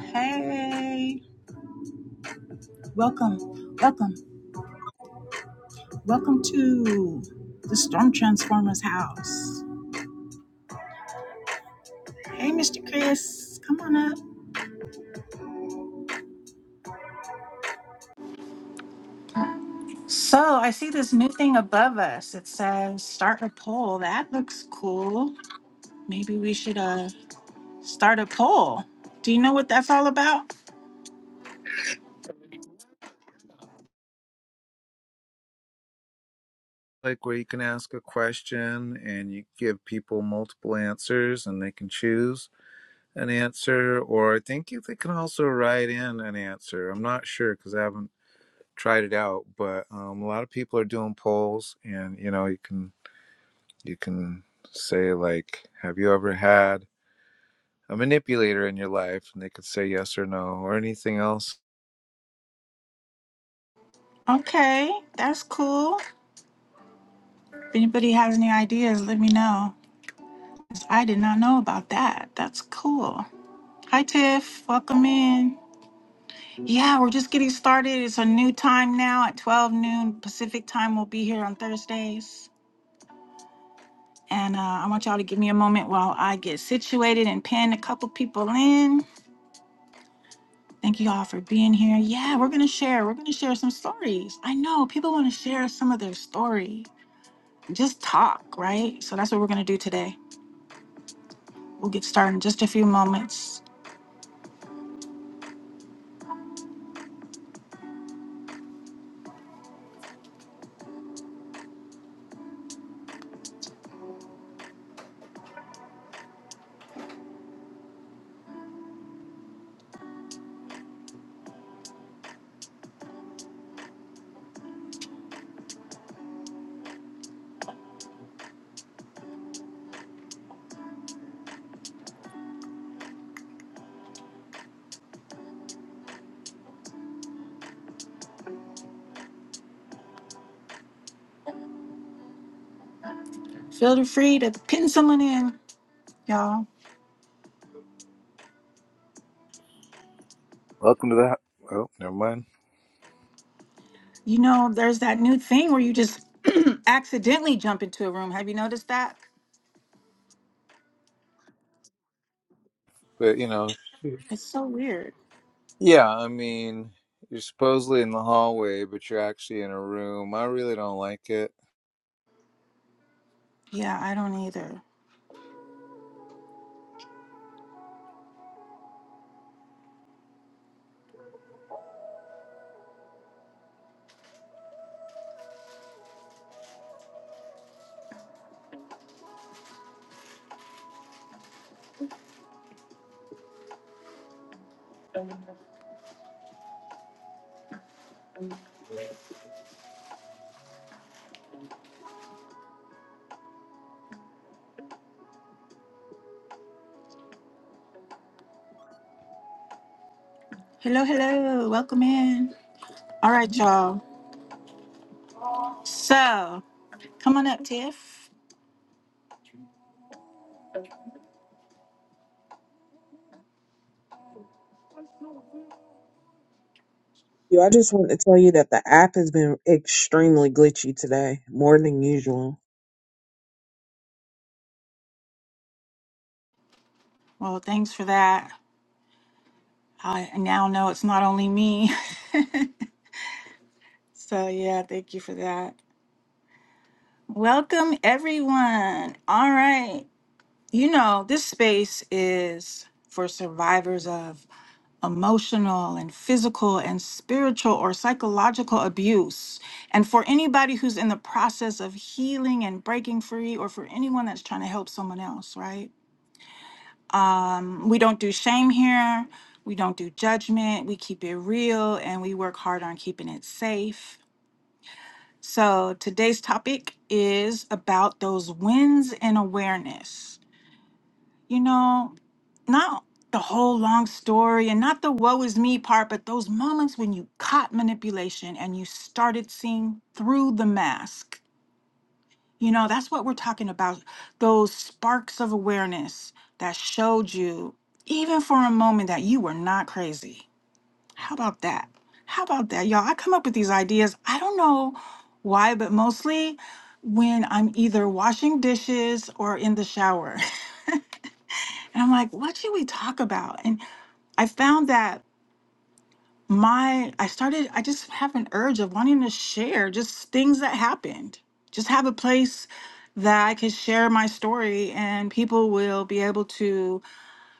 Hey, welcome, welcome, welcome to the Storm Transformers house. Hey, Mr. Chris, come on up. So, I see this new thing above us. It says start a poll. That looks cool. Maybe we should uh start a poll. Do you know what that's all about? like where you can ask a question and you give people multiple answers and they can choose an answer or i think they can also write in an answer i'm not sure because i haven't tried it out but um, a lot of people are doing polls and you know you can you can say like have you ever had a manipulator in your life and they could say yes or no or anything else Okay, that's cool. If anybody has any ideas, let me know. I did not know about that. That's cool. Hi, Tiff. Welcome in. Yeah, we're just getting started. It's a new time now at 12 noon Pacific time. We'll be here on Thursdays. And uh, I want y'all to give me a moment while I get situated and pin a couple people in. Thank you all for being here. Yeah, we're going to share. We're going to share some stories. I know people want to share some of their story. Just talk, right? So that's what we're going to do today. We'll get started in just a few moments. Feel free to pin someone in, y'all. welcome to that oh never mind You know, there's that new thing where you just accidentally jump into a room. Have you noticed that? but you know It's so weird. Yeah, I mean, you're supposedly in the hallway, but you're actually in a room. I really don't like it. Yeah, I don't either. Hello, hello. Welcome in. All right, y'all. So, come on up, Tiff. Yo, I just want to tell you that the app has been extremely glitchy today, more than usual. Well, thanks for that. I now know it's not only me. so, yeah, thank you for that. Welcome, everyone. All right. You know, this space is for survivors of emotional and physical and spiritual or psychological abuse. And for anybody who's in the process of healing and breaking free, or for anyone that's trying to help someone else, right? Mm, We don't do shame here. We don't do judgment. We keep it real and we work hard on keeping it safe. So today's topic is about those wins in awareness. You know, not the whole long story and not the woe is me part, but those moments when you caught manipulation and you started seeing through the mask. You know, that's what we're talking about. Those sparks of awareness that showed you, even for a moment, that you were not crazy. How about that? How about that, y'all? I come up with these ideas. I don't know why, but mostly when I'm either washing dishes or in the shower. And I'm like, what should we talk about? And I found that my I started I just have an urge of wanting to share just things that happened. Just have a place that I could share my story and people will be able to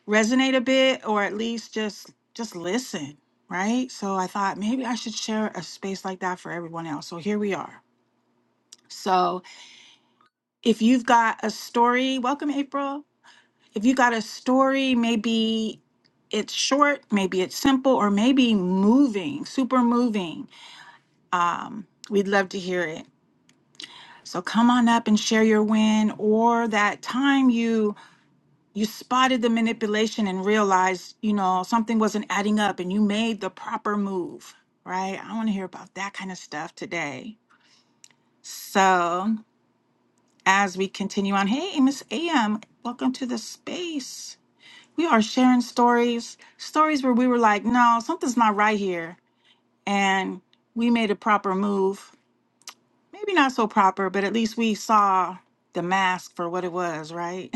resonate a bit or at least just just listen, right? So I thought maybe I should share a space like that for everyone else. So here we are. So if you've got a story, welcome April. If you got a story, maybe it's short, maybe it's simple, or maybe moving, super moving Um, we'd love to hear it. So come on up and share your win or that time you you spotted the manipulation and realized, you know, something wasn't adding up and you made the proper move, right? I want to hear about that kind of stuff today. So, as we continue on, hey, Miss AM, welcome to the space. We are sharing stories, stories where we were like, no, something's not right here. And we made a proper move maybe not so proper, but at least we saw the mask for what it was, right?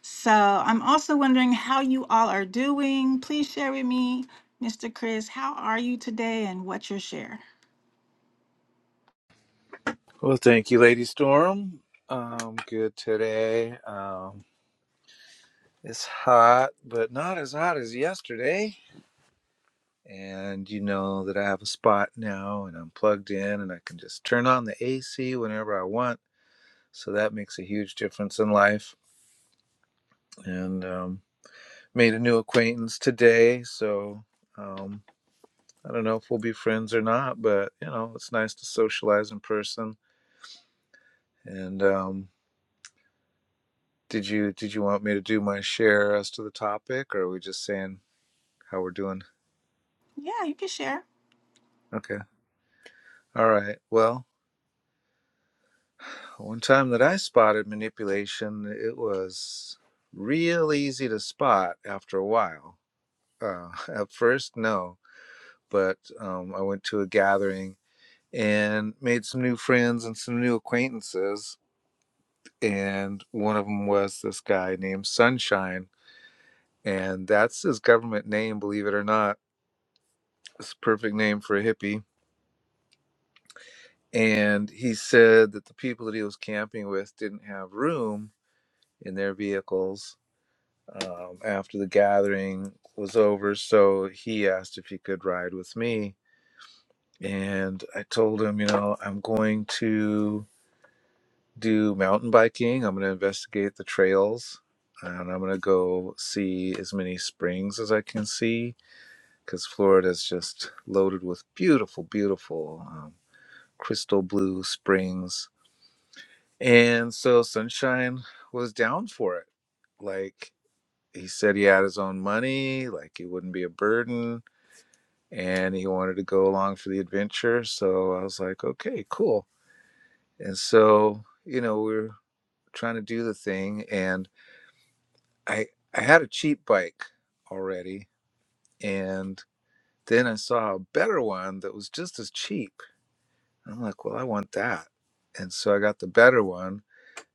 so I'm also wondering how you all are doing. Please share with me, Mr. Chris, how are you today and what's your share? Well, thank you, Lady Storm. Um, good today. Um, it's hot, but not as hot as yesterday. And you know that I have a spot now and I'm plugged in and I can just turn on the AC whenever I want. So that makes a huge difference in life. And um, made a new acquaintance today. So. Um, I don't know if we'll be friends or not, but you know, it's nice to socialize in person. And um, did you did you want me to do my share as to the topic, or are we just saying how we're doing? Yeah, you can share. Okay. All right. Well, one time that I spotted manipulation, it was real easy to spot after a while. Uh, at first, no, but um, I went to a gathering and made some new friends and some new acquaintances and one of them was this guy named Sunshine, and that's his government name, believe it or not. It's a perfect name for a hippie. And he said that the people that he was camping with didn't have room in their vehicles um, after the gathering was over, so he asked if he could ride with me. And I told him, you know, I'm going to do mountain biking. I'm going to investigate the trails and I'm going to go see as many springs as I can see because Florida is just loaded with beautiful, beautiful um, crystal blue springs. And so Sunshine was down for it. Like he said, he had his own money, like it wouldn't be a burden, and he wanted to go along for the adventure. So I was like, okay, cool. And so, you know, we we're trying to do the thing. And I I had a cheap bike already, and then I saw a better one that was just as cheap. I'm like, well, I want that, and so I got the better one,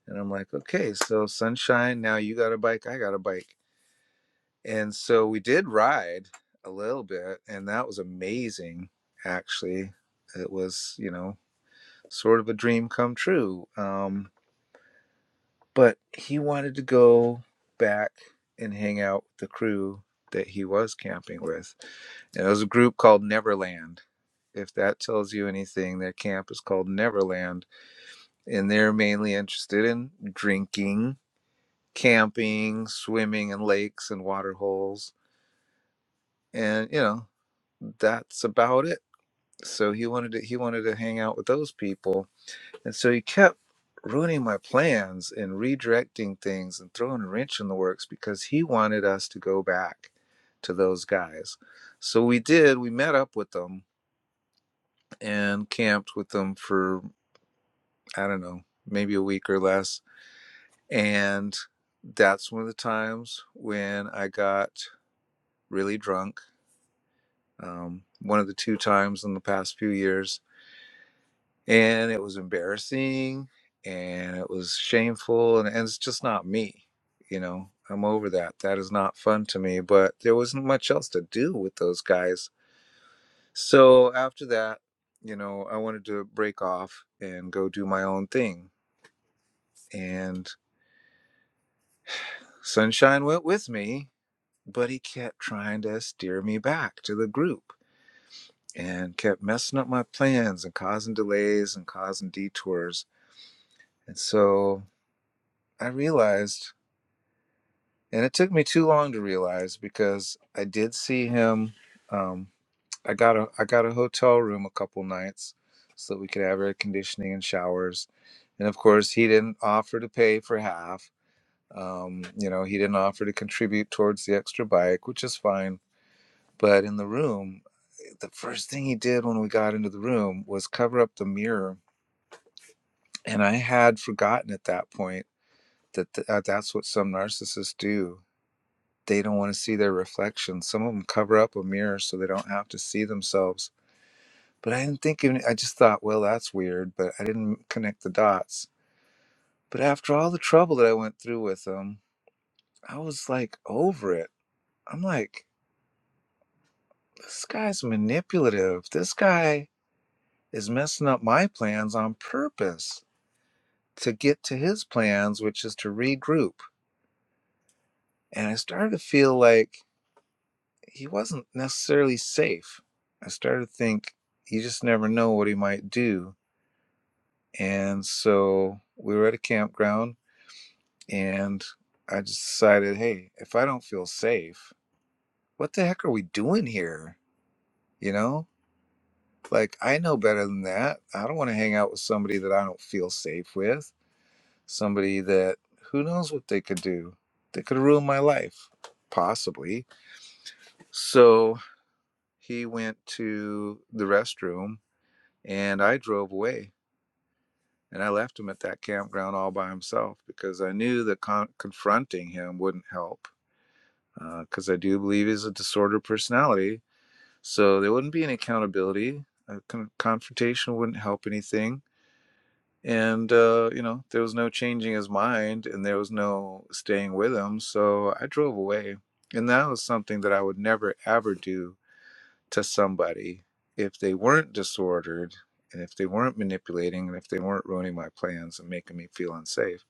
and I'm like, okay, so sunshine, now you got a bike, I got a bike, and so we did ride a little bit, and that was amazing. Actually, it was you know sort of a dream come true. Um, but he wanted to go back and hang out with the crew that he was camping with. And it was a group called Neverland. If that tells you anything, their camp is called Neverland. And they're mainly interested in drinking, camping, swimming in lakes and water holes. And, you know, that's about it. So he wanted to he wanted to hang out with those people And so he kept ruining my plans and redirecting things and throwing a wrench in the works because he wanted us to go back to those guys. So we did, we met up with them and camped with them for, I don't know, maybe a week or less. And that's one of the times when I got really drunk. Um, one of the two times in the past few years and it was embarrassing and it was shameful and, and it's just not me you know i'm over that that is not fun to me but there wasn't much else to do with those guys so after that you know i wanted to break off and go do my own thing and sunshine went with me but he kept trying to steer me back to the group and kept messing up my plans and causing delays and causing detours and so i realized and it took me too long to realize because I did see him. Um, I got a I got a hotel room a couple nights so that we could have air conditioning and showers, and of course he didn't offer to pay for half. Um, you know, he didn't offer to contribute towards the extra bike, which is fine. But in the room, the first thing he did when we got into the room was cover up the mirror, and I had forgotten at that point that th- uh, that's what some narcissists do they don't want to see their reflection. Some of them cover up a mirror so they don't have to see themselves. But I didn't think even, I just thought, well, that's weird, but I didn't connect the dots. But after all the trouble that I went through with them, I was like over it. I'm like, this guy's manipulative. This guy is messing up my plans on purpose to get to his plans, which is to regroup. And I started to feel like he wasn't necessarily safe. I started to think you just never know what he might do. And so we were at a campground and I just decided, hey, if I don't feel safe, what the heck are we doing here? You know? Like I know better than that. I don't want to hang out with somebody that I don't feel safe with. Somebody that who knows what they could do. They could ruin my life, possibly. So he went to the restroom And I drove away and I left him at that campground all by himself because I knew that con- confronting him wouldn't help because uh, I do believe he's a disordered personality. So there wouldn't be any accountability. A con- confrontation wouldn't help anything. And, uh, you know, there was no changing his mind and there was no staying with him. So I drove away. And that was something that I would never, ever do to somebody if they weren't disordered and if they weren't manipulating and if they weren't ruining my plans and making me feel unsafe.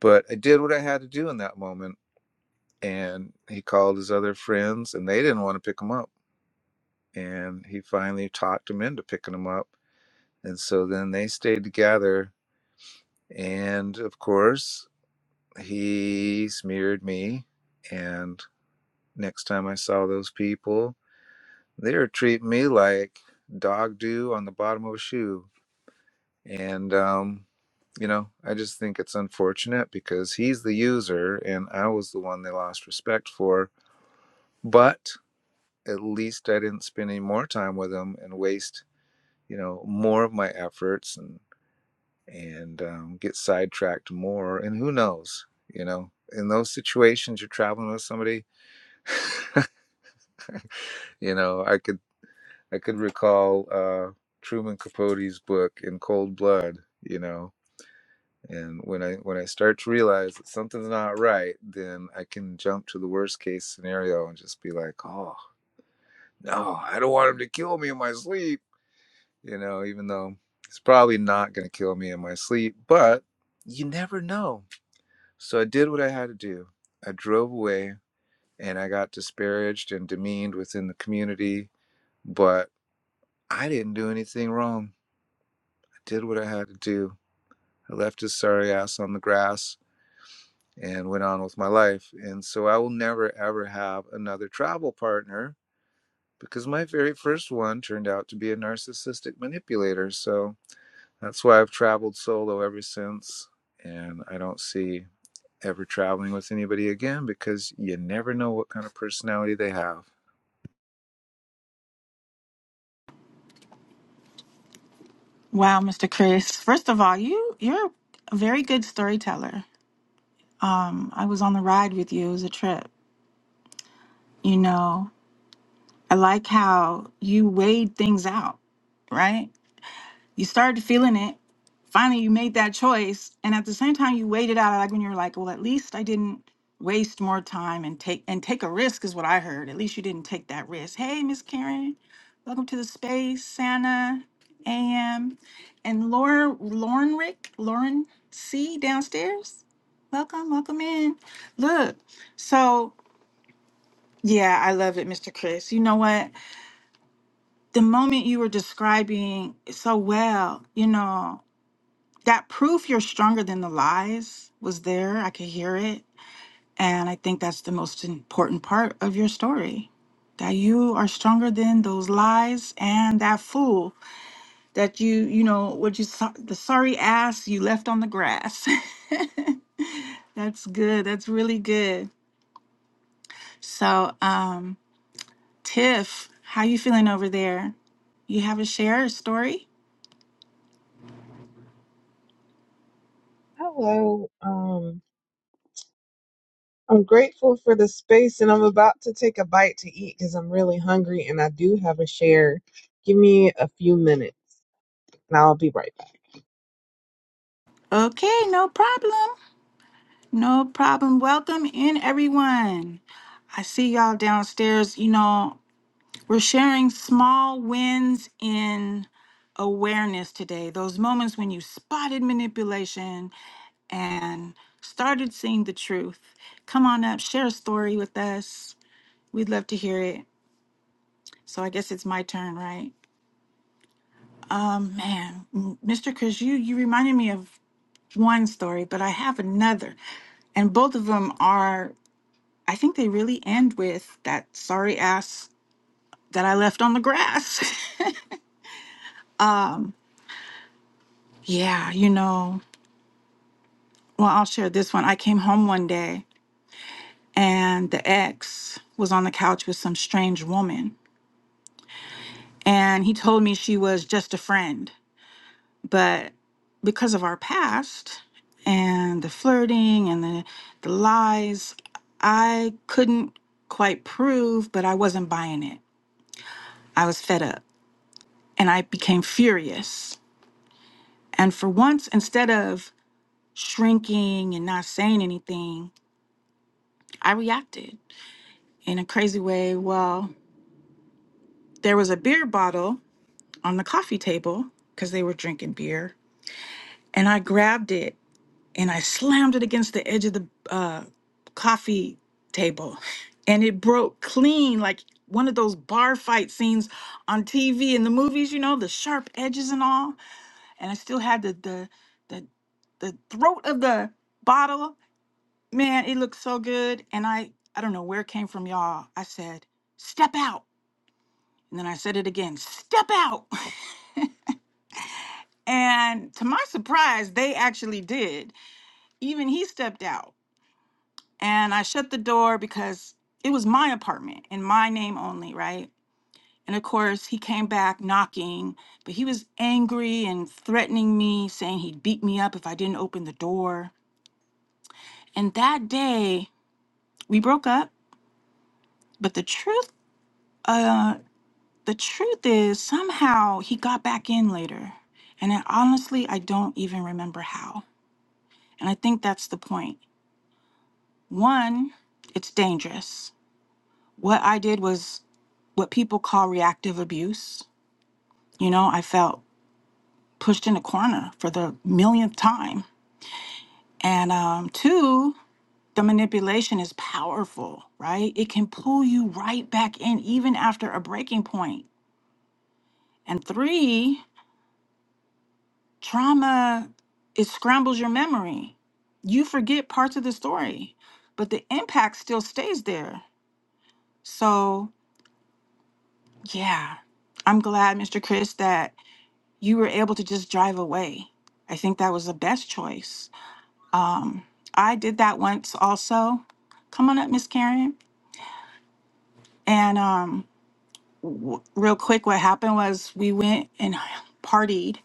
But I did what I had to do in that moment. And he called his other friends and they didn't want to pick him up. And he finally talked them into picking him up. And so then they stayed together. And of course, he smeared me. And next time I saw those people, they were treating me like dog do on the bottom of a shoe And, um, you know, I just think it's unfortunate because he's the user and I was the one they lost respect for. But at least I didn't spend any more time with him and waste, you know, more of my efforts and and um, get sidetracked more. And who knows, you know, in those situations you're traveling with somebody, you know, I could I could recall uh, Truman Capote's book in Cold Blood. You know, And when I when I start to realize that something's not right, then I can jump to the worst case scenario and just be like, "Oh no, I don't want him to kill me in my sleep." You know, even though he's probably not going to kill me in my sleep, but you never know. So I did what I had to do. I drove away, and I got disparaged and demeaned within the community, but I didn't do anything wrong. I did what I had to do. I left his sorry ass on the grass and went on with my life. And so I will never ever have another travel partner because my very first one turned out to be a narcissistic manipulator. So that's why I've traveled solo ever since. And I don't see ever traveling with anybody again because you never know what kind of personality they have. Wow, Mr. Chris. First of all, you you're a very good storyteller. Um, I was on the ride with you. It was a trip. You know, I like how you weighed things out, right? You started feeling it. Finally, you made that choice. And at the same time, you waited out like when you were like, well, at least I didn't waste more time and take and take a risk is what I heard. At least you didn't take that risk. Hey, Miss Karen, welcome to the space, Santa AM. And Laura Lauren Rick, Lauren C downstairs. Welcome, welcome in. Look, so yeah, I love it, Mr. Chris. You know what? The moment you were describing so well, you know. That proof you're stronger than the lies was there. I could hear it. And I think that's the most important part of your story. That you are stronger than those lies and that fool that you, you know, what you saw, the sorry ass you left on the grass. that's good. That's really good. So, um, Tiff, how you feeling over there? You have a share a story? Hello. Um, I'm grateful for the space and I'm about to take a bite to eat because I'm really hungry and I do have a share. Give me a few minutes and I'll be right back. Okay, no problem. No problem. Welcome in, everyone. I see y'all downstairs. You know, we're sharing small wins in awareness today. Those moments when you spotted manipulation and started seeing the truth. Come on up, share a story with us. We'd love to hear it. So I guess it's my turn, right? Man, m- Mr. Chris, you you reminded me of one story, but I have another, and both of them are. I think they really end with that sorry ass that I left on the grass. yeah, you know, well, I'll share this one. I came home one day and the ex was on the couch with some strange woman. And he told me she was just a friend. But because of our past and the flirting and the, the lies, I couldn't quite prove, but I wasn't buying it. I was fed up and I became furious. And for once, instead of shrinking and not saying anything, I reacted in a crazy way. Well, there was a beer bottle on the coffee table because they were drinking beer, and I grabbed it and I slammed it against the edge of the uh, coffee table, and it broke clean like one of those bar fight scenes on TV in the movies. You know, the sharp edges and all, and I still had the the the, the throat of the bottle Man, it looked so good. And I, I don't know where it came from, y'all. I said, step out. And then I said it again, step out. And to my surprise, they actually did. Even he stepped out. And I shut the door because it was my apartment in my name only, right? And of course, he came back knocking, but he was angry and threatening me, saying he'd beat me up if I didn't open the door. And that day, we broke up. But the truth, uh, The truth is, somehow he got back in later. And I, honestly, I don't even remember how. And I think that's the point. One, it's dangerous. What I did was what people call reactive abuse. You know, I felt pushed in a corner for the millionth time. And um, two, the manipulation is powerful, right? It can pull you right back in even after a breaking point. And three, trauma it scrambles your memory you forget parts of the story but the impact still stays there so yeah i'm glad mr chris that you were able to just drive away i think that was the best choice i did that once also come on up miss karen and um real quick what happened was we went and partied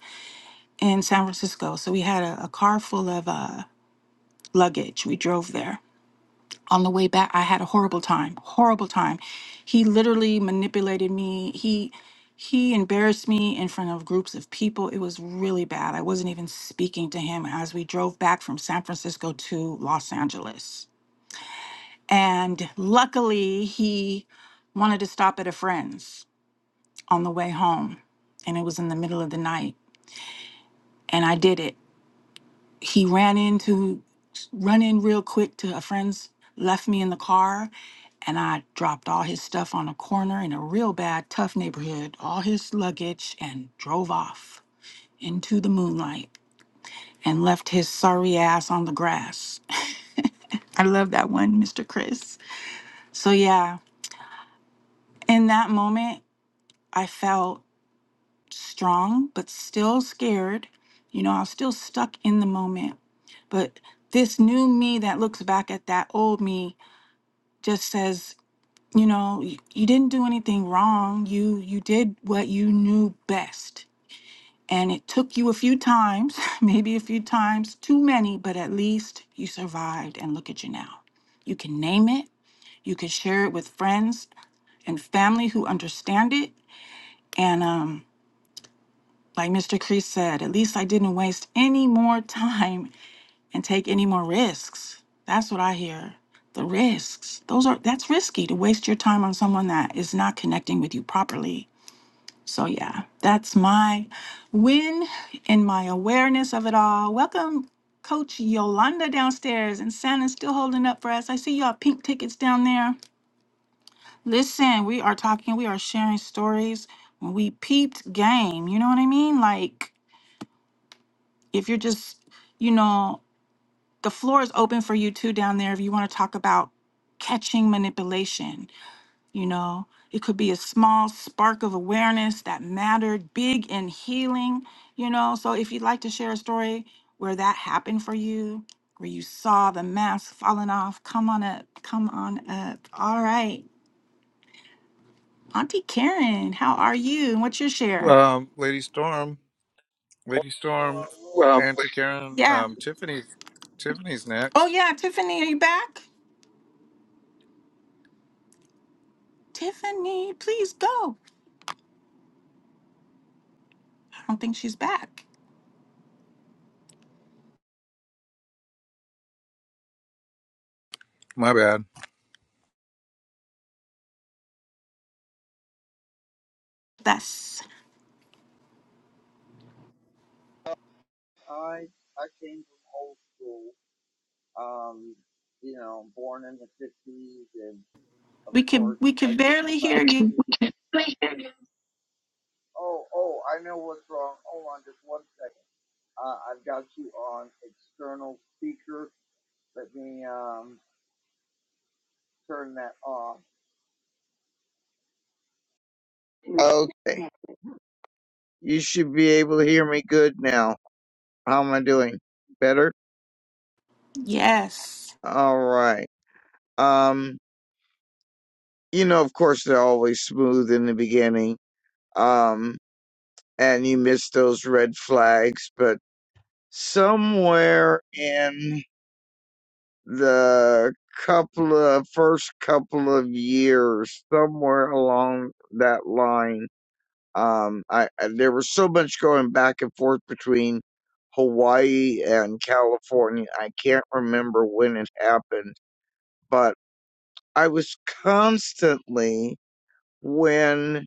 in san francisco so we had a, a car full of uh luggage we drove there on the way back i had a horrible time horrible time he literally manipulated me he he embarrassed me in front of groups of people it was really bad i wasn't even speaking to him as we drove back from san francisco to los angeles and luckily he wanted to stop at a friend's on the way home and it was in the middle of the night and i did it he ran into run in real quick to a friend's left me in the car and i dropped all his stuff on a corner in a real bad tough neighborhood all his luggage and drove off into the moonlight and left his sorry ass on the grass i love that one mr chris so yeah in that moment i felt strong but still scared you know i was still stuck in the moment but this new me that looks back at that old me just says, you know, y- you didn't do anything wrong. You you did what you knew best. And it took you a few times, maybe a few times, too many, but at least you survived and look at you now. You can name it, you can share it with friends and family who understand it. And um, like Mr. Kreese said, at least I didn't waste any more time and take any more risks. That's what I hear. The risks. Those are that's risky to waste your time on someone that is not connecting with you properly. So yeah, that's my win and my awareness of it all. Welcome Coach Yolanda downstairs and Santa's still holding up for us. I see y'all pink tickets down there. Listen, we are talking, we are sharing stories. We peeped game, you know what I mean? Like if you're just, you know, the floor is open for you too down there if you want to talk about catching manipulation you know it could be a small spark of awareness that mattered big in healing you know so if you'd like to share a story where that happened for you where you saw the mask falling off come on up come on up all right auntie karen how are you and what's your share Um, Lady Storm, Lady Well, Storm, Well, Auntie Karen, yeah um, Tiffany, Tiffany's oh next. yeah tiffany are you back tiffany please go i don't think she's back My bad. That's. I I came from old school, um, you know, born in the fifties, and of We could course we I could took the barely Bible hear you. okay. Oh, oh, I know what's wrong. Hold on, just one second. Uh, I've got you on external speaker. Let me um turn that off. Okay, you should be able to hear me good now. How am I doing? Better. Yes. All right. Um, you know, of course they're always smooth in the beginning. Um, and you miss those red flags. But somewhere in the couple of first couple of years, somewhere along that line, um, I, I there was so much going back and forth between Hawaii and California. I can't remember when it happened, but I was constantly when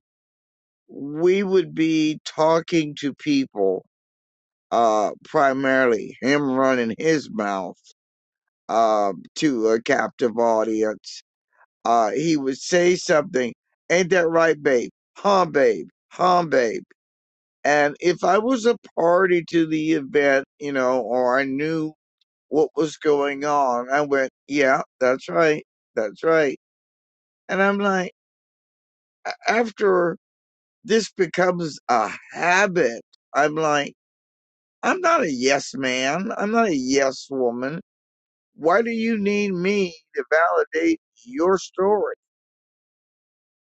we would be talking to people uh, primarily him running his mouth uh, to a captive audience. Uh, he would say something, ain't that right, babe? Huh, babe? Huh, babe? And if I was a party to the event, you know, or I knew what was going on, I went, yeah, that's right, that's right. And I'm like, a- after this becomes a habit, I'm like, I'm not a yes man. I'm not a yes woman. Why do you need me to validate your story?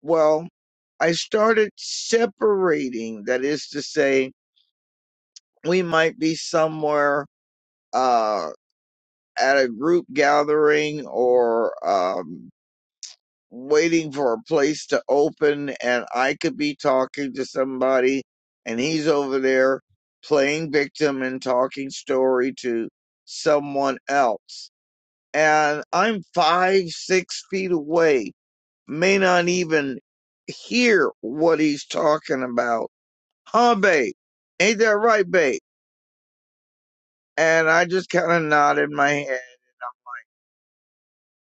Well, I started separating. That is to say, we might be somewhere uh, at a group gathering or um, waiting for a place to open, and I could be talking to somebody, and he's over there playing victim and talking story to someone else. And I'm five, six feet away may not even hear what he's talking about. Huh, babe? Ain't that right, babe? And I just kind of nodded my head.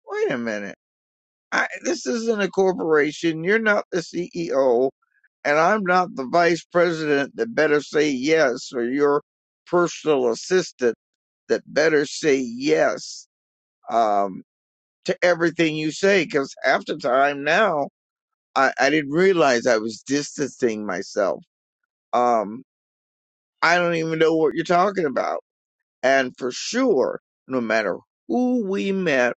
Wait a minute. I, this isn't a corporation. You're not the CEO, and I'm not the vice president that better say yes, or your personal assistant that better say yes um, to everything you say. Because half the time now, I, I didn't realize I was distancing myself. Um, I don't even know what you're talking about. And for sure, no matter who we met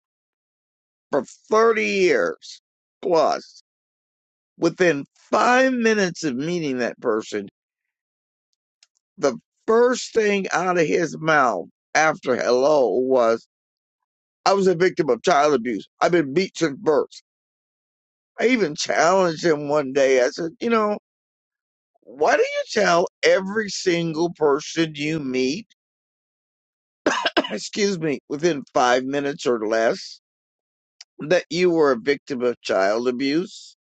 for 30 years plus, within five minutes of meeting that person, the first thing out of his mouth after hello was, I was a victim of child abuse. I've been beat since birth. I even challenged him one day. I said, you know, why do you tell every single person you meet, excuse me, within five minutes or less that you were a victim of child abuse.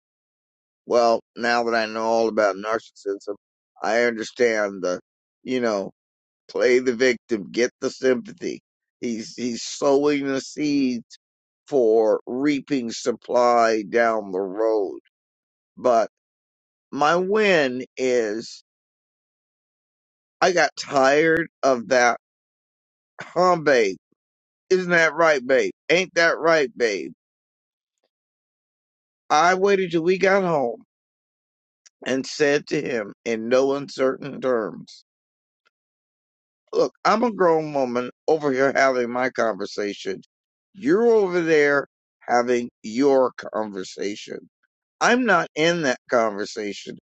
Well, now that I know all about narcissism, I understand the, you know, play the victim, get the sympathy. He's he's sowing the seeds for reaping supply down the road. But my win is I got tired of that, huh, babe? Isn't that right, babe? Ain't that right, babe? I waited till we got home and said to him in no uncertain terms. Look, I'm a grown woman over here having my conversation. You're over there having your conversation. I'm not in that conversation.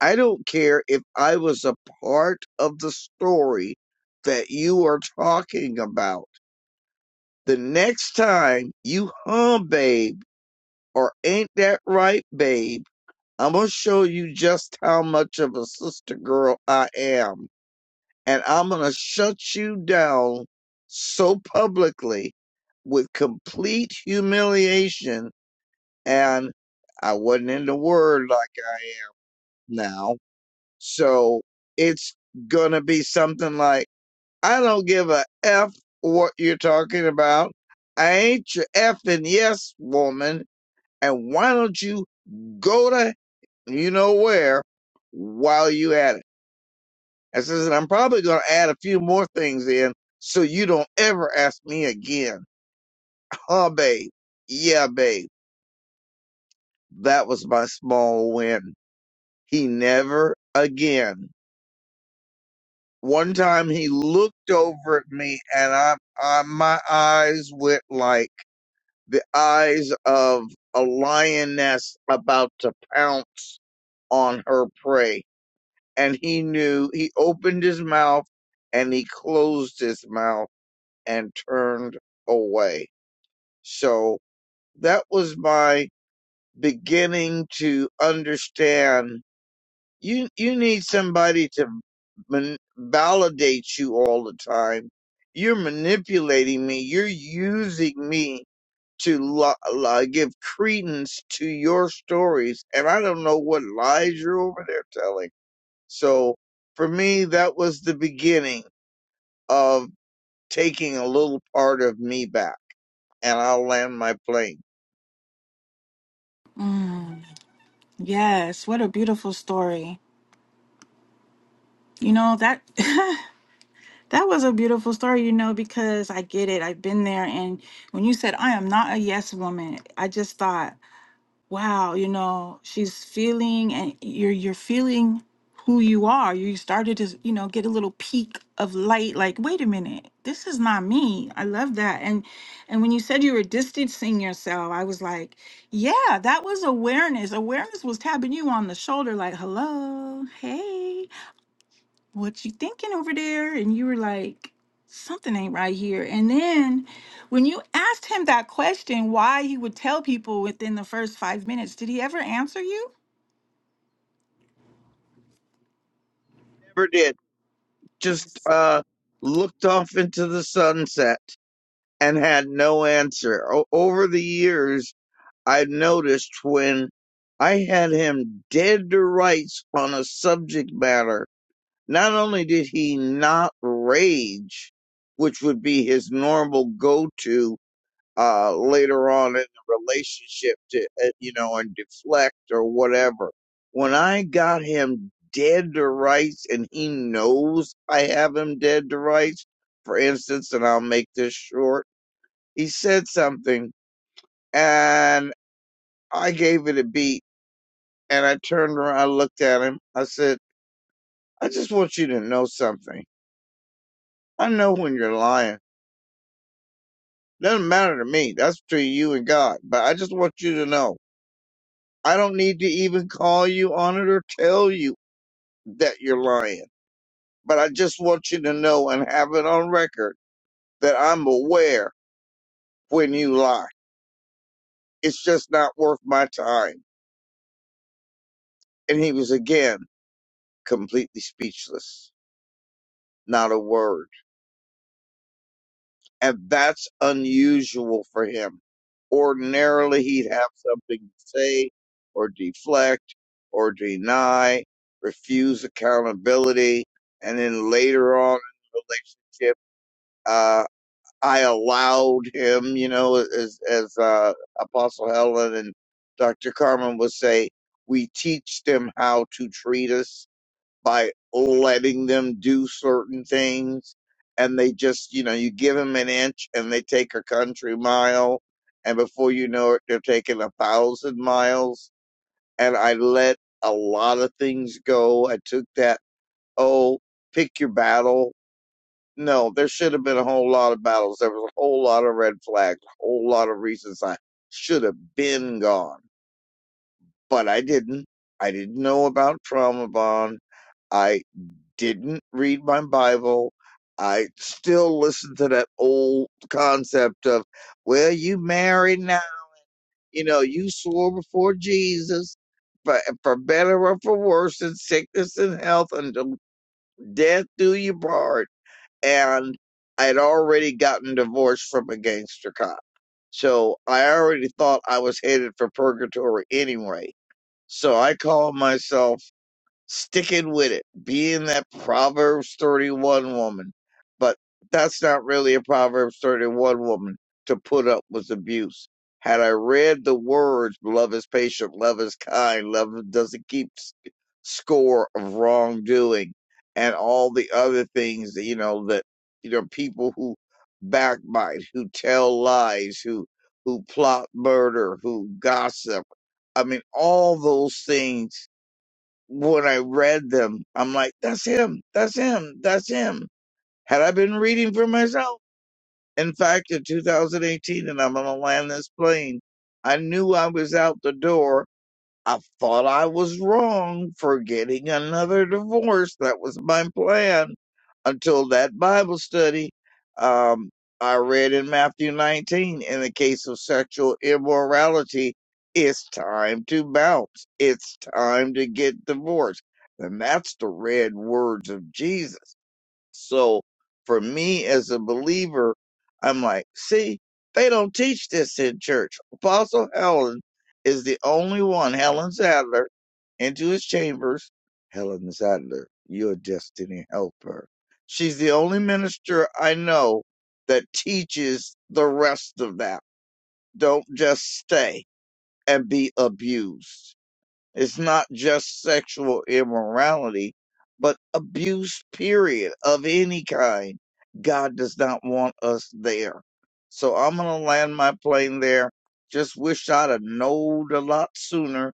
I don't care if I was a part of the story that you are talking about. The next time you hum, babe, or ain't that right, babe, I'm going to show you just how much of a sister girl I am and I'm going to shut you down so publicly with complete humiliation. And I wasn't in the word like I am now. So it's going to be something like, I don't give a F what you're talking about. I ain't your F and yes woman. And why don't you go to you know where while you at it? I says, and I'm probably going to add a few more things in so you don't ever ask me again. Oh, babe. Yeah, babe. That was my small win. He never again. One time he looked over at me and I, I my eyes went like the eyes of a lioness about to pounce on her prey. And he knew he opened his mouth and he closed his mouth and turned away. So that was my beginning to understand you you need somebody to man- validate you all the time. You're manipulating me. You're using me to li- li- give credence to your stories, and I don't know what lies you're over there telling. So for me, that was the beginning of taking a little part of me back. and I'll land my plane. Yes. What a beautiful story. You know, that that was a beautiful story, you know, because I get it. I've been there and when you said I am not a yes woman, I just thought wow, you know, she's feeling and you're you're feeling who you are. You started to, you know, get a little peak of light like, wait a minute, this is not me. I love that. And and when you said you were distancing yourself, I was like, yeah, that was awareness. Awareness was tapping you on the shoulder like, "Hello. Hey." what you thinking over there? And you were like, something ain't right here. And then when you asked him that question, why he would tell people within the first five minutes, did he ever answer you? Never did. Just Ex- uh, looked off into the sunset and had no answer. O- over the years, I've noticed when I had him dead to rights on a subject matter, not only did he not rage, which would be his normal go to, uh, later on in the relationship to, uh, you know, and deflect or whatever. When I got him dead to rights and he knows I have him dead to rights, for instance, and I'll make this short, he said something and I gave it a beat and I turned around, I looked at him. I said, I just want you to know something. I know when you're lying. Doesn't matter to me. That's between you and God. But I just want you to know. I don't need to even call you on it or tell you that you're lying. But I just want you to know and have it on record that I'm aware when you lie. It's just not worth my time. And he was again completely speechless, not a word. And that's unusual for him. Ordinarily, he'd have something to say or deflect or deny, refuse accountability. And then later on in the relationship, uh, I allowed him, you know, as, as uh, Apostle Helen and Dr. Carmen would say, we teach them how to treat us by letting them do certain things. And they just, you know, you give them an inch and they take a country mile. And before you know it, they're taking a thousand miles. And I let a lot of things go. I took that, oh, pick your battle no, there should have been a whole lot of battles. There was a whole lot of red flags, a whole lot of reasons I should have been gone, but I didn't. I didn't know about trauma bond. I didn't read my Bible. I still listen to that old concept of, well, you married now. You know, you swore before Jesus, but for better or for worse, in sickness and health, until death do you part and I had already gotten divorced from a gangster cop. So I already thought I was headed for purgatory anyway. So I called myself sticking with it, being that Proverbs 31 woman. But that's not really a Proverbs 31 woman to put up with abuse. Had I read the words, love is patient, love is kind, love doesn't keep s- score of wrongdoing, and all the other things that, you know, that, you know, people who backbite, who tell lies, who, who plot murder, who gossip. I mean, all those things when I read them, I'm like, that's him, that's him, that's him. Had I been reading for myself, in fact, in 2018, and I'm going to land this plane, I knew I was out the door I thought I was wrong for getting another divorce. That was my plan until that Bible study um, I read in Matthew 19. In the case of sexual immorality, it's time to bounce. It's time to get divorced. And that's the red words of Jesus. So for me as a believer, I'm like, see, they don't teach this in church. Apostle Helen is the only one, Helen Sadler, into his chambers. Helen Sadler, your destiny helper. She's the only minister I know that teaches the rest of that. Don't just stay and be abused. It's not just sexual immorality, but abuse, period, of any kind. God does not want us there. So I'm going to land my plane there. Just wish I'd have knowed a lot sooner,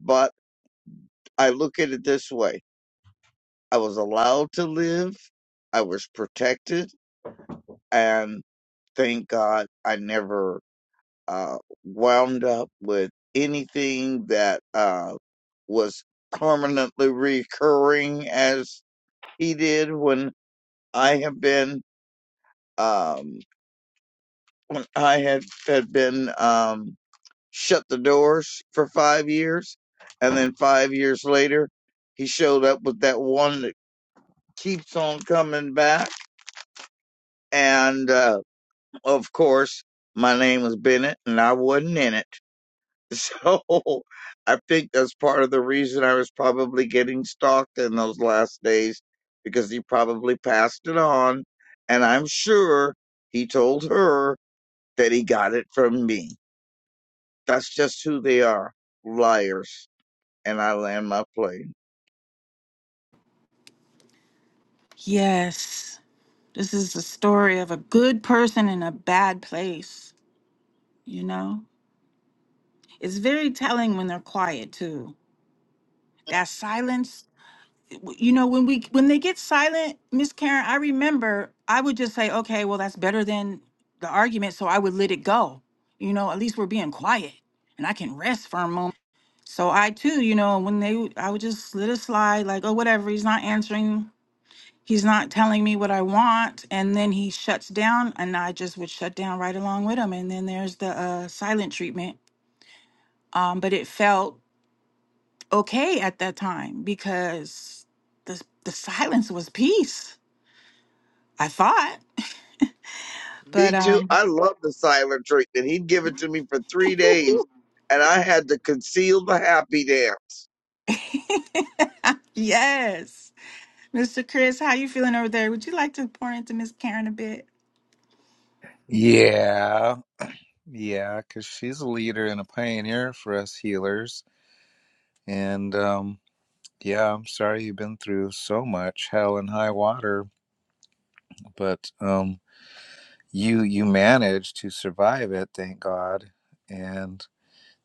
but I look at it this way I was allowed to live, I was protected, and thank God I never. uh, wound up with anything that uh, was permanently recurring as he did when I have been um, when I had had been um, shut the doors for five years, and then five years later he showed up with that one that keeps on coming back, and uh, of course my name was Bennett, and I wasn't in it. So I think that's part of the reason I was probably getting stalked in those last days because he probably passed it on. And I'm sure he told her that he got it from me. That's just who they are liars. And I land my plane. yes. This is the story of a good person in a bad place, you know? It's very telling when they're quiet too. That silence you know when we when they get silent miss karen i remember i would just say okay well that's better than the argument so i would let it go you know at least we're being quiet and i can rest for a moment so i too you know when they would- i would just let it slide like oh whatever he's not answering he's not telling me what i want and then he shuts down and i just would shut down right along with him and then there's the uh, silent treatment um, but it felt okay at that time because the, the silence was peace I thought. But Me too. um I love the silent treatment. He'd give it to me for three days, and I had to conceal the happy dance. yes. Mr. Chris, how you feeling over there? Would you like to pour into Miss Karen a bit? Yeah. Yeah, because she's a leader and a pioneer for us healers. And um, yeah, I'm sorry you've been through so much hell and high water, but um, you you managed to survive it, thank God. And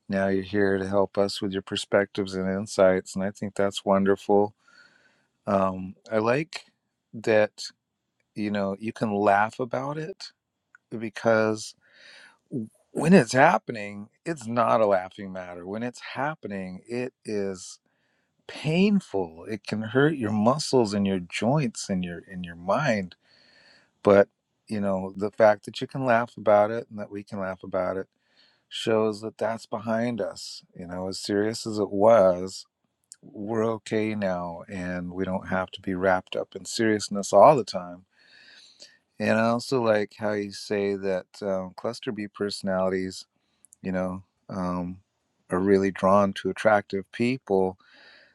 now you're here to help us with your perspectives and insights, and I think that's wonderful. Um, I like that you know you can laugh about it because w- when it's happening, it's not a laughing matter. When it's happening, it is painful. It can hurt your muscles and your joints and your in your mind. But you know, the fact that you can laugh about it and that we can laugh about it shows that that's behind us. You know, as serious as it was, we're okay now, and we don't have to be wrapped up in seriousness all the time. And I also like how you say that um, cluster B personalities you know, um, are really drawn to attractive people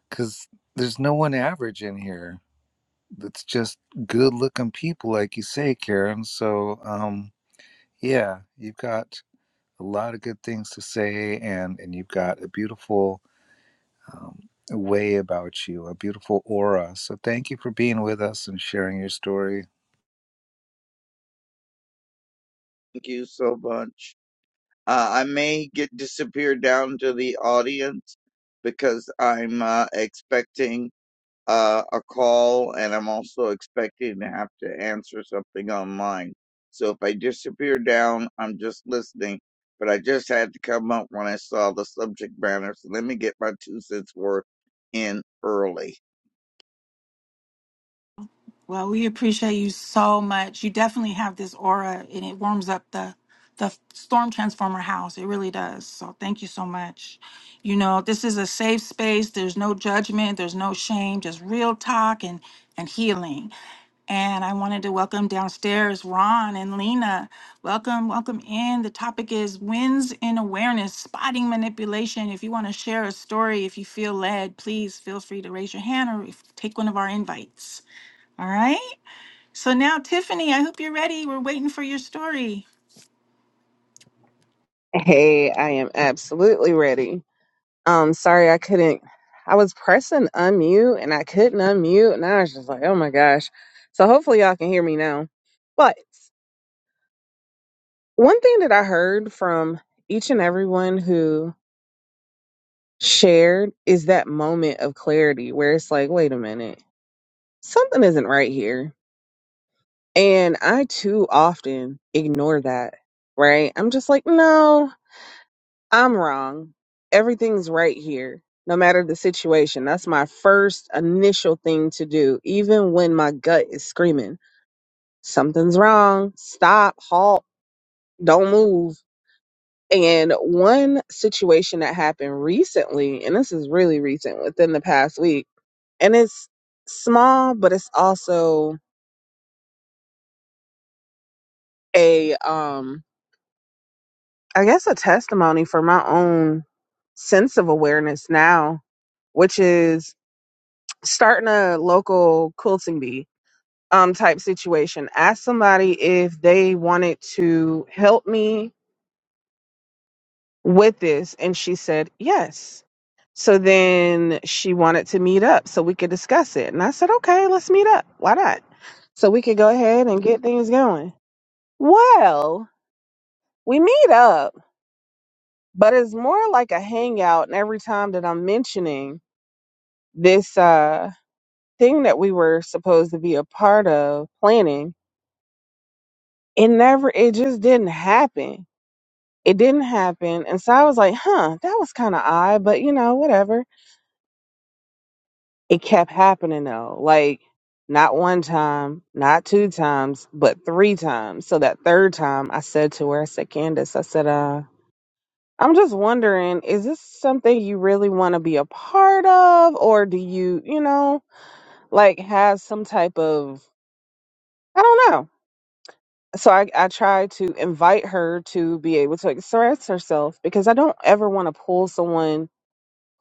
because there's no one average in here. It's just good looking people, like you say, Karen. So, um, yeah, you've got a lot of good things to say, and, and you've got a beautiful um, way about you, a beautiful aura. So, thank you for being with us and sharing your story. Thank you so much. Uh, I may get disappear down to the audience because I'm uh, expecting uh, a call and I'm also expecting to have to answer something online. So if I disappear down, I'm just listening. But I just had to come up when I saw the subject matter. So let me get my two cents worth in early. Well, we appreciate you so much. You definitely have this aura and it warms up the the Storm Transformer house. It really does. So thank you so much. You know, this is a safe space. There's no judgment, there's no shame, just real talk and and healing. And I wanted to welcome downstairs Ron and Lena. Welcome, welcome in. The topic is wins in awareness, spotting manipulation. If you want to share a story, if you feel led, please feel free to raise your hand or if, take one of our invites. All right. So now, Tiffany, I hope you're ready. We're waiting for your story. Hey, I am absolutely ready. Um, sorry I couldn't. I was pressing unmute and I couldn't unmute, and I was just like, oh my gosh. So hopefully y'all can hear me now. But one thing that I heard from each and everyone who shared is that moment of clarity where it's like, wait a minute. something isn't right here. And I too often ignore that, right? I'm just like, no, I'm wrong. Everything's right here, no matter the situation. That's my first initial thing to do, even when my gut is screaming, something's wrong. Stop, halt, don't move. And one situation that happened recently, and this is really recent within the past week, and it's small, but it's also a um I guess a testimony for my own sense of awareness now, which is starting a local quilting bee um type situation. Asked somebody if they wanted to help me with this and she said yes. So then she wanted to meet up so we could discuss it. And I said, "Okay, let's meet up. Why not?" So we could go ahead and get things going. Well, we meet up but it's more like a hangout and every time that i'm mentioning this uh thing that we were supposed to be a part of planning it never it just didn't happen it didn't happen and so i was like huh that was kind of odd but you know whatever it kept happening though like not one time not two times but three times so that third time i said to her i said candace i said uh I'm just wondering, is this something you really want to be a part of, or do you, you know, like have some type of, I don't know. So I, I try to invite her to be able to express herself because I don't ever want to pull someone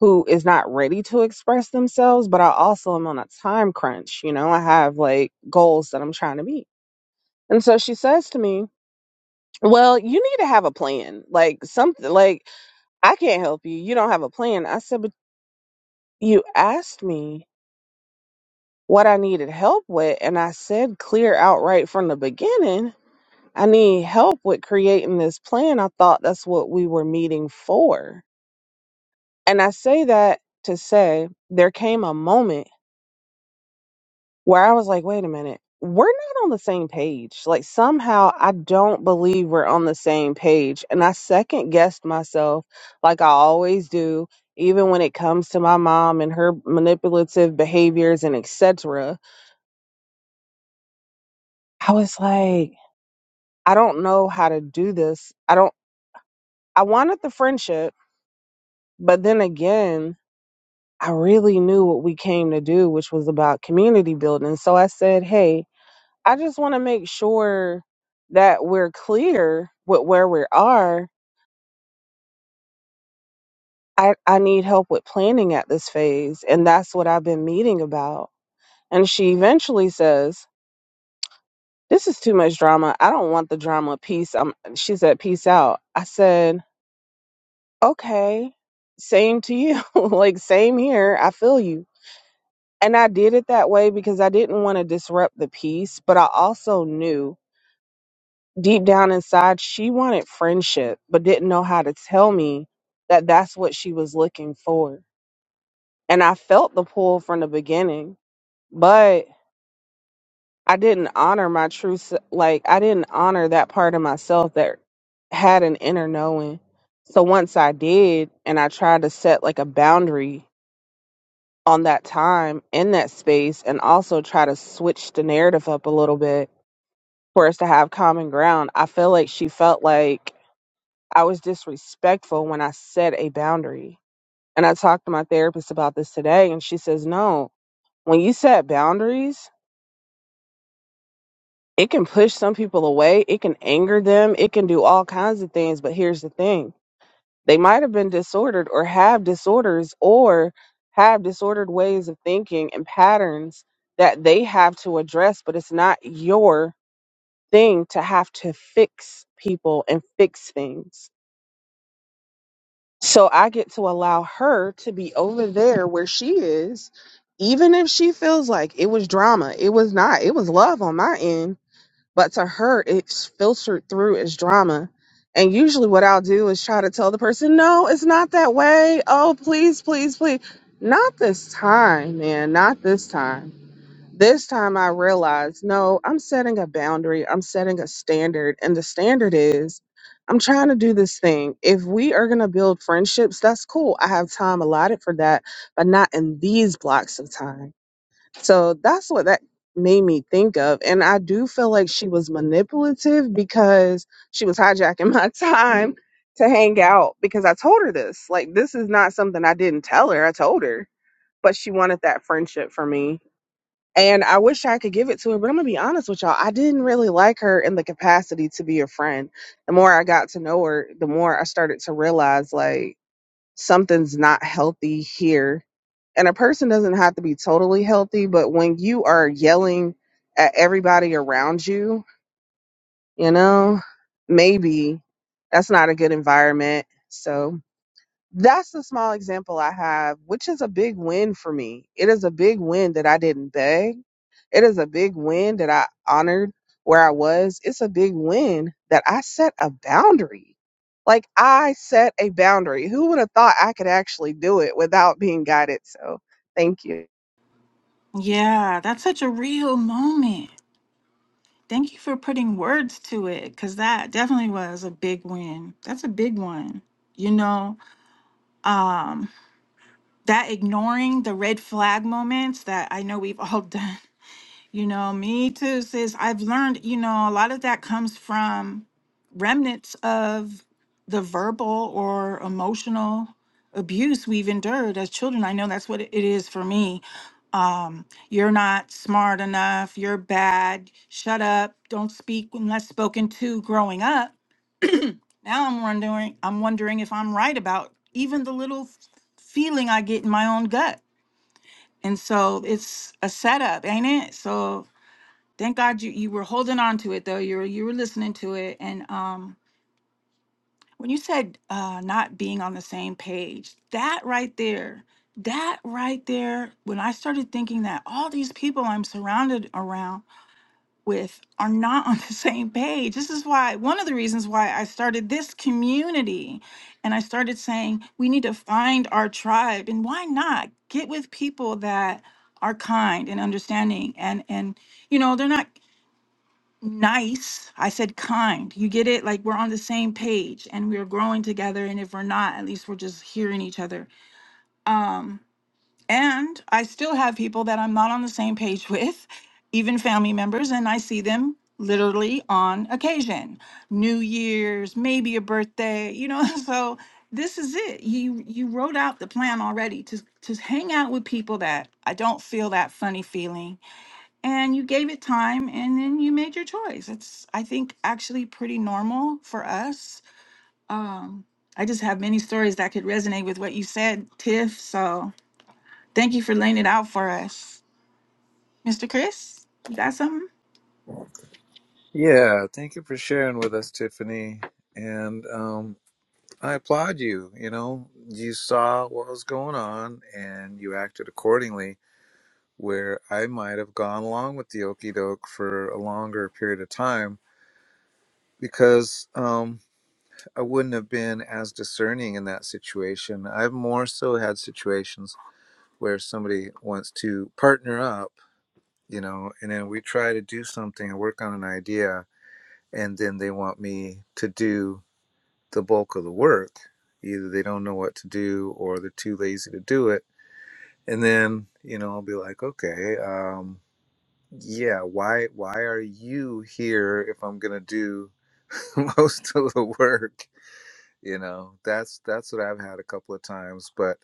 who is not ready to express themselves, but I also am on a time crunch. You know, I have like goals that I'm trying to meet. And so she says to me, well, you need to have a plan, like something like I can't help you. You don't have a plan. I said, but you asked me what I needed help with, and I said clear out right from the beginning. I need help with creating this plan. I thought that's what we were meeting for. And I say that to say there came a moment where I was like, wait a minute, we're not on the same page. Like, somehow I don't believe we're on the same page. And I second guessed myself, like I always do, even when it comes to my mom and her manipulative behaviors and etc I was like, I don't know how to do this. I don't, I wanted the friendship, but then again, I really knew what we came to do, which was about community building. So I said, Hey, I just want to make sure that we're clear with where we are. I, I need help with planning at this phase. And that's what I've been meeting about. And she eventually says, This is too much drama. I don't want the drama. Peace. I'm, she said, Peace out. I said, Okay. Same to you. like, same here. I feel you. And I did it that way because I didn't want to disrupt the peace, but I also knew deep down inside she wanted friendship, but didn't know how to tell me that that's what she was looking for. And I felt the pull from the beginning, but I didn't honor my true, se- like, I didn't honor that part of myself that had an inner knowing. So once I did, and I tried to set like a boundary on that time in that space and also try to switch the narrative up a little bit for us to have common ground. I feel like she felt like I was disrespectful when I set a boundary. And I talked to my therapist about this today, and she says, No, when you set boundaries, it can push some people away, it can anger them, it can do all kinds of things. But here's the thing They might have been disordered or have disorders or have disordered ways of thinking and patterns that they have to address, but it's not your thing to have to fix people and fix things. So I get to allow her to be over there where she is, even if she feels like it was drama. It was not, it was love on my end but to her it's filtered through as drama and usually what i'll do is try to tell the person no it's not that way oh please please please not this time man not this time this time i realized no i'm setting a boundary i'm setting a standard and the standard is i'm trying to do this thing if we are going to build friendships that's cool i have time allotted for that but not in these blocks of time so that's what that made me think of. And I do feel like she was manipulative because she was hijacking my time to hang out because I told her this. Like, this is not something I didn't tell her. I told her, but she wanted that friendship from me. And I wish I could give it to her, but I'm going to be honest with y'all. I didn't really like her in the capacity to be a friend. The more I got to know her, the more I started to realize, like, something's not healthy here. And a person doesn't have to be totally healthy, but when you are yelling at everybody around you, you know, maybe that's not a good environment. So that's the small example I have, which is a big win for me. It is a big win that I didn't beg it is a big win that I honored where I was. It's a big win that I set a boundary. Like I set a boundary. Who would have thought I could actually do it without being guided? So thank you. Yeah, that's such a real moment. Thank you for putting words to it because that definitely was a big win. That's a big one. You know, um, that ignoring the red flag moments that I know we've all done You know, me too, sis. I've learned, you know, a lot of that comes from remnants of the verbal or emotional abuse we've endured as children. I know that's what it it is for me. Um, you're not smart enough, you're bad, shut up, don't speak unless spoken to growing up. Now I'm wondering, I'm wondering if I'm right about even the little f- feeling I get in my own gut. And so it's a setup, ain't it? So Thank God you you were holding on to it though. You were you were listening to it. And um when you said uh not being on the same page, that right there, that right there, when I started thinking that all these people I'm surrounded around with are not on the same page. This is why one of the reasons why I started this community and I started saying we need to find our tribe. And why not get with people that are kind and understanding and and you know they're not nice. I said kind. You get it? Like we're on the same page and we're growing together. And if we're not, at least we're just hearing each other. Um, and I still have people that I'm not on the same page with, even family members, and I see them literally on occasion. New Year's, maybe a birthday, you know. So this is it. You you wrote out the plan already to to hang out with people that I don't feel that funny feeling and you gave it time and then you made your choice it's i think actually pretty normal for us um i just have many stories that could resonate with what you said tiff so thank you for laying it out for us mr chris you got something Yeah, thank you for sharing with us, Tiffany. And um, I applaud you. You know, you saw what was going on and you acted accordingly. Where I might have gone along with the okey doke for a longer period of time because um, I wouldn't have been as discerning in that situation. I've more so had situations where somebody wants to partner up, you know, and then we try to do something and work on an idea, and then they want me to do the bulk of the work. Either they don't know what to do or they're too lazy to do it. And then, you know, I'll be like, okay, um, yeah, why why are you here if I'm gonna do most of the work? You know, that's that's what I've had a couple of times. But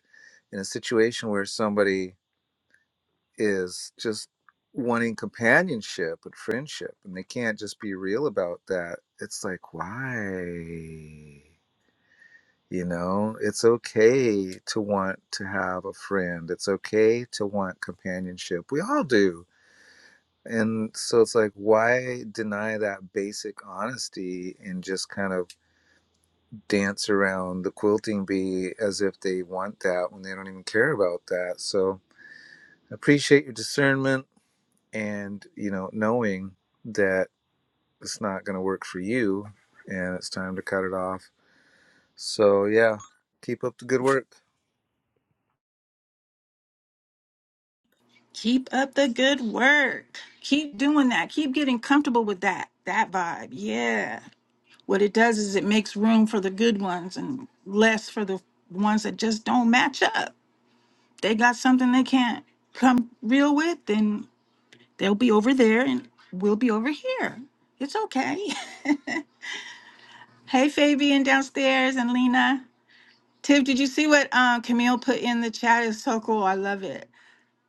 in a situation where somebody is just wanting companionship and friendship and they can't just be real about that, it's like, why? You know, it's okay to want to have a friend. It's okay to want companionship. We all do. And so it's like, why deny that basic honesty and just kind of dance around the quilting bee as if they want that when they don't even care about that? So appreciate your discernment and, you know, knowing that it's not going to work for you and it's time to cut it off. So, yeah, keep up the good work. keep up the good work keep doing that keep getting comfortable with that that vibe yeah what it does is it makes room for the good ones and less for the ones that just don't match up they got something they can't come real with then They'll be over there and we'll be over here. It's okay. hey, Fabian downstairs and Lena. Tiff, did you see what um, Camille put in the chat? It's so cool. I love it.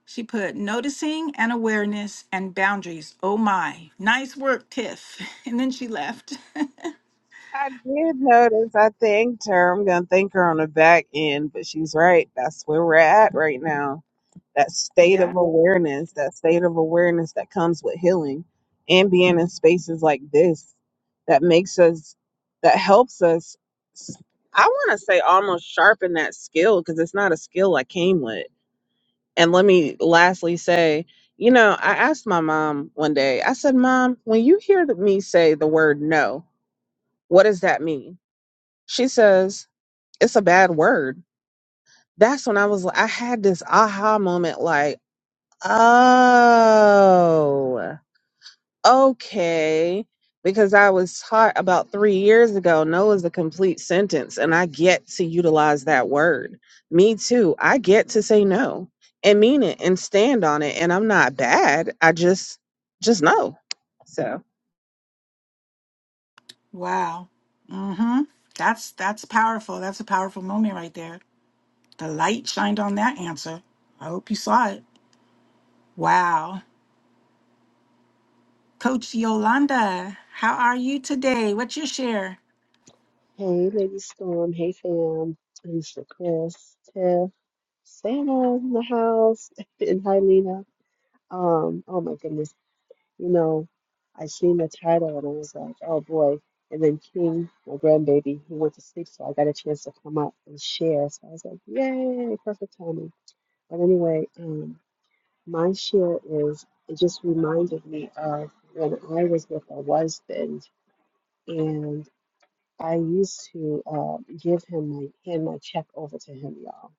She put noticing and awareness and boundaries. Oh my. Nice work, Tiff. And then she left. I did notice I thanked her. I'm going to thank her on the back end, but she's right. That's where we're at right now that state of yeah. awareness, that state of awareness that comes with healing and being in spaces like this that makes us, that helps us, s- I want to say almost sharpen that skill because it's not a skill I came with. And let me lastly say, you know, I asked my mom one day, I said, Mom, when you hear th- me say the word no, what does that mean? She says, It's a bad word. That's when I was like, I had this aha moment like, Oh, okay. Because I was taught about three years ago, no is a complete sentence, and I get to utilize that word. Me too. I get to say no and mean it and stand on it, and I'm not bad. I just, just know. So, Wow. Mm-hmm. That's that's powerful. That's a powerful moment right there. The light shined on that answer. I hope you saw it. Wow. Coach Yolanda, how are you today? What's your share? Hey, Lady Storm. Hey, fam. Mr. Chris, Tiff, Santa in the house, and hi, Lena. Um, oh my goodness. You know, I seen the title and I was like, oh boy. And then King, my grandbaby, he went to sleep, so I got a chance to come up and share. So I was like, yay, perfect timing. But anyway, um, my share is it just reminded me of when I was with a husband I used to uh, give him my hand my check over to him, y'all,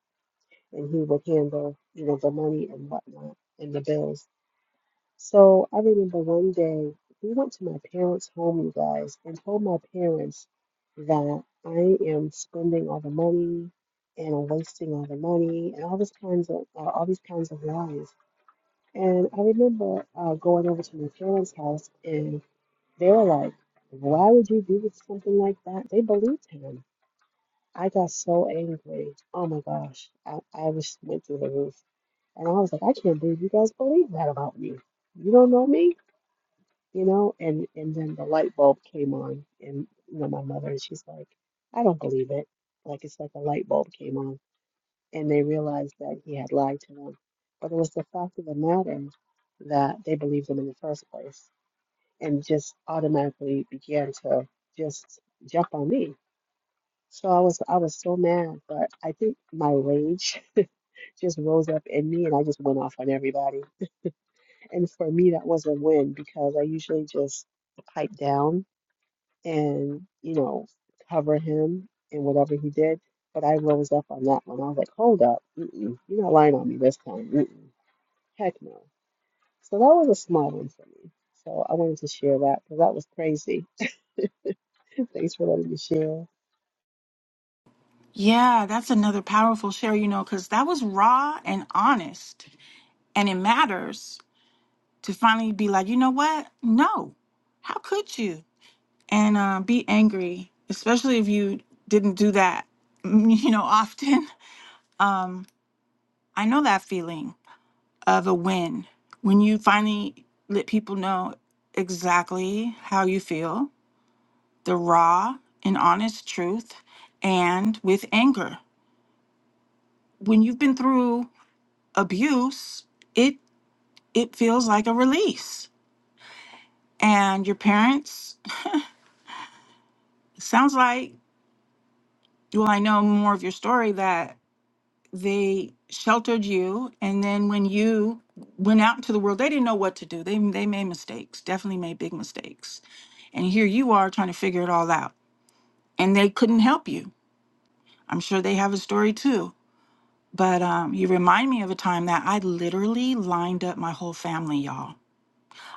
and he would handle you know the money and whatnot and the bills. So I remember one day we went to my parents' home, you guys, and told my parents that I am spending all the money and I'm wasting all the money and all these kinds of uh, all these kinds of lies. And I remember uh, going over to my parents' house and they were like, "Why would you do something like that?" They believed him I got so angry. Oh my gosh. I, I was went through the roof. And I was like, I can't believe you guys believe that about me. You don't know me, you know? And and then the light bulb came on and you know, my mother and she's like, I don't believe it. Like it's like a light bulb came on and they realized that he had lied to them. But it was the fact of the matter that they believed him in the first place and just automatically began to just jump on me so I was I was so mad, but I think my rage just rose up in me and I just went off on everybody. And for me that was a win because I usually just pipe down and, you know, cover him in whatever he did. But I rose up on that one. I was like, hold up, mm-mm, you're not lying on me this time. Mm-mm, heck no. So that was a small one for me. So I wanted to share that because that was crazy. Thanks for letting me share. Yeah, that's another powerful share, you know, because that was raw and honest. And it matters to finally be like, you know what? No, how could you? And uh, be angry, especially if you didn't do that, you know, often. Um, I know that feeling of a win when you finally let people know exactly how you feel the raw and honest truth and with anger. When you've been through abuse, it it feels like a release. And your parents, it sounds like, well, I know more of your story that they sheltered you and then when you went out into the world, they didn't know what to do. They they made mistakes, definitely made big mistakes. And here you are trying to figure it all out. And they couldn't help you. I'm sure they have a story too But um, you remind me of a time that I literally lined up my whole family, y'all.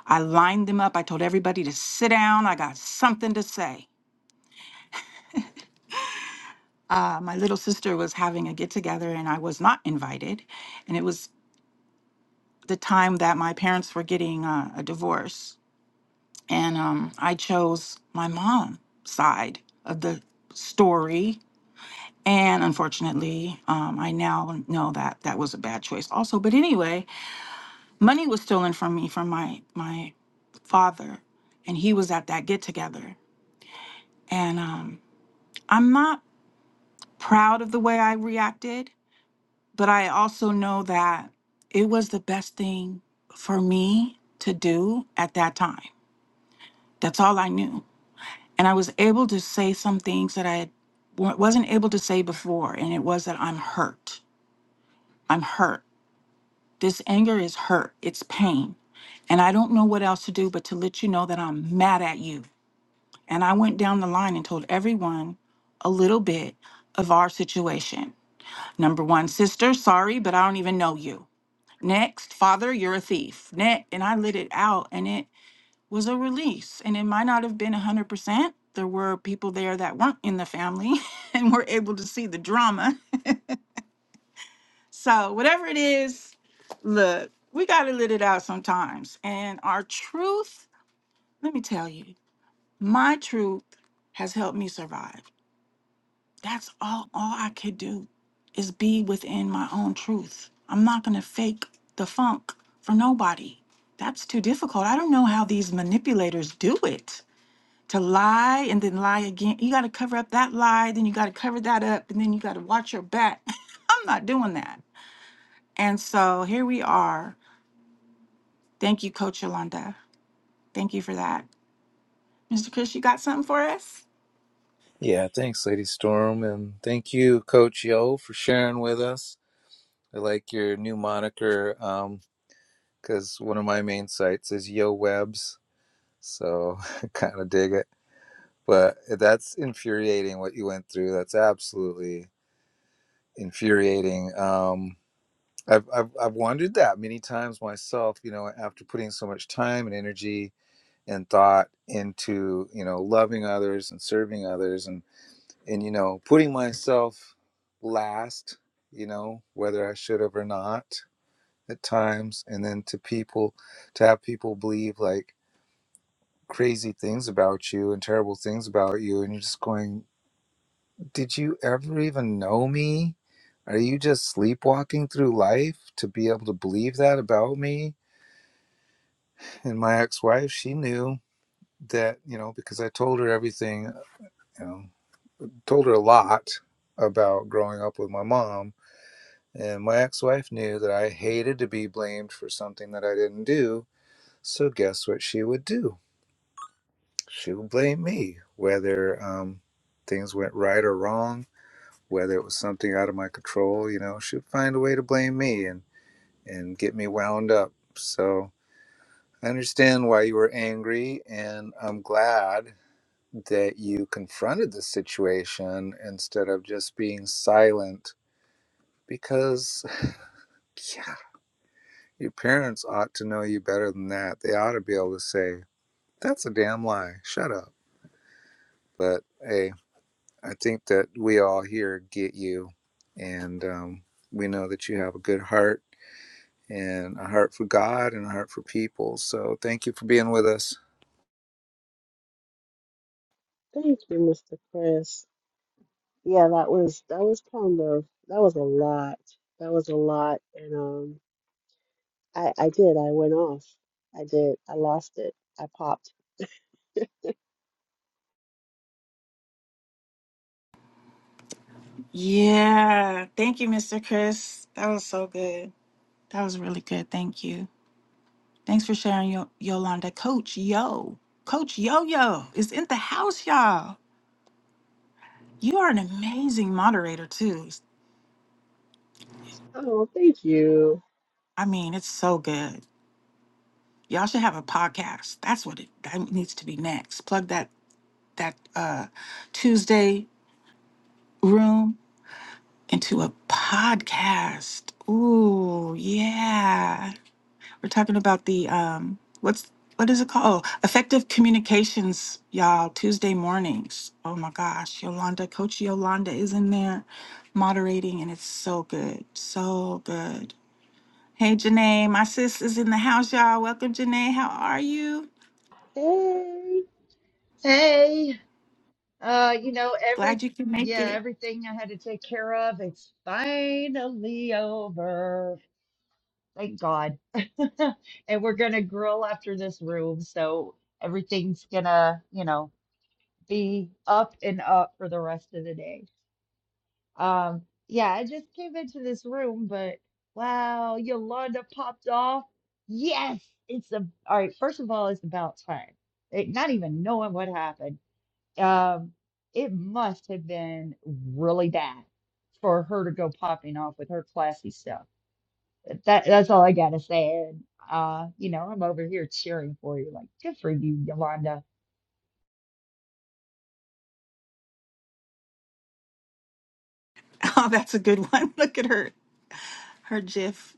I lined them up. I told everybody to sit down. I got something to say. Uh, my little sister was having a get together and I was not invited. And it was the time that my parents were getting uh, a divorce. And um, I chose my mom side of the story. And unfortunately, um, I now know that that was a bad choice also. But anyway, money was stolen from me from my, my father, and he was at that get together. And um, I'm not proud of the way I reacted, but I also know that it was the best thing for me to do at that time. That's all I knew. And I was able to say some things that I had- wa- wasn't able to say before, and it was that I'm hurt. I'm hurt. This anger is hurt, it's pain. And I don't know what else to do but to let you know that I'm mad at you And I went down the line and told everyone a little bit of our situation. Number one, sister, sorry, but I don't even know you. Next, father, you're a thief. Next, and I lit it out and it was a release. And it might not have been 100%. There were people there that weren't in the family and were able to see the drama. So, whatever it is, look, we got to let it out sometimes. And our truth, let me tell you, my truth has helped me survive. That's all all I could do is be within my own truth. I'm not going to fake the funk for nobody. That's too difficult. I don't know how these manipulators do it. To lie and then lie again. You got to cover up that lie, then you got to cover that up, and then you got to watch your back. I'm not doing that. And so here we are. Thank you, Coach Yolanda. Thank you for that. Mr. Chris, you got something for us? Yeah, thanks, Lady Storm, and thank you, Coach Yo, for sharing with us. I like your new moniker because one of my main sites is Yo Webs, so I kind of dig it. But that's infuriating what you went through. That's absolutely infuriating. Um, I've, I've I've wondered that many times myself. You know, after putting so much time and energy and thought into you know loving others and serving others and and you know putting myself last you know whether i should have or not at times and then to people to have people believe like crazy things about you and terrible things about you and you're just going did you ever even know me are you just sleepwalking through life to be able to believe that about me and my ex-wife she knew that you know because i told her everything you know told her a lot about growing up with my mom And my ex wife knew that I hated to be blamed for something that I didn't do. So, guess what she would do? She would blame me, whether um, things went right or wrong, whether it was something out of my control. You know, she would find a way to blame me and, and get me wound up. So, I understand why you were angry, and I'm glad that you confronted the situation instead of just being silent because yeah, Your parents ought to know you better than that. They ought to be able to say, that's a damn lie. Shut up. But hey, I think that we all here get you. And um, we know that you have a good heart and a heart for God and a heart for people. So thank you for being with us. Thank you, Mr. Chris. yeah, that was that was kind of that was a lot. That was a lot, and um, I I did. I went off. I did. I lost it. I popped. Yeah. Thank you, Mr. Chris. That was so good. That was really good. Thank you. Thanks for sharing, Yo- Yolanda. Coach Yo, Coach Yo Yo is in the house, y'all. You are an amazing moderator, too. Oh, thank you. I mean, it's so good. Y'all should have a podcast. That's what it that needs to be next. Plug that that uh, Tuesday room into a podcast. Ooh, yeah. We're talking about the um what's what is it called? Oh, effective communications, y'all, Tuesday mornings. Oh my gosh, Yolanda, Coach Yolanda is in there moderating and it's so good. So good. Hey Janae, my sis is in the house, y'all. Welcome, Janae. How are you? Hey, Hey, uh, you know, every Glad you can make yeah, it. everything I had to take care of, it's finally over. Thank God. And we're gonna grill after this room, so everything's gonna, you know, be up and up for the rest of the day. Um, yeah, I just came into this room, but wow, Yolanda popped off. Yes, it's a all right, first of all, it's about time. Eh, Not even knowing what happened. Um, it must have been really bad for her to go popping off with her classy stuff. That that's all I gotta say. And uh, you know, I'm over here cheering for you. Like, good for you, Yolanda. Oh, that's a good one. Look at her. Her GIF.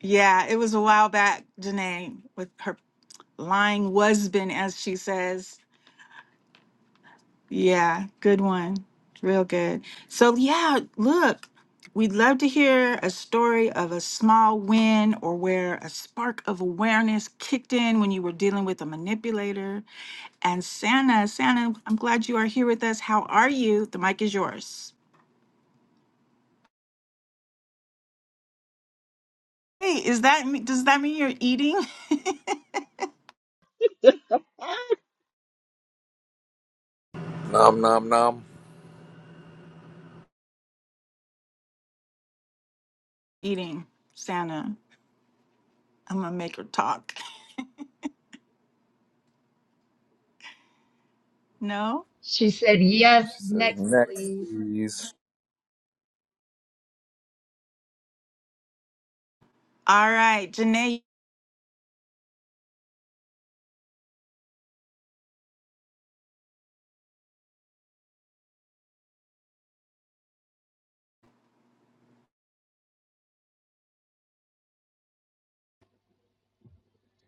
Yeah, it was a while back, Janae, with her lying husband, as she says. Yeah, good one. Real good. So, yeah, look, we'd love to hear a story of a small win or where a spark of awareness kicked in when you were dealing with a manipulator. And Santa, Santa, I'm glad you are here with us. How are you? The mic is yours. Hey, is that me- does that mean you're eating? you Nom nom nom. Eating, Santa. I'm gonna make her talk. No? She said, Yes, She says, next, next, please. please. All right, Janae.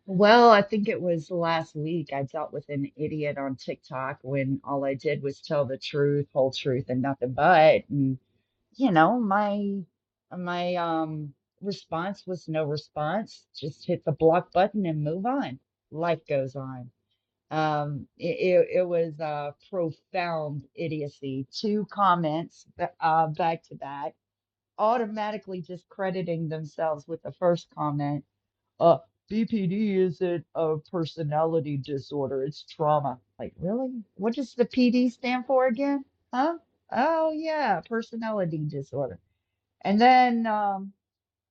Well, I think it was last week I dealt with an idiot on TikTok when all I did was tell the truth, whole truth, and nothing but. you know, my my um response was no response. Just hit the block button and move on. Life goes on. Um, it, it, it was uh, profound idiocy. Two comments ba- uh, back to back, automatically discrediting themselves with the first comment. Uh, BPD isn't a personality disorder, it's trauma. Like, really? What does the PD stand for again? Huh? Oh, yeah, personality disorder and then um,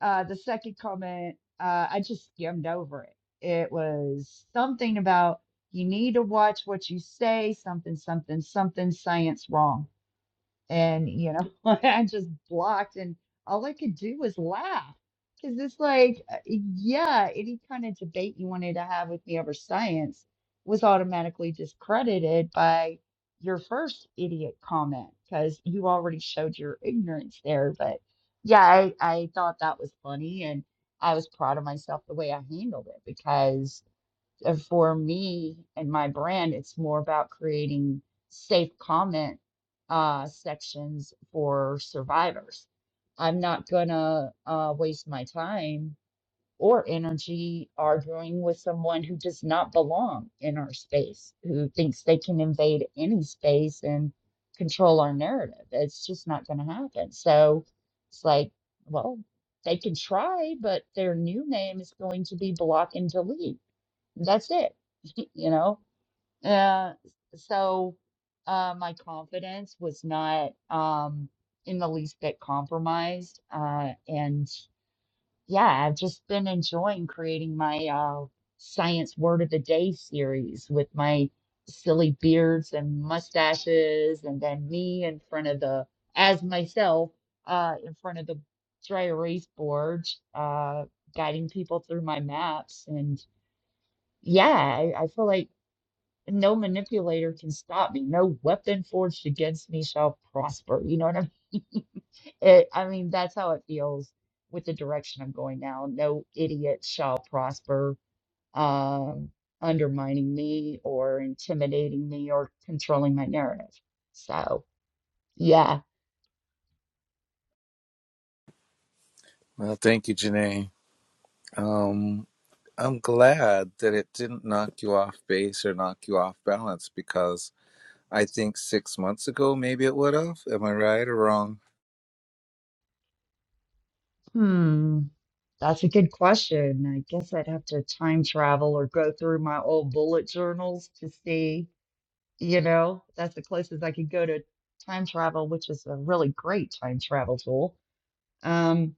uh, the second comment, uh, I just skimmed over it. It was something about you need to watch what you say, something, something, something, science wrong. And, you know, I just blocked, and all I could do was laugh. Because it's like, uh, yeah, any kind of debate you wanted to have with me over science was automatically discredited by your first idiot comment because you already showed your ignorance there. But yeah, I, I thought that was funny. And I was proud of myself the way I handled it because and for me and my brand, it's more about creating safe comment uh, sections for survivors. I'm not gonna uh, waste my time or energy arguing with someone who does not belong in our space, who thinks they can invade any space and control our narrative. It's just not gonna happen. So it's like, well, they can try, but their new name is going to be block and delete that's it, you know? Uh, so uh, my confidence was not um, in the least bit compromised. Uh, and yeah, I've just been enjoying creating my uh, Science Word of the Day series with my silly beards and mustaches, and then me in front of the, as myself, uh, in front of the dry erase board, uh, guiding people through my maps and yeah, I, I feel like and no manipulator can stop me. No weapon forged against me shall prosper. You know what I mean? It, I mean, that's how it feels with the direction I'm going now. No idiot shall prosper, um, undermining me or intimidating me or controlling my narrative. So, yeah, Well, thank you, Janae. Um, I'm glad that it didn't knock you off base or knock you off balance because. I think six months ago, maybe it would have. Am I right or wrong? hmm, that's a good question. I guess I'd have to time travel or go through my old bullet journals to see. You know, that's the closest I could go to time travel, which is a really great time travel tool. Um,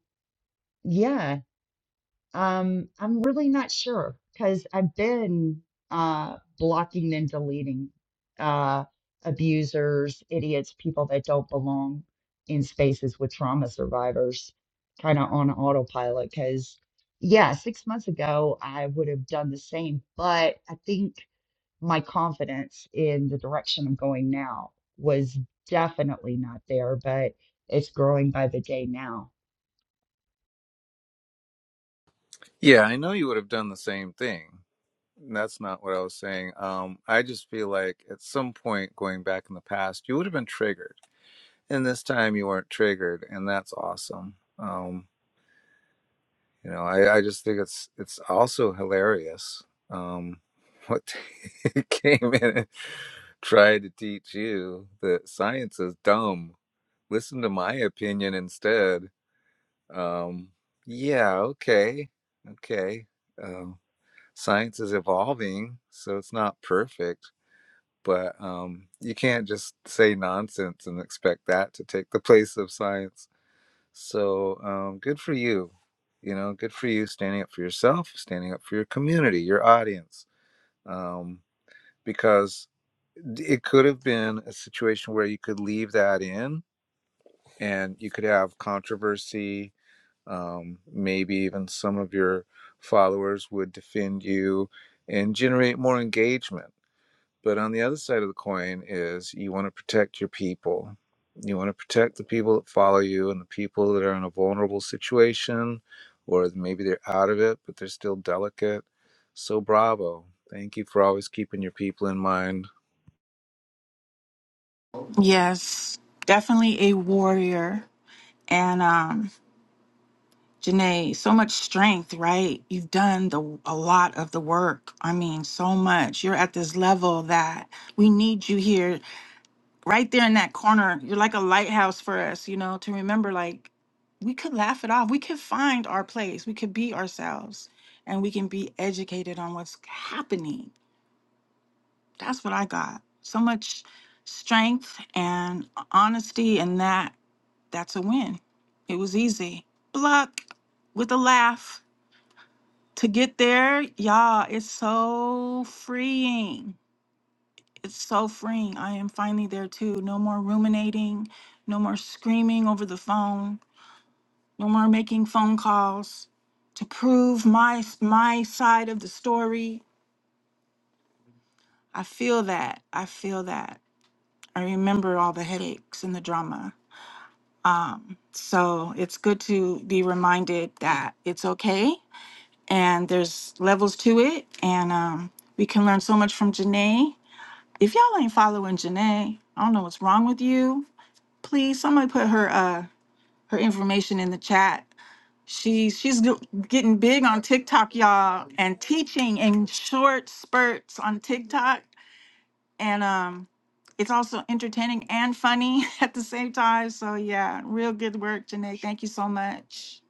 yeah, um, I'm really not sure because I've been uh, blocking and deleting uh, abusers, idiots, people that don't belong in spaces with trauma survivors, kind of on autopilot. Because, yeah, six months ago, I would have done the same, but I think my confidence in the direction I'm going now was definitely not there, but it's growing by the day now. Yeah, I know you would have done the same thing. That's not what I was saying. Um, I just feel like at some point going back in the past, you would have been triggered. And this time you weren't triggered, and that's awesome. Um, you know, I, I just think it's it's also hilarious. Um, what they came in and tried to teach you that science is dumb. Listen to my opinion instead Um, yeah, okay, okay. Um, science is evolving, so it's not perfect, but um, you can't just say nonsense and expect that to take the place of science. So um, good for you. You know, good for you standing up for yourself, standing up for your community, your audience, um, because d- it could have been a situation where you could leave that in and you could have controversy Um, maybe even some of your followers would defend you and generate more engagement. But on the other side of the coin is you want to protect your people. You want to protect the people that follow you and the people that are in a vulnerable situation, or maybe they're out of it, but they're still delicate. So, bravo. Thank you for always keeping your people in mind. Yes, definitely a warrior. And um Janae, so much strength, right? You've done the a lot of the work. I mean, so much. You're at this level that we need you here, right there in that corner. You're like a lighthouse for us, you know, to remember like we could laugh it off. We could find our place. We could be ourselves and we can be educated on what's happening. That's what I got. So much strength and honesty and that that's a win. It was easy. Bluck with a laugh. to get there, y'all, it's so freeing. It's so freeing. I am finally there too. No more ruminating, no more screaming over the phone, no more making phone calls to prove my my side of the story. I feel that. I feel that. I remember all the headaches and the drama. Um, so it's good to be reminded that it's okay and there's levels to it and um, we can learn so much from Janae If y'all ain't following Janae, I don't know what's wrong with you. Please, somebody put her uh her information in the chat. She she's g- getting big on TikTok, y'all, and teaching in short spurts on TikTok, and um, it's also entertaining and funny at the same time. So yeah, real good work, Janae. Thank you so much.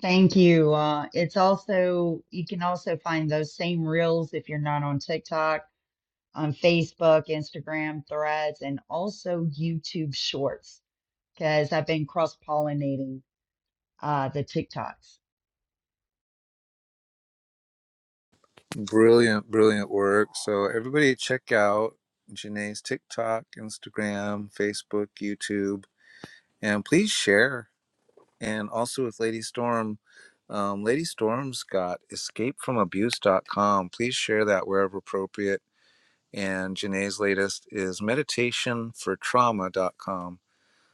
Thank you. Uh, it's also, you can also find those same reels if you're not on TikTok, on Facebook, Instagram, Threads, and also YouTube Shorts, because I've been cross pollinating uh, the TikToks. Brilliant, brilliant work. So, everybody, check out Janae's TikTok, Instagram, Facebook, YouTube And please share. And also with Lady Storm, um, Lady Storm's got escapefromabuse.com. Please share that wherever appropriate. And Janae's latest is meditationfortrauma.com.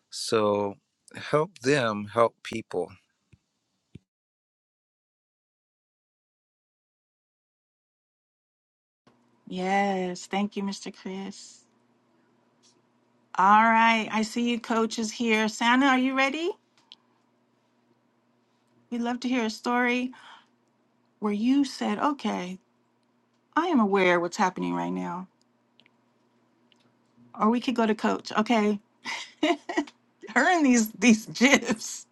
So help them help people. Yes, thank you, Mr. Chris. All right, I see you coaches here. Santa, are you ready? We'd love to hear a story where you said, okay, I am aware what's happening right now. Or we could go to coach. Okay. Her and these these gifs.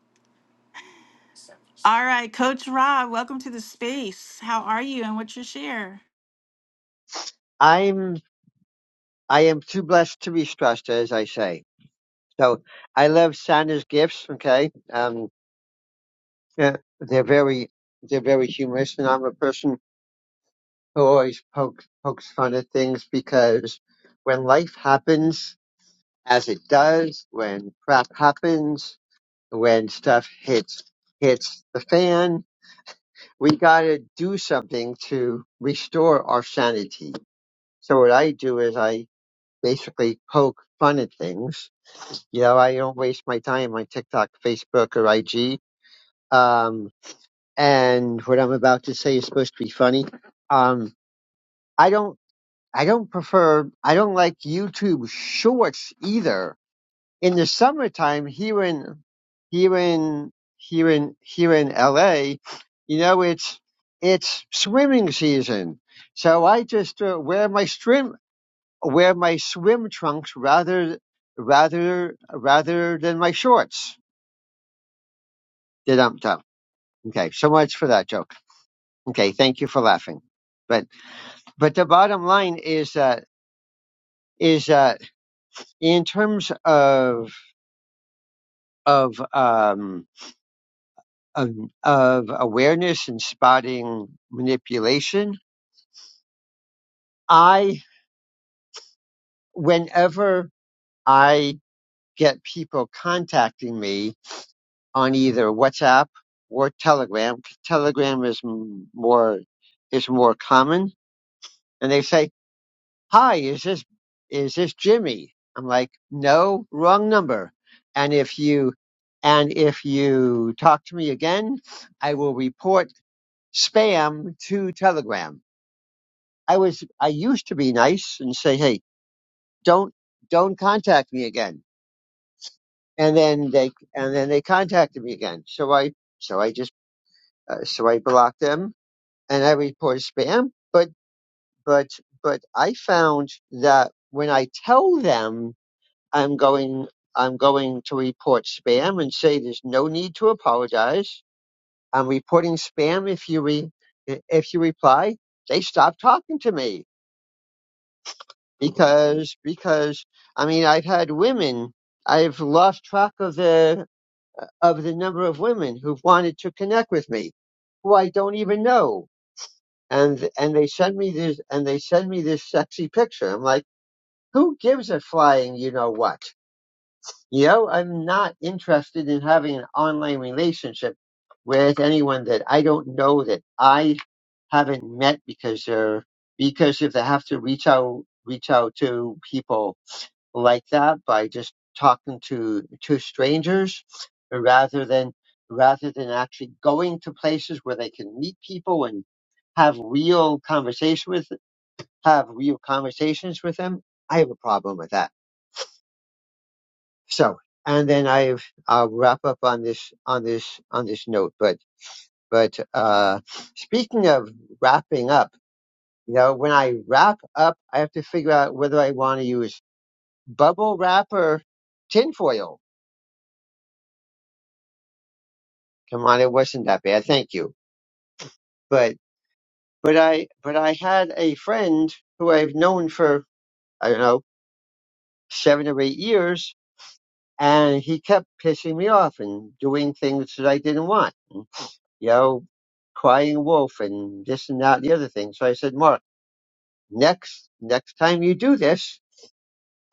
All right, Coach Rob, welcome to the space. How are you and what's your share? I'm I am too blessed to be stressed, as I say. So I love Santa's gifts. Okay, um, they're, they're very they're very humorous, and I'm a person who always pokes pokes fun at things because when life happens as it does, when crap happens, when stuff hits hits the fan, we gotta do something to restore our sanity. So what I do is I basically poke fun at things. You know, I don't waste my time on TikTok, Facebook, or IG. Um, and what I'm about to say is supposed to be funny. Um, I don't, I don't prefer, I don't like YouTube Shorts either. In the summertime here in, here in, here in, here in LA, you know, it's, it's swimming season. So I just uh, wear my swim wear my swim trunks rather rather rather than my shorts. Dum dum. Okay, so much for that joke. Okay, thank you for laughing. But but the bottom line is that is that in terms of of um of, of awareness and spotting manipulation, I whenever I get people contacting me on either WhatsApp or Telegram. Telegram is m- more is more common, and they say, "Hi, is this is this Jimmy?" I'm like, "No, wrong number." And if you and if you talk to me again, I will report spam to Telegram. I was I used to be nice and say, "Hey, don't don't contact me again." And then they and then they contacted me again. So I so I just uh, so I blocked them and I report spam. But but but I found that when I tell them I'm going I'm going to report spam and say there's no need to apologize. I'm reporting spam if you re if you reply, they stop talking to me because because I mean I've had women I've lost track of the of the number of women who've wanted to connect with me who I don't even know and and they send me this and they send me this sexy picture. I'm like, who gives a flying you know what? You know, I'm not interested in having an online relationship with anyone that I don't know that I haven't met because they're because if they have to reach out reach out to people like that by just talking to to strangers rather than rather than actually going to places where they can meet people and have real conversation with have real conversations with them i have a problem with that so and then i've i'll wrap up on this on this on this note but but uh speaking of wrapping up you know when i wrap up i have to figure out whether i want to use bubble wrap or tinfoil come on, it wasn't that bad. Thank you. But but I but I had a friend who I've known for I don't know seven or eight years, and he kept pissing me off and doing things that I didn't want. You know, crying wolf and this and that and the other thing. So I said, Mark, next next time you do this,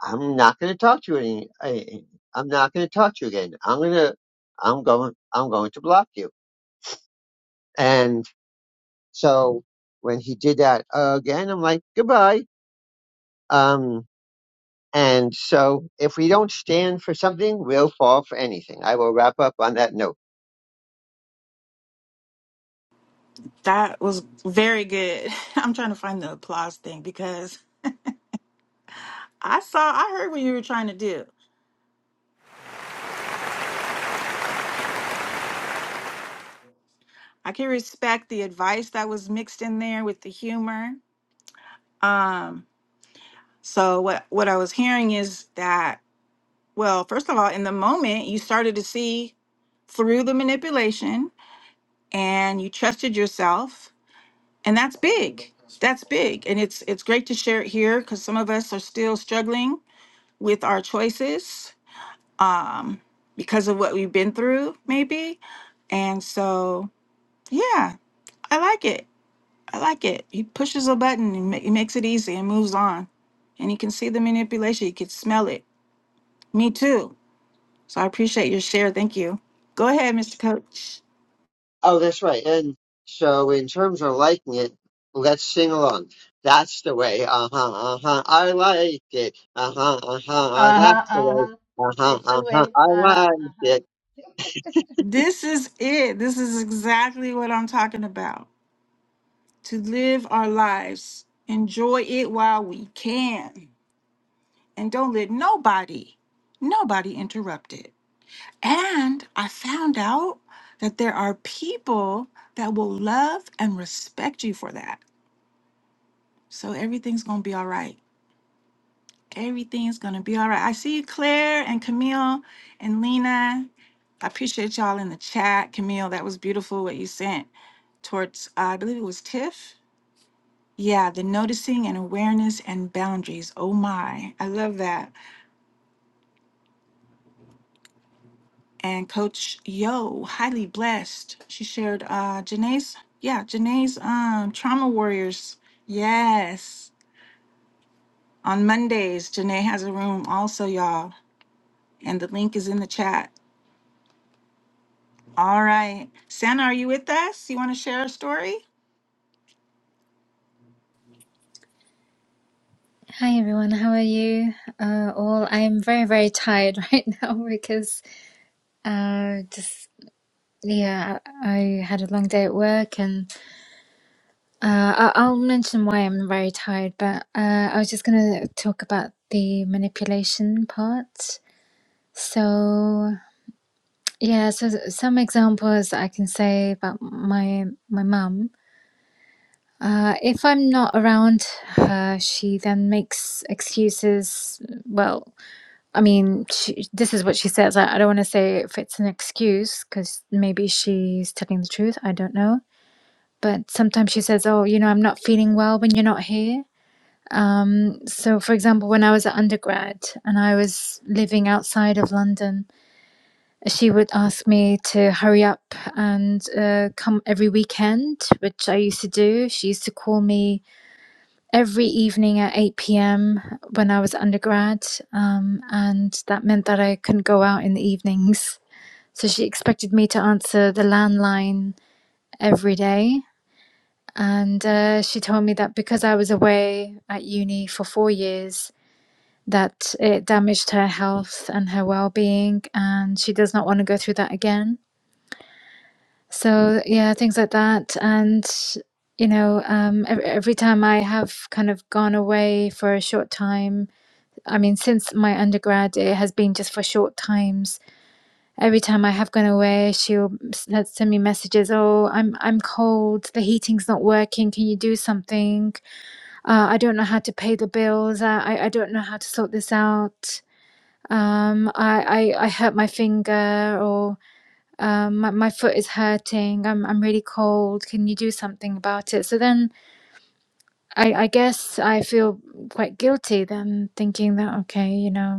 I'm not going to talk to you any. I, I'm not going to talk to you again. I'm gonna I'm going I'm going to block you. And so when he did that uh, again, I'm like, goodbye Um, and so if we don't stand for something, we'll fall for anything. I will wrap up on that note. That was very good. I'm trying to find the applause thing because I saw I heard what you were trying to do. I can respect the advice that was mixed in there with the humor. Um so what what I was hearing is that well, first of all, in the moment you started to see through the manipulation and you trusted yourself and that's big that's big and it's it's great to share it here because some of us are still struggling with our choices um because of what we've been through maybe and so yeah i like it i like it he pushes a button and ma- he makes it easy and moves on and you can see the manipulation you can smell it me too so i appreciate your share thank you go ahead mr coach Oh, that's right. And so in terms of liking it, let's sing along. That's the way. Uh huh. Uh huh. I like it. Uh huh. Uh huh. Uh That's huh, the uh way. huh. Uh huh. It's Uh the huh. way. I Uh huh, like it. uh this is it this is exactly what i'm talking about to live our lives, enjoy it while we can, and don't let nobody, nobody interrupt it. And I found out that there are people that will love and respect you for that. So everything's gonna be all right. Everything's gonna be all right. I see you, Claire and Camille and Lena. I appreciate y'all in the chat. Camille, that was beautiful what you sent towards, uh, I believe it was Tiff. Yeah, the noticing and awareness and boundaries. Oh my, I love that. And Coach Yo, highly blessed. She shared uh Janae's, yeah, Janae's um trauma warriors. Yes. On Mondays, Janae has a room also, y'all. And the link is in the chat. All right. Santa, are you with us? You want to share a story? Hi everyone, how are you? Uh, all I'm very very tired right now because uh, just yeah, I I had a long day at work and uh, I- I'll mention why I'm very tired. But uh, I was just gonna talk about the manipulation part. So yeah, so some examples that I can say about my my mum. Uh, if I'm not around her, she then makes excuses. Well. I mean, she, this is what she says. I, I don't want to say if it's an excuse because maybe she's telling the truth. I don't know. But sometimes she says, Oh, you know, I'm not feeling well when you're not here. Um, so, for example, when I was at undergrad and I was living outside of London, she would ask me to hurry up and uh, come every weekend, which I used to do. She used to call me every evening at 8 p.m. when I was undergrad, um, and that meant that I couldn't go out in the evenings. So she expected me to answer the landline every day. And uh, she told me that because I was away at uni for four years, that it damaged her health and her well being, and she does not want to go through that again. So, yeah, things like that. And you know, um, every time I have kind of gone away for a short time I mean, since my undergrad, it has been just for short times. Every time I have gone away, she'll s- send me messages. Oh, I'm I'm cold. The heating's not working. Can you do something? Uh, I don't know how to pay the bills. I I, I don't know how to sort this out. Um, I, I I hurt my finger, or um, my, my foot is hurting. I'm I'm really cold. Can you do something about it? So then I I guess I feel quite guilty then, thinking that okay, you know.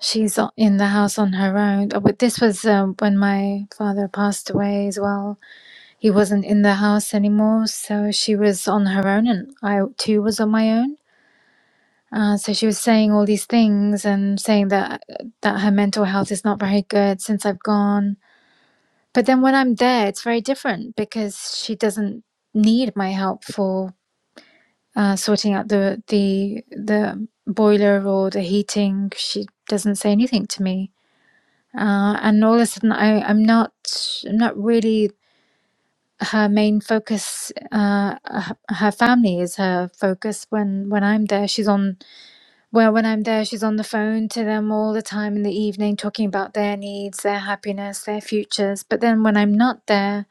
She's o- in the house on her own. Uh, But this was um, when my father passed away as well. He wasn't in the house anymore, so she was on her own, and I too was on my own. Uh, so she was saying all these things and saying that that her mental health is not very good since I've gone. But then when I'm there, it's very different because she doesn't need my help for uh, sorting out the the the boiler or the heating. She doesn't say anything to me uh, and all of a sudden I, I'm not I'm not really her main focus uh her, her family is her focus when when I'm there she's on well when I'm there she's on the phone to them all the time in the evening talking about their needs their happiness their futures but then when I'm not there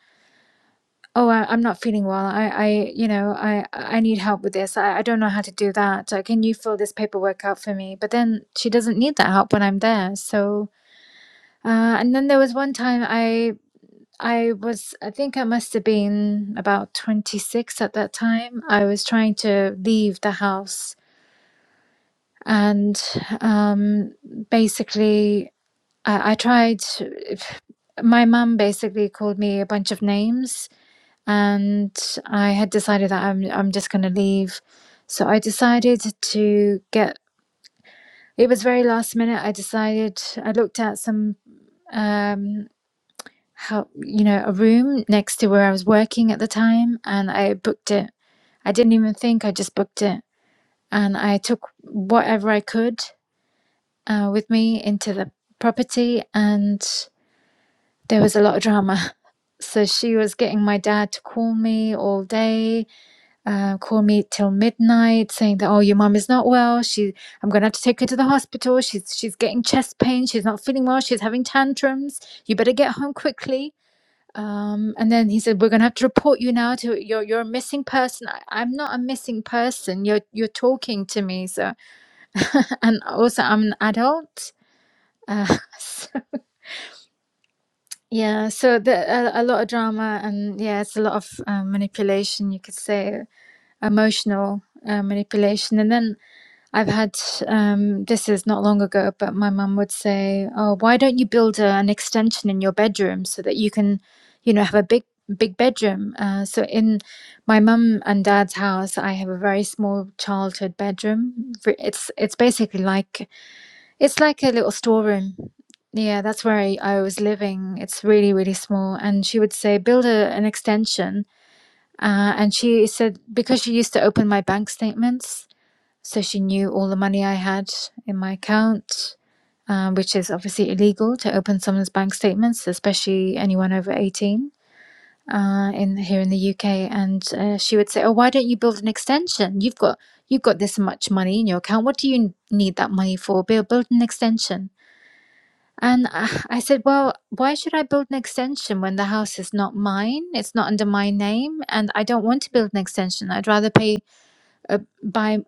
oh I, I'm not feeling well I I you know I I need help with this I, I don't know how to do that Uh, can you fill this paperwork out for me but then she doesn't need that help when I'm there so uh, and then there was one time I. I was, I think I must have been about 26 at that time. I was trying to leave the house. And um, basically, I, I tried, my mum basically called me a bunch of names. And I had decided that I'm, I'm just going to leave. So I decided to get, it was very last minute. I decided, I looked at some. um, how you know a room next to where I was working at the time and I booked it. I didn't even think, I just booked it and I took whatever I could uh, with me into the property and there was a lot of drama. So she was getting my dad to call me all day, uh, call me till midnight, saying that oh your mum is not well. She I'm gonna have to take her to the hospital. She's she's getting chest pain. She's not feeling well. She's having tantrums. You better get home quickly um, and then he said, "We're gonna have to report you now. To you're you're a missing person. I, I'm not a missing person. You're you're talking to me. So, and also I'm an adult. Uh, so, yeah. So the, a, a lot of drama and yeah, it's a lot of um, manipulation. You could say emotional uh, manipulation. And then I've had um, this is not long ago, but my mum would say, "Oh, why don't you build a, an extension in your bedroom so that you can, you know, have a big big bedroom?" Uh, so in my mum and dad's house, I have a very small childhood bedroom. V- It's it's basically like it's like a little storeroom. Yeah, that's where I, I was living. It's really really small, and she would say, "Build a, an extension." Uh, and she said because she used to open my bank statements, so she knew all the money I had in my account, um, which is obviously illegal to open someone's bank statements, especially anyone over 18 uh, in here in the UK. And uh, she would say, "Oh, why don't you build an extension? You've got you've got this much money in your account. What do you need that money for? Build build an extension." And I I said, Well, why should I build an extension when the house is not mine? It's not under my name, and I don't want to build an extension. I'd rather pay uh, buy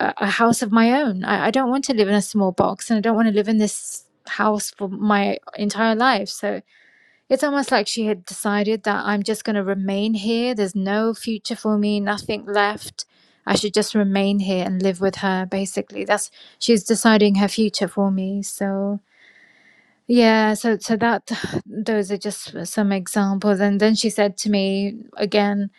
a, a a house of my own. I, I don't want to live in a small box, and I don't want to live in this house for my entire life. So it's almost like she had decided that I'm just going to remain here. There's no future for me, nothing left. I should just remain here and live with her, basically. That's she's deciding her future for me. So. Yeah, so so that those are just some examples. And then she said to me again,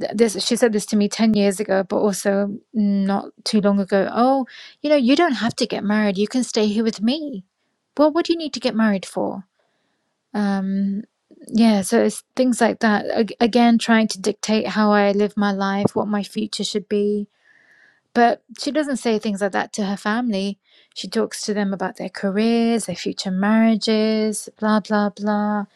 th- this she said this to me 10 years ago, but also not too long ago. Oh, you know, you don't have to get married. You can stay here with me. Well, what do you need to get married for? Um, yeah, so it's things like that. Ag- Again, trying to dictate how I live my life, what my future should be but she doesn't say things like that to her family. She talks to them about their careers, their future marriages, blah blah blah.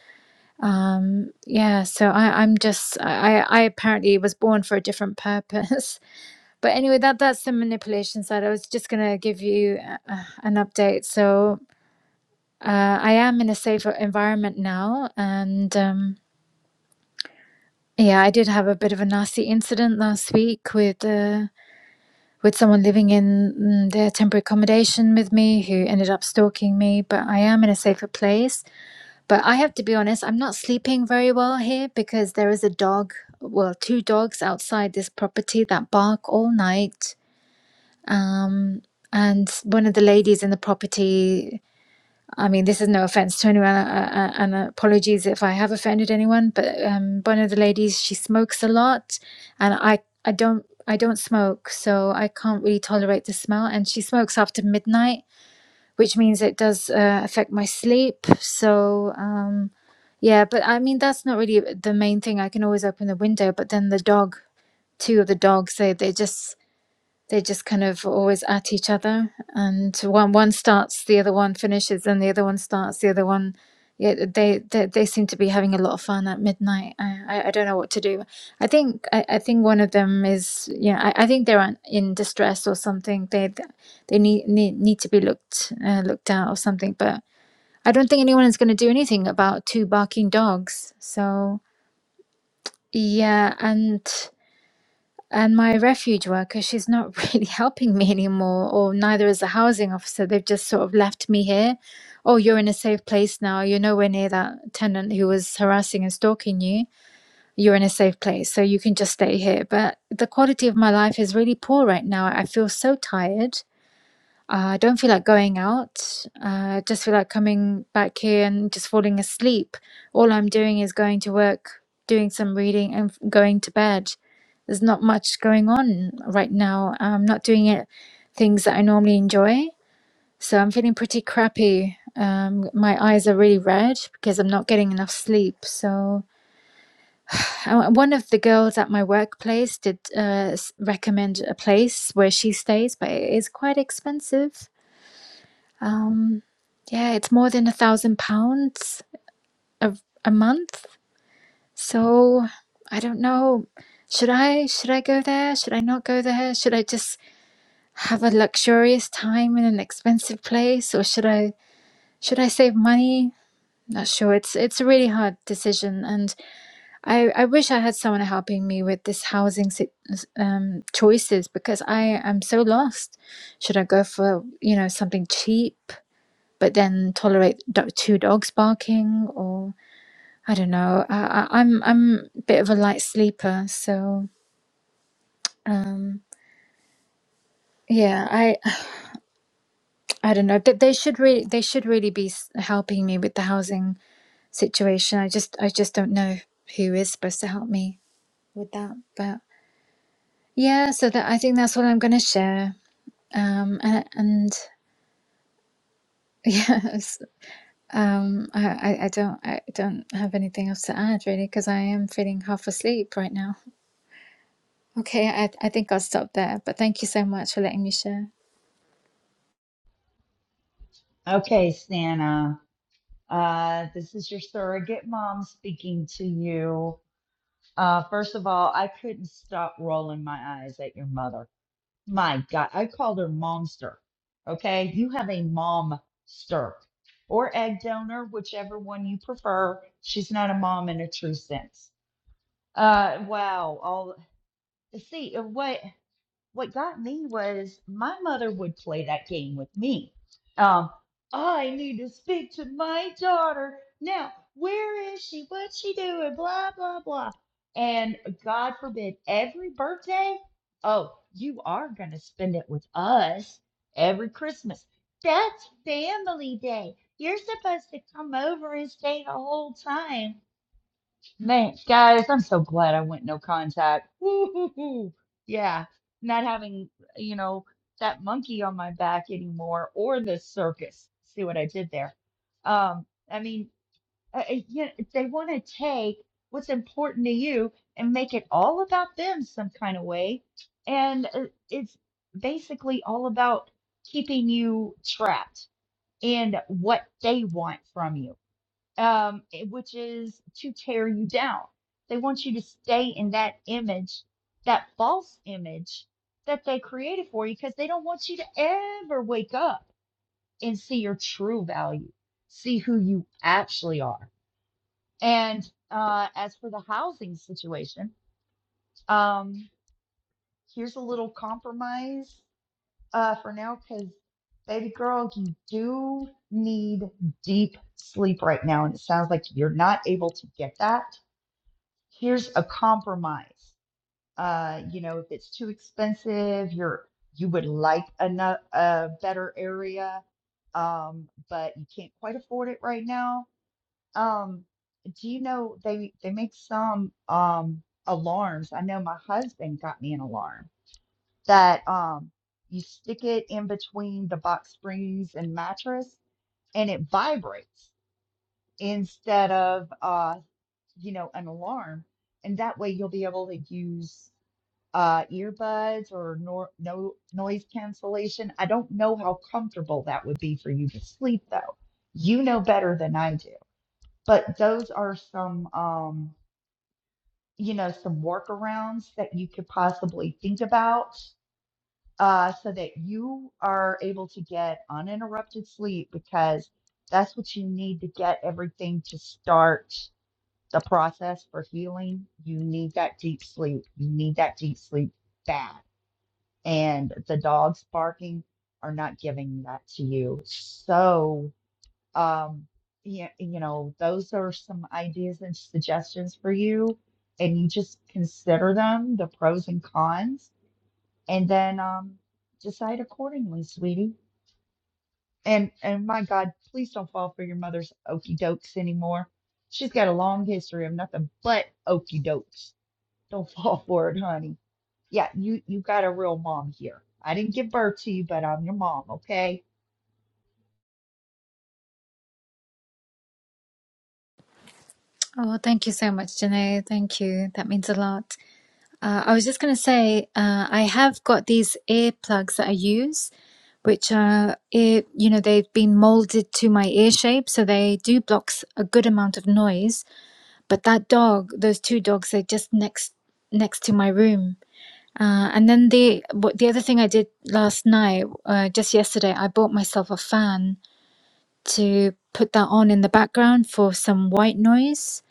Um, yeah, so I, I'm just I, I apparently was born for a different purpose. But anyway, that that's the manipulation side. I was just gonna give you uh, an update. So uh, I am in a safer environment now, and um, yeah, I did have a bit of a nasty incident last week with. Uh, with someone living in mm, their temporary accommodation with me who ended up stalking me, but I am in a safer place. But I have to be honest, I'm not sleeping very well here because there is a dog, well, two dogs outside this property that bark all night. Um, and one of the ladies in the property I mean, this is no offense to anyone, uh, uh, and apologies if I have offended anyone. But um, one of the ladies, she smokes a lot, and I, I don't, I don't smoke, so I can't really tolerate the smell. And she smokes after midnight, which means it does uh, affect my sleep. So, um, yeah, but I mean, that's not really the main thing. I can always open the window, but then the dog, two of the dogs, they they just they just kind of always at each other, and one one starts, the other one finishes, and the other one starts, the other one. Yeah, they, they they seem to be having a lot of fun at midnight. I, I, I don't know what to do. I think I, I think one of them is yeah. I, I think they're un- in distress or something. They they need need, need to be looked uh, looked at or something. But I don't think anyone is going to do anything about two barking dogs. So yeah, and and my refuge worker she's not really helping me anymore or neither is the housing officer they've just sort of left me here oh you're in a safe place now you're nowhere near that tenant who was harassing and stalking you you're in a safe place so you can just stay here but the quality of my life is really poor right now i feel so tired uh, I don't feel like going out. Uh, I just feel like coming back here and just falling asleep. All I'm doing is going to work, doing some reading, and f- going to bed. There's not much going on right now. I'm not doing it things that I normally enjoy. So I'm feeling pretty crappy. Um, my eyes are really red because I'm not getting enough sleep. So I- one of the girls at my workplace did uh, s- recommend a place where she stays, but it is quite expensive. Um, yeah, it's more than a thousand pounds a a month. So I don't know. Should I should I go there? Should I not go there? Should I just have a luxurious time in an expensive place, or should I should I save money? Not sure. It's it's a really hard decision, and I I wish I had someone helping me with this housing si- um choices because I am so lost. Should I go for you know something cheap? but then tolerate do- two dogs barking or I don't know. I, I, I'm I'm a bit of a light sleeper, so um, yeah, I I don't know. They, they should really they should really be s- helping me with the housing situation. I just I just don't know who is supposed to help me with that. But yeah, so that I think that's what I'm gonna share. Um, and, and yes, um, I, I I don't I don't have anything else to add really because I am feeling half asleep right now. Okay, I, I think I'll stop there, but thank you so much for letting me share. huh. Okay, Santa. Uh, this is your surrogate mom speaking to you. Uh, first of all, I couldn't stop rolling my eyes at your mother. My God, I called her momster. Okay, you have a momster or egg donor, whichever one you prefer. She's not a mom in a true sense. Uh, wow, all see uh, what what got me was my mother would play that game with me. Um, I need to speak to my daughter now. Where is she? What's she doing? Blah blah blah. And God forbid, every birthday, oh, you are gonna spend it with us every Christmas. That's family day. You're supposed to come over and stay the whole time. Man, guys, I'm so glad I went no contact. Woo-hoo-hoo. Yeah, not having, you know, that monkey on my back anymore or the circus. See what I did there? Um, I mean, uh, you know, they want to take what's important to you and make it all about them some kind of way. And uh, it's basically all about keeping you trapped in what they want from you um, eh, which is to tear you down. They want you to stay in that image, that false image that they created for you, because they don't want you to ever wake up and see your true value, see who you actually are. And uh, as for the housing situation, um, here's a little compromise uh, for now, because baby girl, you do need deep sleep right now. And it sounds like you're not able to get that here's a compromise. Uh, you know, if it's too expensive, you're you would like ano- a better area, um, but you can't quite afford it right now. Um, do you know they they make some um alarms? I know my husband got me an alarm that um you stick it in between the box springs and mattress and it vibrates instead of uh you know an alarm and that way you'll be able to use uh, earbuds or nor no noise cancellation. I don't know how comfortable that would be for you to sleep though. You know better than I do. But those are some um, you know, some workarounds that you could possibly think about uh, so that you are able to get uninterrupted sleep because that's what you need to get everything to start the process for healing. You need that deep sleep. You need that deep sleep bad. and the dogs barking are not giving that to you. So, um, yeah, you know, those are some ideas and suggestions for you, and you just consider them, the pros and cons, and then um, decide accordingly, sweetie. And and my God, please don't fall for your mother's okey dokes anymore. She's got a long history of nothing but okey dokes. Don't fall for it, honey. Yeah, you you got a real mom here. I didn't give birth to you, but I'm your mom, okay? Oh, thank you so much, Janae. Thank you. That means a lot. Uh, I was just going to say, uh, I have got these earplugs that I use, which are, ear, you know, they've been molded to my ear shape. So they do block s- a good amount of noise. But that dog, those two dogs, they're just next next to my room. Uh, and then the what the other thing I did last night, uh, just yesterday, I bought myself a fan to put that on in the background for some white noise.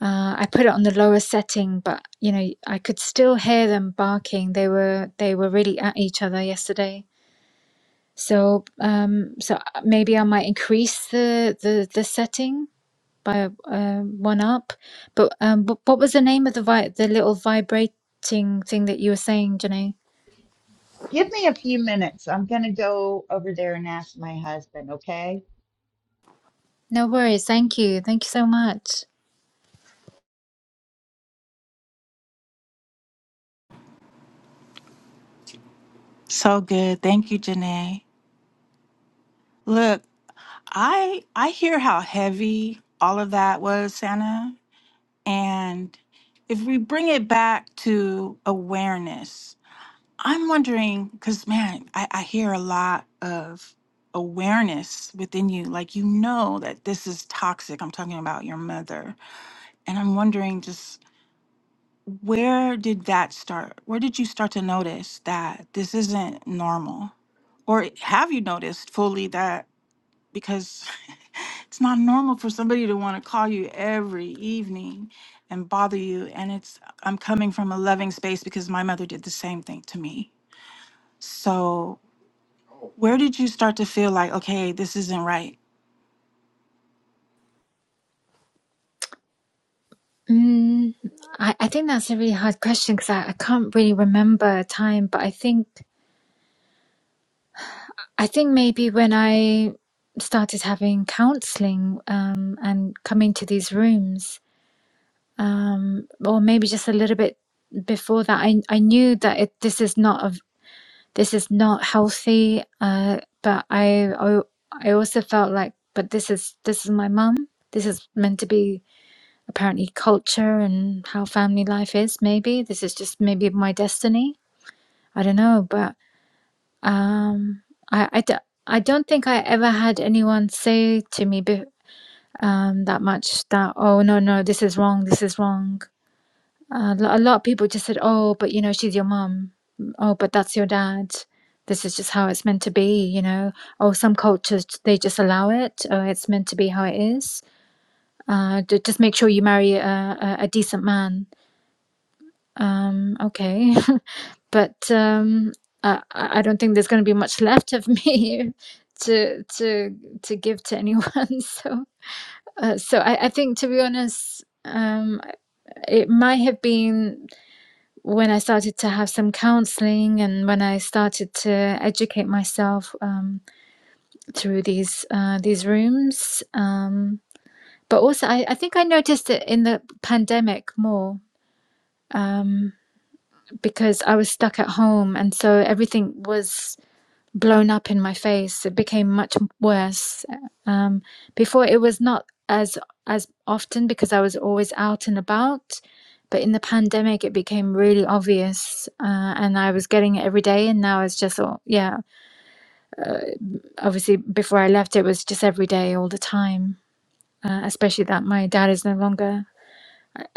Uh, I put it on the lower setting, but you know I could still hear them barking. They were they were really at each other yesterday. So um, so maybe I might increase the the, the setting by uh, one up. But um, but what was the name of the vi- the little vibrating thing that you were saying, Janae? Give me a few minutes. I'm gonna go over there and ask my husband, okay? No worries. Thank you. Thank you so much. So good. Thank you, Janae. Look, I I hear how heavy all of that was, Santa. And if we bring it back to awareness, I'm wondering because, man, I, I hear a lot of awareness within you. Like, you know that this is toxic. I'm talking about your mother. And I'm wondering just where did that start? Where did you start to notice that this isn't normal? Or have you noticed fully that because? It's not normal for somebody to want to call you every evening and bother you. And it's, I'm coming from a loving space because my mother did the same thing to me. So, where did you start to feel like, okay, this isn't right? Mm, I, I think that's a really hard question because I, I can't really remember a time, but I think I think maybe when I started having counseling um, and coming to these rooms, um, or maybe just a little bit before that, I, I knew that it, this is not a, this is not healthy, uh, but I, I I also felt like, but this is this is my mum. This is meant to be apparently culture and how family life is maybe this is just maybe my destiny i don't know but um i i, d- I don't think i ever had anyone say to me um that much that oh no no this is wrong this is wrong uh, a lot of people just said oh but you know she's your mum oh but that's your dad this is just how it's meant to be you know oh some cultures they just allow it oh it's meant to be how it is uh, d- just make sure you marry a, a, a decent man Um, okay. But um, I, I I don't think there's going to be much left of me to to to give to anyone. So uh, so I, I think to be honest, um, it might have been when I started to have some counseling and when I started to educate myself um, through these uh, these rooms. Um, but also, I, I think I noticed it in the pandemic more. Um, because I was stuck at home and so everything was blown up in my face. It became much worse. Um, before it was not as as often because I was always out and about, but in the pandemic it became really obvious uh, and I was getting it every day and now it's just all yeah, obviously before I left it was just every day all the time. Uh, especially that my dad is no longer,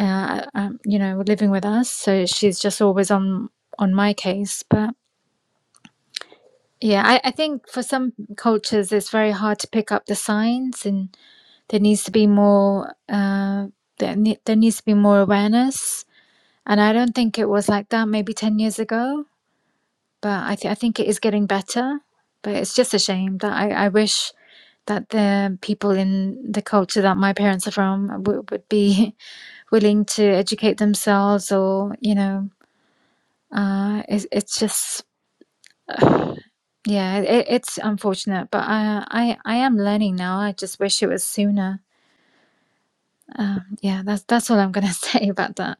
uh, um, you know, living with us, so she's just always on on my case. But Yeah, I, I think for some cultures it's very hard to pick up the signs, and there needs to be more. Uh, there, ne- there needs to be more awareness, and I don't think it was like that maybe ten years ago. But I th- I think it is getting better. But it's just a shame that I, I wish that the people in the culture that my parents are from w- would be willing to educate themselves, or you know, uh, it's it's just Yeah, it, it's unfortunate, but I, I I am learning now. I just wish it was sooner. Um, yeah, that's that's all I'm gonna say about that.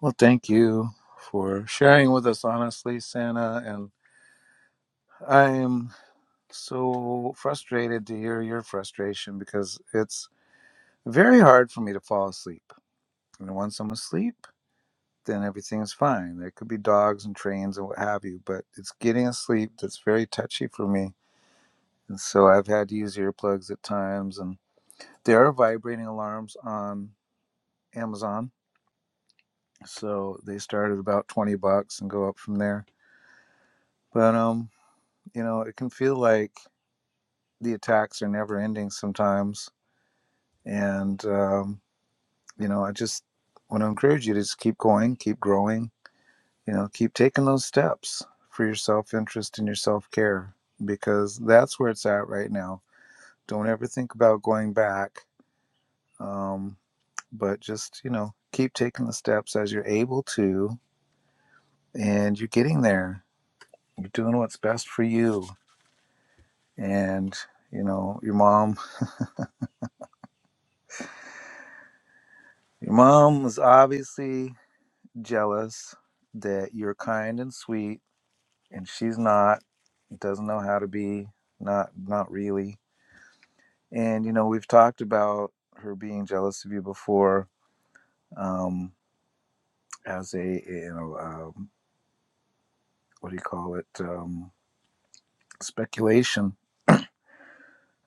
Well, thank you for sharing with us, honestly, Santa. And I am so frustrated to hear your frustration because it's very hard for me to fall asleep. And once I'm asleep, then everything is fine. There could be dogs and trains and what have you, but it's getting asleep that's very touchy for me. And so I've had to use earplugs at times. And there are vibrating alarms on Amazon. So they start at about 20 bucks and go up from there. But, um, you know, it can feel like the attacks are never ending sometimes. And, um, you know, I just want to encourage you to just keep going, keep growing you know keep taking those steps for your self-interest and your self-care because that's where it's at right now don't ever think about going back um, but just you know keep taking the steps as you're able to and you're getting there you're doing what's best for you and you know your mom your mom was obviously jealous that you're kind and sweet and she's not doesn't know how to be not not really And you know, we've talked about her being jealous of you before, um, as a you know, um, what do you call it? Um, speculation.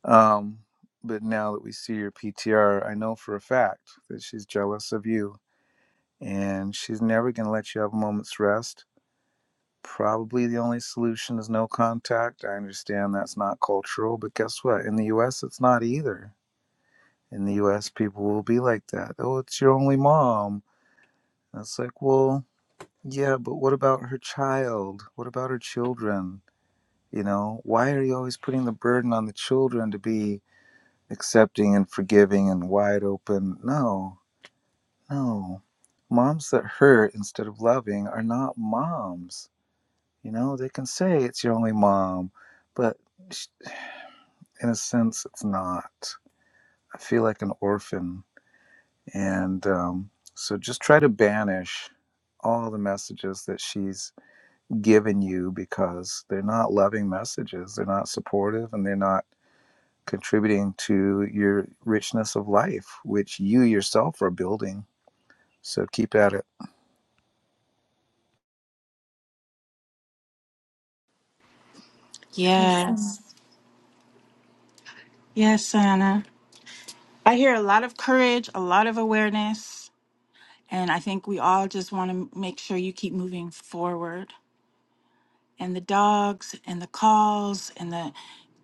Um, but now that we see your PTR, I know for a fact that she's jealous of you, and she's never going to let you have a moment's rest. Probably the only solution is no contact. I understand that's not cultural, but guess what? In the U.S., it's not either. In the U.S., people will be like that. Oh, it's your only mom. And it's like, well, Yeah, but what about her child? What about her children? You know, why are you always putting the burden on the children to be accepting and forgiving and wide open? No, no. Moms that hurt instead of loving are not moms. You know, they can say it's your only mom, but sh- in a sense, it's not. I feel like an orphan. And um, so just try to banish all the messages that she's given you because they're not loving messages, they're not supportive, and they're not contributing to your richness of life, which you yourself are building. So keep at it. Thank you so much. Yes. Yes, Anna. I hear a lot of courage, a lot of awareness. And I think we all just want to make sure you keep moving forward. And the dogs and the calls and the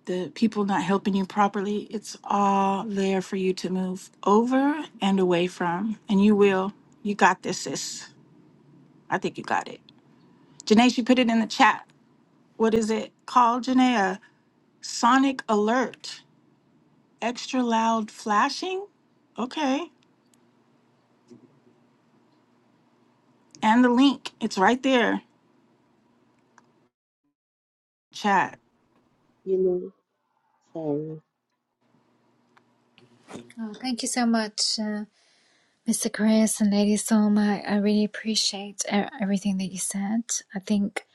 the people not helping you properly, it's all there for you to move over and away from. And you will. You got this, sis. I think you got it. Janae, she put it in the chat. What is it called, Janae? A sonic alert, extra loud flashing. Okay. And the link, it's right there. Chat. know, so Oh, thank you so much, uh, Mr. Chris and Lady Solma. I, I really appreciate e- everything that you said. I think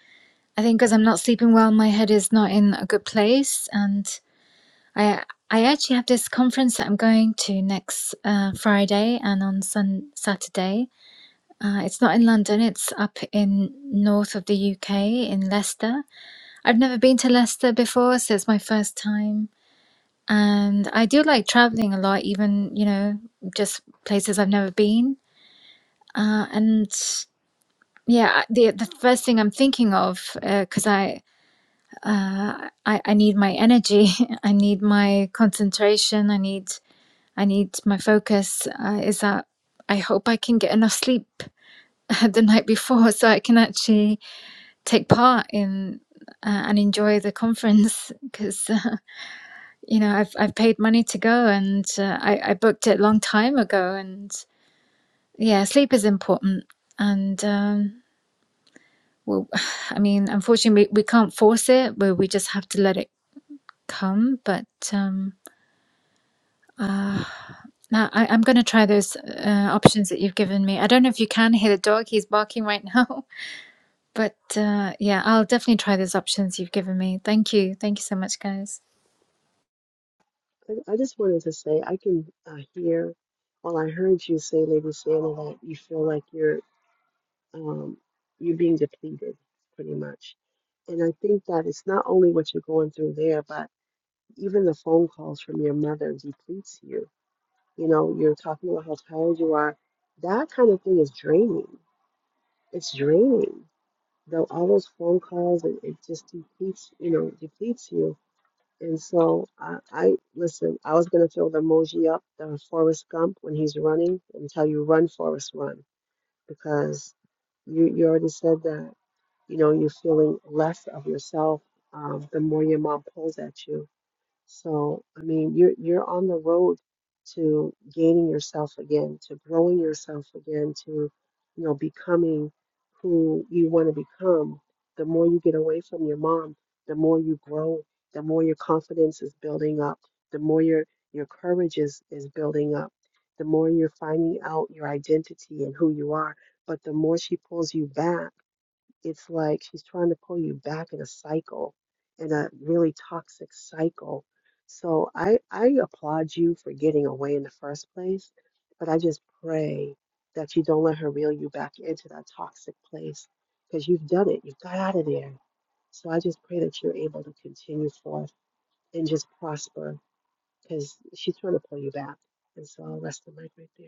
I think because I'm not sleeping well, my head is not in a good place, and I I actually have this conference that I'm going to next uh, Friday and on Sun Saturday Uh, it's not in London, it's up in north of the UK in Leicester. I've never been to Leicester before, so it's my first time. And I do like traveling a lot, even, you know, just places I've never been. Uh, and yeah, I- the the first thing I'm thinking of, because I, uh, I I need my energy, I need my concentration, I need I need my focus, uh, is that I hope I can get enough sleep the night before so I can actually take part in uh, and enjoy the conference because uh, you know I've I've paid money to go and uh, I I booked it a long time ago and yeah sleep is important and um, well I mean unfortunately we, we can't force it but we just have to let it come but um, uh, now I, I'm gonna try those uh, options that you've given me I don't know if you can hear the dog he's barking right now but uh, yeah I'll definitely try those options you've given me thank you thank you so much guys. I, I just wanted to say I can uh, hear. Well, I heard you say, Lady Santa, that you feel like you're um you're being depleted, pretty much. And I think that it's not only what you're going through there, but even the phone calls from your mother depletes you. You know, you're talking about how tired you are. That kind of thing is draining. It's draining. Though all those phone calls and it just depletes, you know, depletes you. And so I, I listen. I was gonna throw the emoji up, the Forrest Gump when he's running, and tell you run, Forrest, run, because you you already said that. You know, you're feeling less of yourself um, the more your mom pulls at you so, I mean, you're you're on the road to gaining yourself again, to growing yourself again, to, you know, becoming who you want to become. The more you get away from your mom, the more you grow, the more your confidence is building up, the more your your courage is is building up, the more you're finding out your identity and who you are. But the more she pulls you back it's like she's trying to pull you back in a cycle, in a really toxic cycle. So I I applaud you for getting away in the first place, but I just pray that you don't let her reel you back into that toxic place because you've done it. You've got out of there. So I just pray that you're able to continue forth and just prosper because she's trying to pull you back. And so I'll rest the mic right there.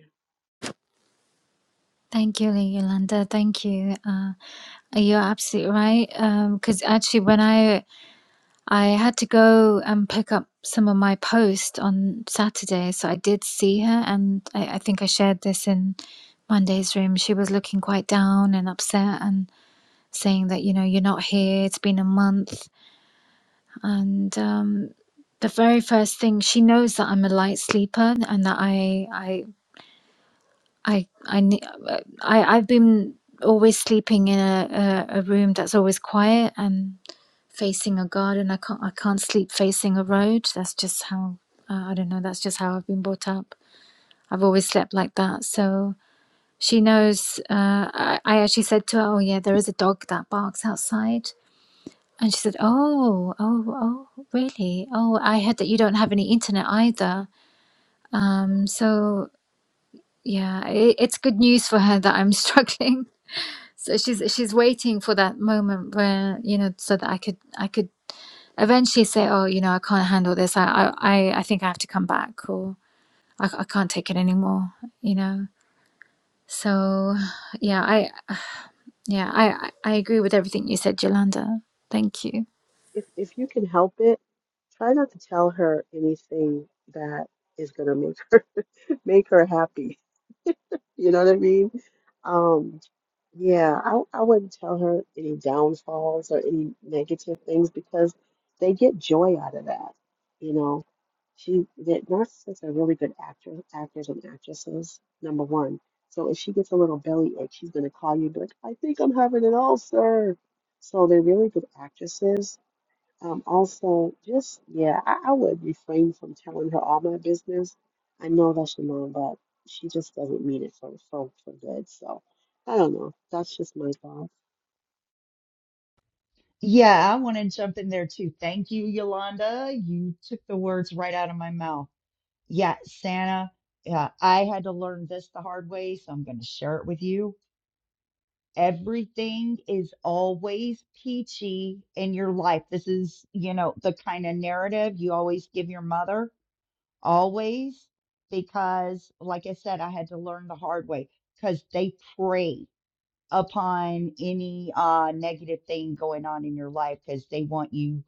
Thank you, Yolanda. Thank you. Uh, you're absolutely right. Because actually, when I I had to go and pick up some of my post on Saturday, so I did see her, and I, I think I shared this in Monday's room. She was looking quite down and upset, and saying that you know you're not here. It's been a month, and um, the very first thing she knows that I'm a light sleeper and that I I I I ne- uh, I I've been always sleeping in a, a a room that's always quiet and facing a garden. I can't I can't sleep facing a road. That's just how uh, I don't know. That's just how I've been brought up. I've always slept like that. So she knows. Uh, I I actually said to her, "Oh yeah, there is a dog that barks outside." And she said, "Oh, oh, oh, really? Oh, I heard that you don't have any internet either. Um, so yeah, it, it's good news for her that I'm struggling So she's she's waiting for that moment where, you know, so that I could I could eventually say, oh, you know, I can't handle this. I I I I think I have to come back or I, I can't take it anymore, you know. So yeah, I yeah, I I I agree with everything you said, Yolanda. Thank you. If if you can help it, try not to tell her anything that is going to make her. make her happy. You know what I mean? Um, yeah, I, I wouldn't tell her any downfalls or any negative things because they get joy out of that. You know, she that narcissists are really good actor, actors and actresses, number one. So if she gets a little belly ache, she's gonna call you and be like, I think I'm having an ulcer. So they're really good actresses um, also, just yeah, I, I would refrain from telling her all my business. I know that's your mom, but she just doesn't mean it for for for good. So I don't know. That's just my thought. Yeah, I want to jump in there too. Thank you, Yolanda. You took the words right out of my mouth. Yeah, Santa, yeah, I had to learn this the hard way, so I'm going to share it with you. Everything is always peachy in your life. This is, you know, the kind of narrative you always give your mother always because like i said i had to learn the hard way because they prey upon any uh negative thing going on in your life because they want you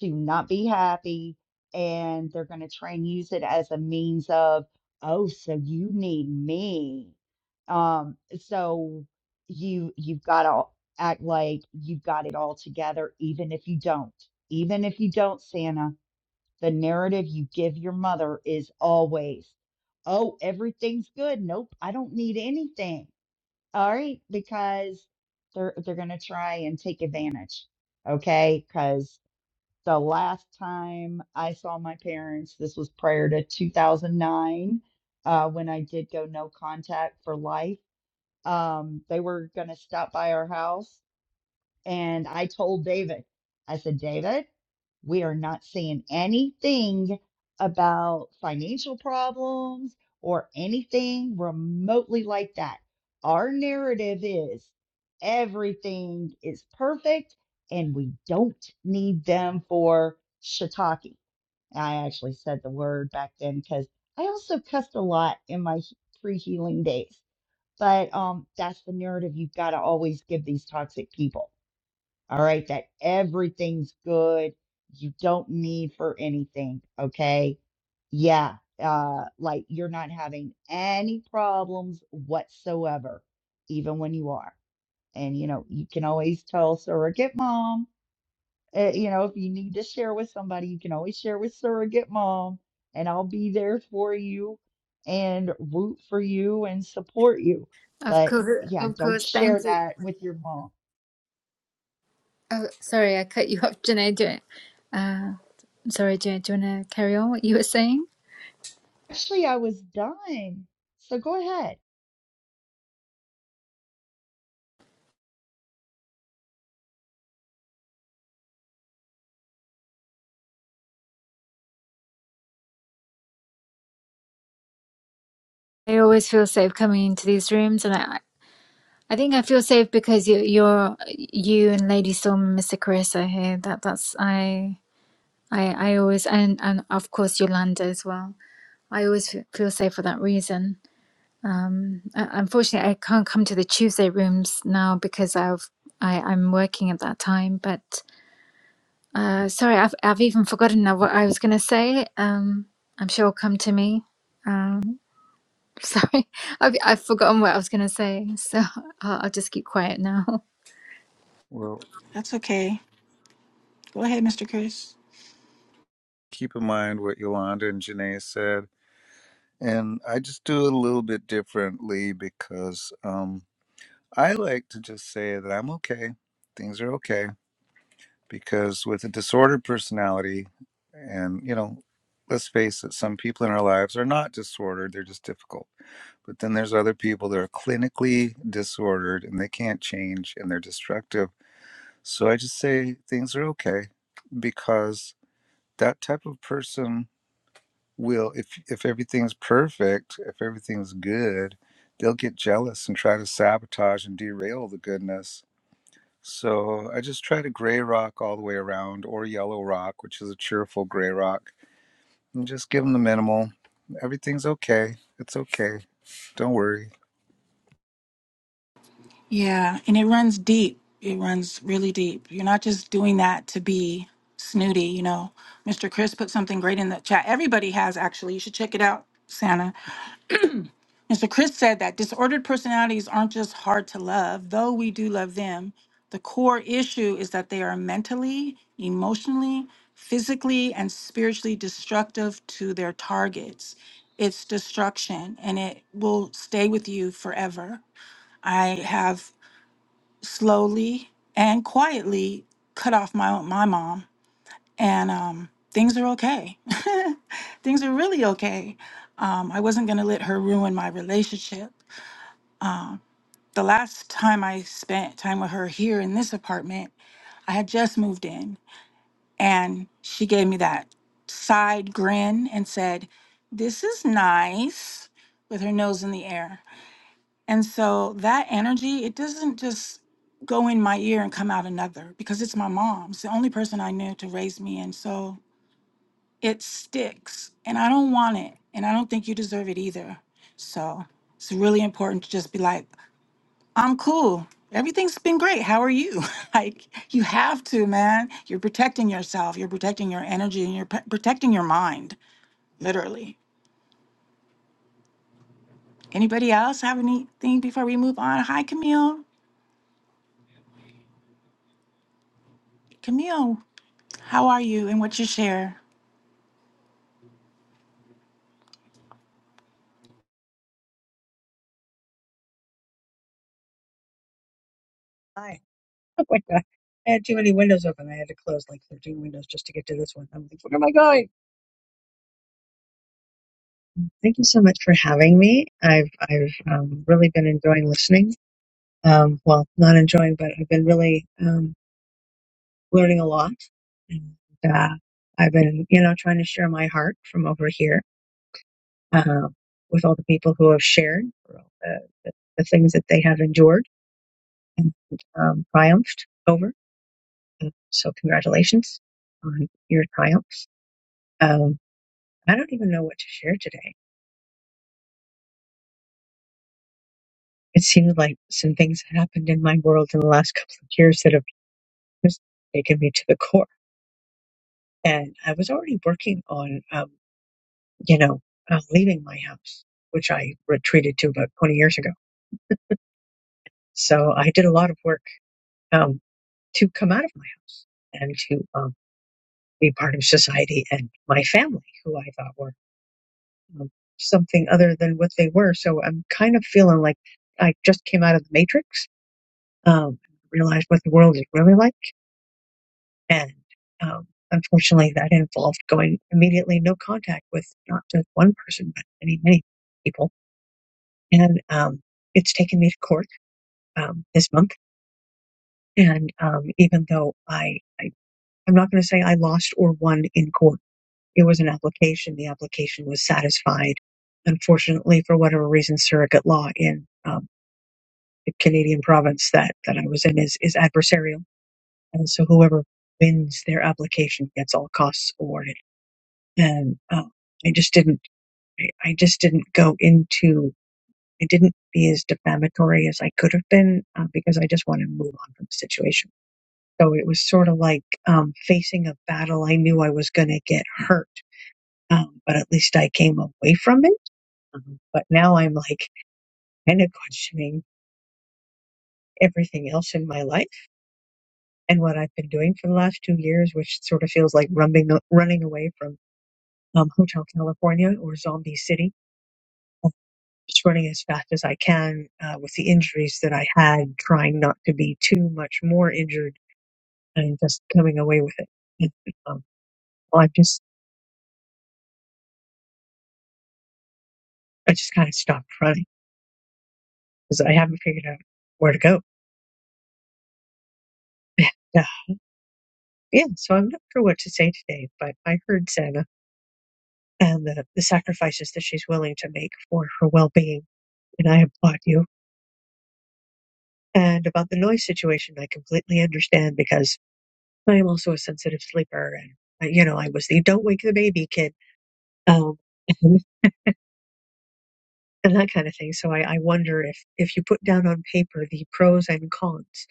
to not be happy and they're going to try and use it as a means of oh so you need me um so you you've got to act like you've got it all together even if you don't even if you don't santa the narrative you give your mother is always, oh, everything's good. Nope, I don't need anything. All right, because they're they're gonna try and take advantage. Okay, because the last time I saw my parents, this was prior to 2009, uh, when I did go no contact for life. Um, they were gonna stop by our house, and I told David, I said, David. We are not saying anything about financial problems or anything remotely like that. Our narrative is everything is perfect and we don't need them for shiitake. I actually said the word back then because I also cussed a lot in my he- pre-healing days. But um, that's the narrative you've got to always give these toxic people all right, that everything's good. You don't need for anything, okay? Yeah, uh, like you're not having any problems whatsoever, even when you are. And you know, you can always tell surrogate mom, uh, you know, if you need to share with somebody, you can always share with surrogate mom, and I'll be there for you and root for you and support you. Of But course, yeah, of don't course. share Thank you. that with your mom Oh, sorry, I cut you off, Janae. Do it. Uh, sorry, Janae. Do you want to carry on what you were saying? Actually, I was done. So go ahead. I always feel safe coming into these rooms, and I, I think I feel safe because you, you're you and Lady Storm, Mr. Chris are here. That that's I I I always and and of course Yolanda as well. I always f- feel safe for that reason. Um, uh, unfortunately, I can't come to the Tuesday rooms now because I've I I'm working at that time. But uh, sorry, I've I've even forgotten now what I was gonna say. Um, I'm sure it'll come to me. Um, sorry, I've I've forgotten what I was gonna say. So I'll, I'll just keep quiet now. Well, That's okay. Go ahead, Mr. Chris. keep in mind what Yolanda and Janae said. And I just do it a little bit differently because um, I like to just say that I'm okay, things are okay, because with a disordered personality, and you know, let's face it, some people in our lives are not disordered, they're just difficult But then there's other people that are clinically disordered and they can't change and they're destructive. So I just say things are okay because that type of person will if if everything's perfect, if everything's good, they'll get jealous and try to sabotage and derail the goodness. So I just try to gray rock all the way around or yellow rock, which is a cheerful gray rock, and just give them the minimal. Everything's okay. It's okay. Don't worry. Yeah, and it runs deep. It runs really deep. You're not just doing that to be snooty, you know. Mr. Chris put something great in the chat. Everybody has actually. You should check it out, Santa. Mr. Chris said that disordered personalities aren't just hard to love, though we do love them. The core issue is that they are mentally, emotionally, physically, and spiritually destructive to their targets. It's destruction and it will stay with you forever. I have slowly and quietly cut off my my mom, and um, things are okay. things are really okay. Um, I wasn't gonna let her ruin my relationship. Um, the last time I spent time with her here in this apartment, I had just moved in, and she gave me that side grin and said, "This is nice," with her nose in the air. And so that energy, it doesn't just go in my ear and come out another because it's my mom. It's the only person I knew to raise me. And so it sticks. And I don't want it. And I don't think you deserve it either. So it's really important to just be like, I'm cool. Everything's been great. How are you? like, you have to, man. You're protecting yourself, you're protecting your energy, and you're p- protecting your mind, literally. Anybody else have anything before we move on? Hi, Camille. Camille. How are you and what you share? Hi. Oh my God. I had too many windows open. I had to close like 13 windows just to get to this one. I'm like, where am I going? Thank you so much for having me. I've I've um, really been enjoying listening. Um, well, not enjoying, but I've been really um, learning a lot. And uh, I've been, you know, trying to share my heart from over here uh, with all the people who have shared for all the, the, the things that they have endured and um, triumphed over. And so, congratulations on your triumphs. Um, I don't even know what to share today. It seemed like some things that happened in my world in the last couple of years that have just taken me to the core. And I was already working on, um, you know, uh, leaving my house, which I retreated to about 20 years ago. So I did a lot of work um, to come out of my house and to um, be part of society and my family, who I thought were um, something other than what they were. So I'm kind of feeling like I just came out of the matrix. Um, realized what the world is really like And um, unfortunately, that involved going immediately no contact with not just one person, but many, many people. And um, it's taken me to court um, this month. And um, even though I, I, I'm not going to say I lost or won in court, it was an application. The application was satisfied. Unfortunately, for whatever reason, surrogate law in um, the Canadian province that, that I was in is, is adversarial. And so whoever wins their application gets all costs awarded and uh, I just didn't. I I just didn't go into. I didn't be as defamatory as I could have been uh, because I just wanted to move on from the situation. So it was sort of like um, facing a battle. I knew I was going to get hurt, um, but at least I came away from it. Um, but now I'm like kind of questioning everything else in my life and what I've been doing for the last two years, which sort of feels like rumbling, running away from um, Hotel California or Zombie City just running as fast as I can uh, with the injuries that I had, trying not to be too much more injured and just coming away with it. And, um, well, I just I just kind of stopped running because I haven't figured out where to go. And, uh, yeah, so I'm not sure what to say today, but I heard Santa and the, the sacrifices that she's willing to make for her well being, and I applaud you. And about the noise situation, I completely understand because I am also a sensitive sleeper, and uh, you know I was the "don't wake the baby" kid um, and, and that kind of thing. So I, I wonder if if you put down on paper the pros and cons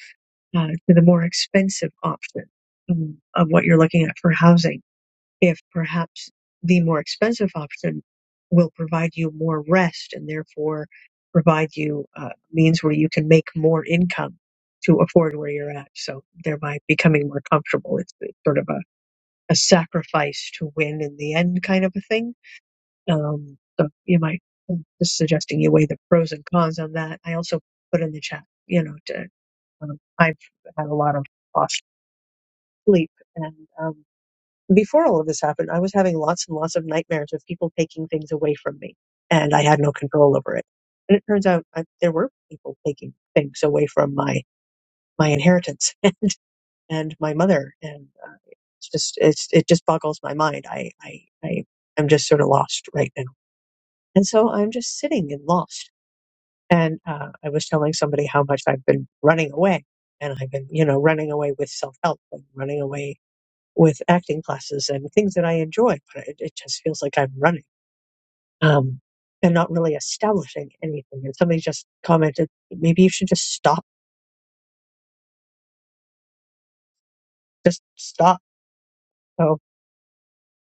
uh, to the more expensive option um, of what you're looking at for housing, if perhaps the more expensive option will provide you more rest and therefore provide you uh, means where you can make more income to afford where you're at. So thereby becoming more comfortable. It's, it's sort of a, a sacrifice to win in the end kind of a thing Um, so you might I'm just suggesting you weigh the pros and cons on that. I also put in the chat, you know, to, um, I've had a lot of lost sleep, and um, before all of this happened, I was having lots and lots of nightmares of people taking things away from me, and I had no control over it. And it turns out I, there were people taking things away from my my inheritance and my mother, and uh, it's just it's it just boggles my mind. I I I am just sort of lost right now, and so I'm just sitting and lost And uh, I was telling somebody how much I've been running away. And I've been, you know, running away with self help and running away with acting classes and things that I enjoy. But it, it just feels like I'm running um, and not really establishing anything. And somebody just commented, maybe you should just stop, just stop. So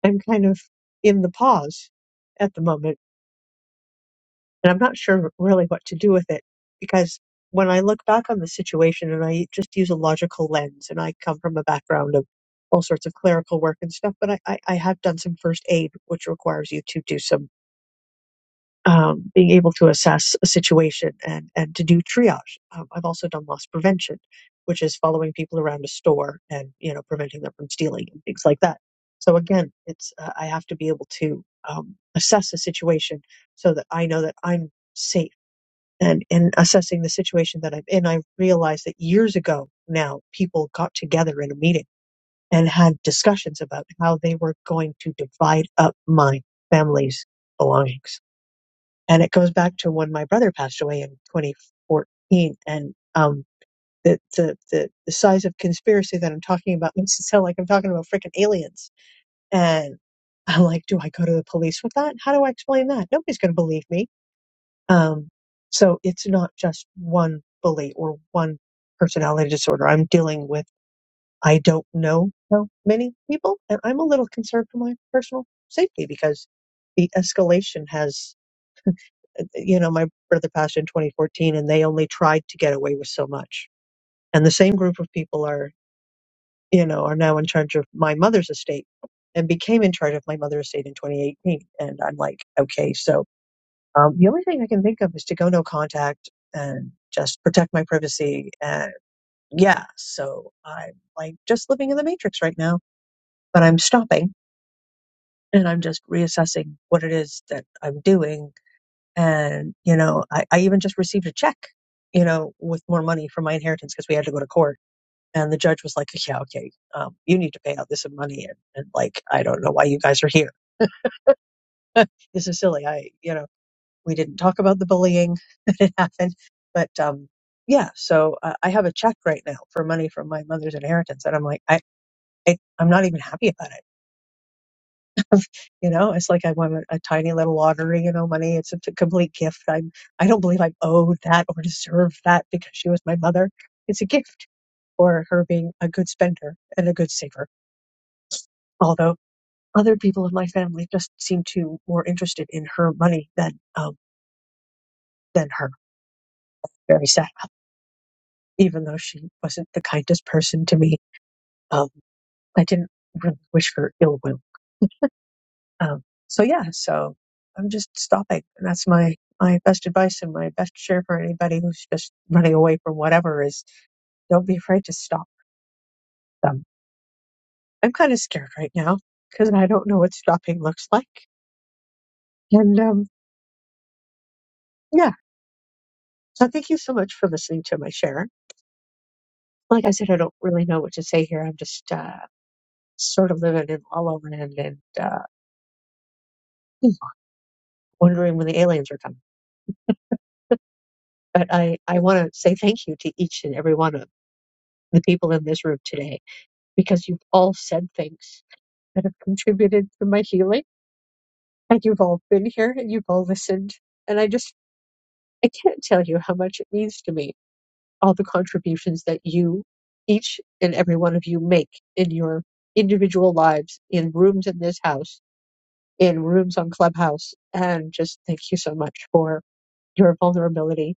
I'm kind of in the pause at the moment And I'm not sure really what to do with it because when I look back on the situation and I just use a logical lens, and I come from a background of all sorts of clerical work and stuff, but I, I, I have done some first aid, which requires you to do some um, being able to assess a situation and, and to do triage. Um, I've also done loss prevention, which is following people around a store and you know preventing them from stealing and things like that. So again, it's uh, I have to be able to um, assess a situation so that I know that I'm safe and in assessing the situation that I'm in, I realized that years ago now, people got together in a meeting and had discussions about how they were going to divide up my family's belongings. And it goes back to when my brother passed away in 2014. And um, the, the, the, the size of conspiracy that I'm talking about makes it sound like I'm talking about freaking aliens. And I'm like, do I go to the police with that? How do I explain that? Nobody's going to believe me um, so it's not just one bully or one personality disorder. I'm dealing with, I don't know how many people, and I'm a little concerned for my personal safety because the escalation has, uh, you know, my brother passed in 2014 and they only tried to get away with so much. And the same group of people are, you know, are now in charge of my mother's estate and became in charge of my mother's estate in 2018. And I'm like, okay, so Um, the only thing I can think of is to go no contact and just protect my privacy. And yeah, so I'm like just living in the matrix right now, but I'm stopping and I'm just reassessing what it is that I'm doing. And, you know, I, I even just received a check, you know, with more money for my inheritance because we had to go to court. And the judge was like, yeah, okay, um, you need to pay out this money. And, and like, I don't know why you guys are here. This is silly. I, you know. We didn't talk about the bullying that had happened, but um, yeah. So uh, I have a check right now for money from my mother's inheritance, and I'm like, I, I I'm not even happy about it. You know, it's like I won a, a tiny little lottery. You know, money. It's a t- complete gift. I'm I don't believe I'm owed that or deserve that because she was my mother. It's a gift for her being a good spender and a good saver. Although other people in my family just seem to more interested in her money than um, than her. Very sad. even though she wasn't the kindest person to me. Um, I didn't really wish her ill will. Um, so yeah, so I'm just stopping. And that's my, my best advice and my best share for anybody who's just running away from whatever is don't be afraid to stop them. I'm kind of scared right now because I don't know what stopping looks like. And, um, yeah, so thank you so much for listening to my share. Like I said, I don't really know what to say here. I'm just, uh, sort of living in all over and, and, uh, wondering when the aliens are coming. But I, I want to say thank you to each and every one of the people in this room today because you've all said things that have contributed to my healing. And you've all been here and you've all listened. And I just, I can't tell you how much it means to me, all the contributions that you, each and every one of you make in your individual lives, in rooms in this house, in rooms on Clubhouse. And just thank you so much for your vulnerability,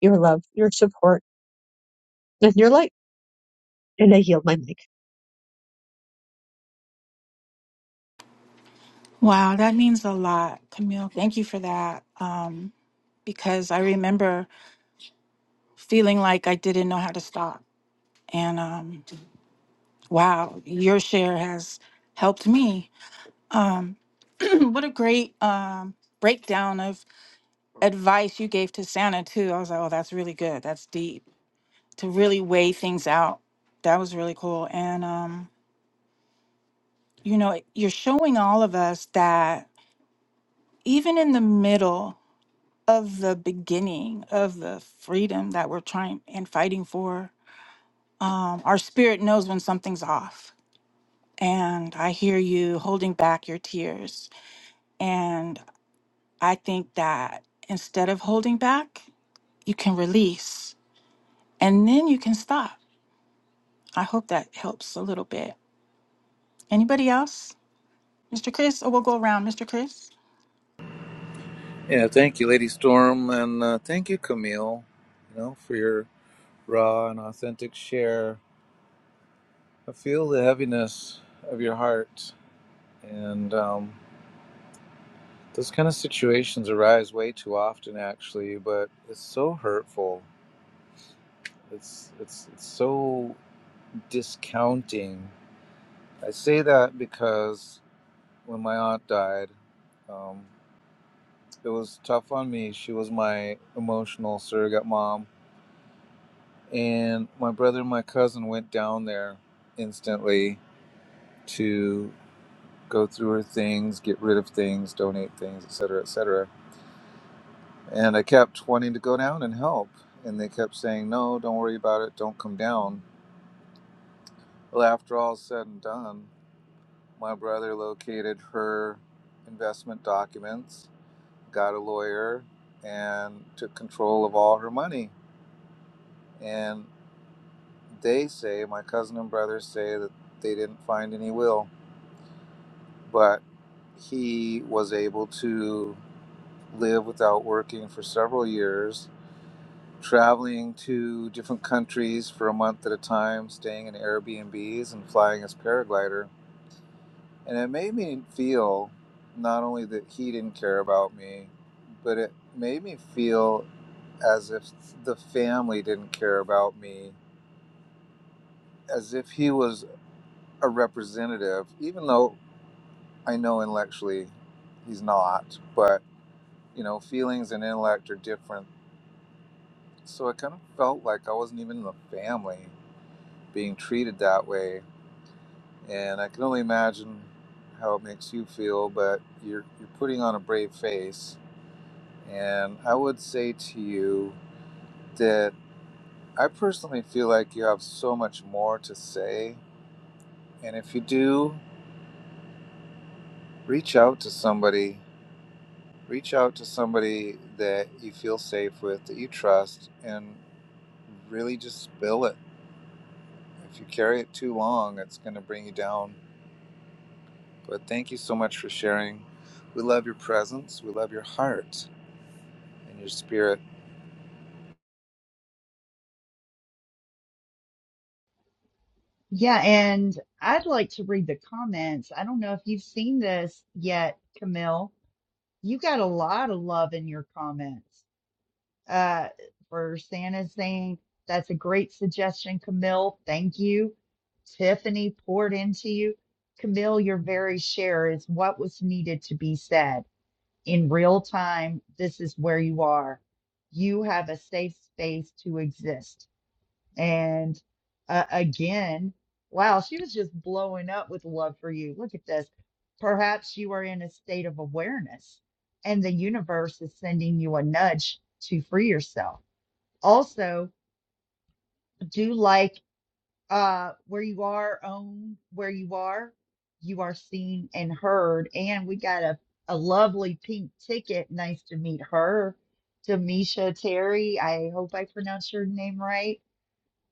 your love, your support, and your light. And I yield my mic. Wow, that means a lot, Camille. Thank you for that. Um, because I remember feeling like I didn't know how to stop. And um, wow, your share has helped me. what a great um, breakdown of advice you gave to Santa, too. I was like, oh, that's really good. That's deep to really weigh things out. That was really cool. And, um, you know, you're showing all of us that even in the middle of the beginning of the freedom that we're trying and fighting for. Um, our spirit knows when something's off. And I hear you holding back your tears. And I think that instead of holding back, you can release and then you can stop. I hope that helps a little bit. Anybody else? Mr. Chris, or we'll go around. Mr. Chris? Yeah, thank you, Lady Storm, and uh, thank you, Camille. You know, for your raw and authentic share. I feel the heaviness of your heart, and um, those kind of situations arise way too often, actually. But it's so hurtful. It's it's it's so discounting. I say that because when my aunt died, um, it was tough on me. She was my emotional surrogate mom and my brother and my cousin went down there instantly to go through her things, get rid of things, donate things, etc., cetera, etc. Cetera. And I kept wanting to go down and help, and they kept saying, "No, don't worry about it. Don't come down." Well, after all is said and done, my brother located her investment documents, got a lawyer, and took control of all her money. And they say, my cousin and brother say that they didn't find any will but he was able to live without working for several years, traveling to different countries for a month at a time, staying in Airbnbs and flying his paraglider. And it made me feel not only that he didn't care about me, but it made me feel as if the family didn't care about me, as if he was a representative, even though I know intellectually he's not. But you know, feelings and intellect are different. So it kind of felt like I wasn't even in the family being treated that way. And I can only imagine how it makes you feel, but you're, you're putting on a brave face. And I would say to you that I personally feel like you have so much more to say. And if you do, reach out to somebody. Reach out to somebody that you feel safe with, that you trust, and really just spill it If you carry it too long, it's going to bring you down. But thank you so much for sharing. We love your presence. We love your heart and your spirit. Yeah, and I'd like to read the comments. I don't know if you've seen this yet, Camille. You got a lot of love in your comments. Uh, for Santa saying that's a great suggestion, Camille. Thank you. Tiffany poured into you. Camille, your very share is what was needed to be said in real time. This is where you are. You have a safe space to exist. And uh, again, wow, she was just blowing up with love for you. Look at this. Perhaps you are in a state of awareness and the universe is sending you a nudge to free yourself. Also, do like uh, where you are, own where you are. You are seen and heard. And we got a, a lovely pink ticket. Nice to meet her. Demisha Terry, I hope I pronounced your name right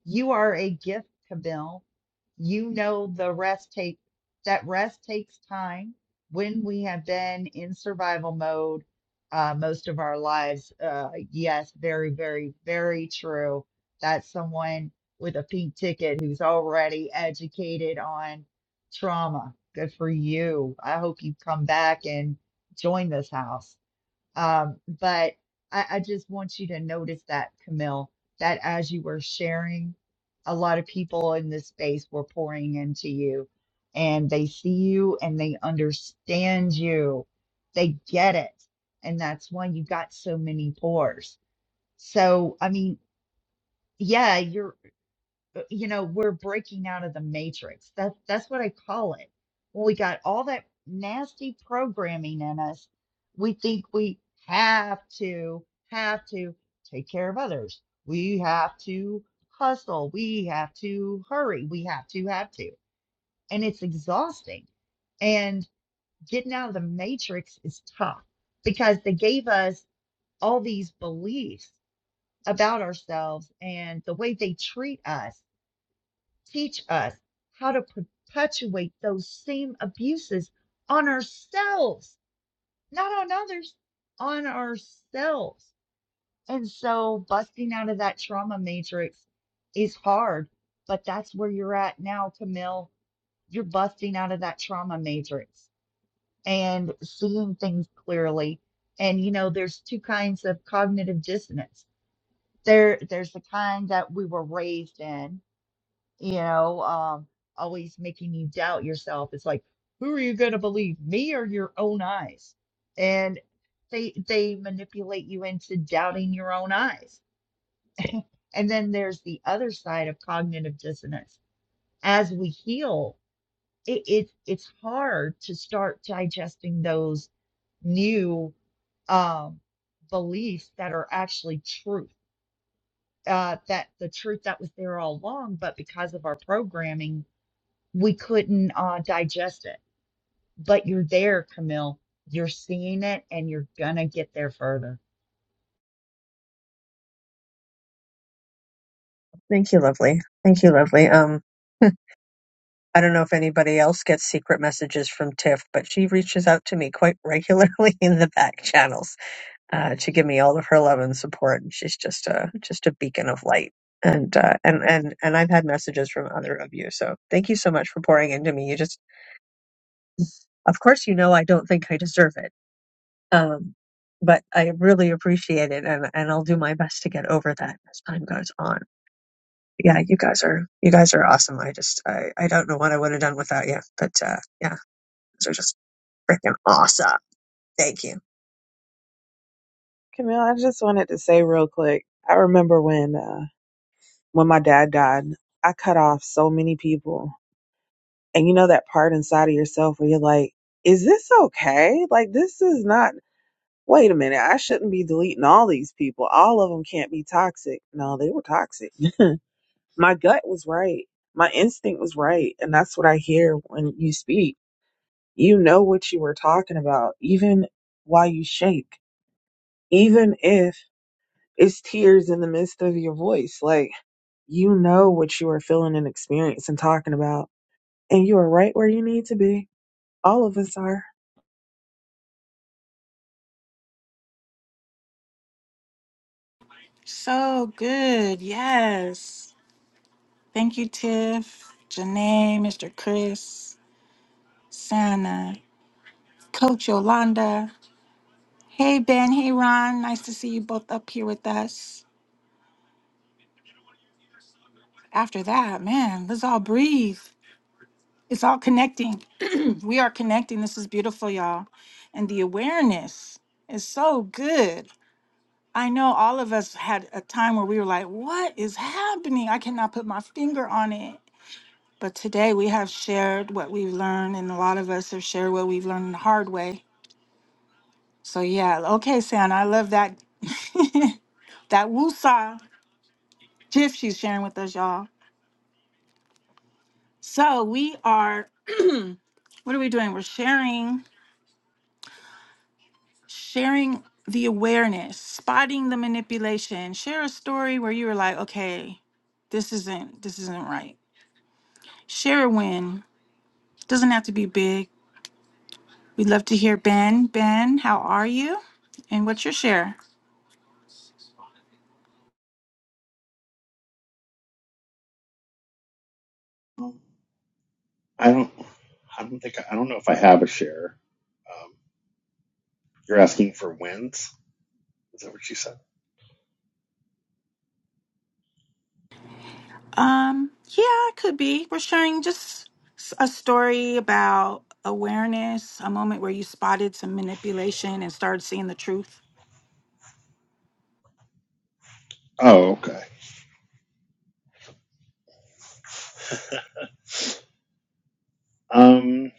you are a gift, Camille. You know the rest take that rest takes time. When we have been in survival mode uh, most of our lives, uh, yes, very, very, very true. That's someone with a pink ticket who's already educated on trauma. Good for you. I hope you come back and join this house. Um, but I, I just want you to notice that, Camille, that as you were sharing, a lot of people in this space were pouring into you and they see you and they understand you. They get it. And that's why you got so many pours. So, I mean, yeah, you're uh, you know, we're breaking out of the matrix. That's that's what I call it. When we got all that nasty programming in us, we think we have to have to take care of others. We have to hustle. We have to hurry. We have to have to. And it's exhausting. And getting out of the matrix is tough because they gave us all these beliefs about ourselves and the way they treat us teach us how to perpetuate those same abuses on ourselves, not on others, on ourselves. And so busting out of that trauma matrix is hard, but that's where you're at now, Camille. You're busting out of that trauma matrix and seeing things clearly. And you know, there's two kinds of cognitive dissonance. There, there's the kind that we were raised in, you know, um, always making you doubt yourself. It's like, who are you going to believe, me or your own eyes? And they they manipulate you into doubting your own eyes. And then there's the other side of cognitive dissonance. As we heal, it, it it's hard to start digesting those new um, beliefs that are actually truth. Uh, that the truth that was there all along, but because of our programming we couldn't uh, digest it. But you're there, Camille. You're seeing it and you're going to get there further. Thank you, lovely. Thank you, lovely. Um, I don't know if anybody else gets secret messages from Tiff, but she reaches out to me quite regularly in the back channels uh, to give me all of her love and support. And she's just a just a beacon of light. And uh, and and and I've had messages from other of you, so thank you so much for pouring into me. You just, of course, you know I don't think I deserve it, um, but I really appreciate it, and and I'll do my best to get over that as time goes on. yeah, you guys are you guys are awesome. I just I, I don't know what I would have done without you, but uh, yeah, those are just freaking awesome. Thank you. Camille, I just wanted to say real quick. I remember when, uh, when my dad died, I cut off so many people, and you know that part inside of yourself where you're like, "Is this okay? Like, this is not." Wait a minute, I shouldn't be deleting all these people. All of them can't be toxic. No, they were toxic. My gut was right. My instinct was right. And that's what I hear when you speak. You know what you were talking about, even while you shake, even if it's tears in the midst of your voice. Like, you know what you are feeling and experiencing and talking about. And you are right where you need to be. All of us are. So good. Yes. Thank you, Tiff, Janae, Mr. Chris, Sana. Coach Yolanda. Hey, Ben. Hey, Ron. Nice to see you both up here with us. After that, man, let's all breathe. It's all connecting. we are connecting. This is beautiful, y'all. And the awareness is so good. I know all of us had a time where we were like, what is happening? I cannot put my finger on it. But today we have shared what we've learned, and a lot of us have shared what we've learned the hard way. So, yeah, okay, Santa, I love that. that woosah. Tiff, she's sharing with us, y'all. So we are, what are we doing? We're sharing, sharing the awareness, spotting the manipulation. Share a story where you were like, okay, this isn't, this isn't right. Share a win. Doesn't have to be big. We'd love to hear Ben. Ben, how are you? And what's your share? Um, I don't. I don't think. I don't know if I have a share. Um, you're asking for wins. Is that what you said? Um, yeah, it could be. We're sharing just s- a story about awareness, a moment where you spotted some manipulation and started seeing the truth. Oh, okay. Um,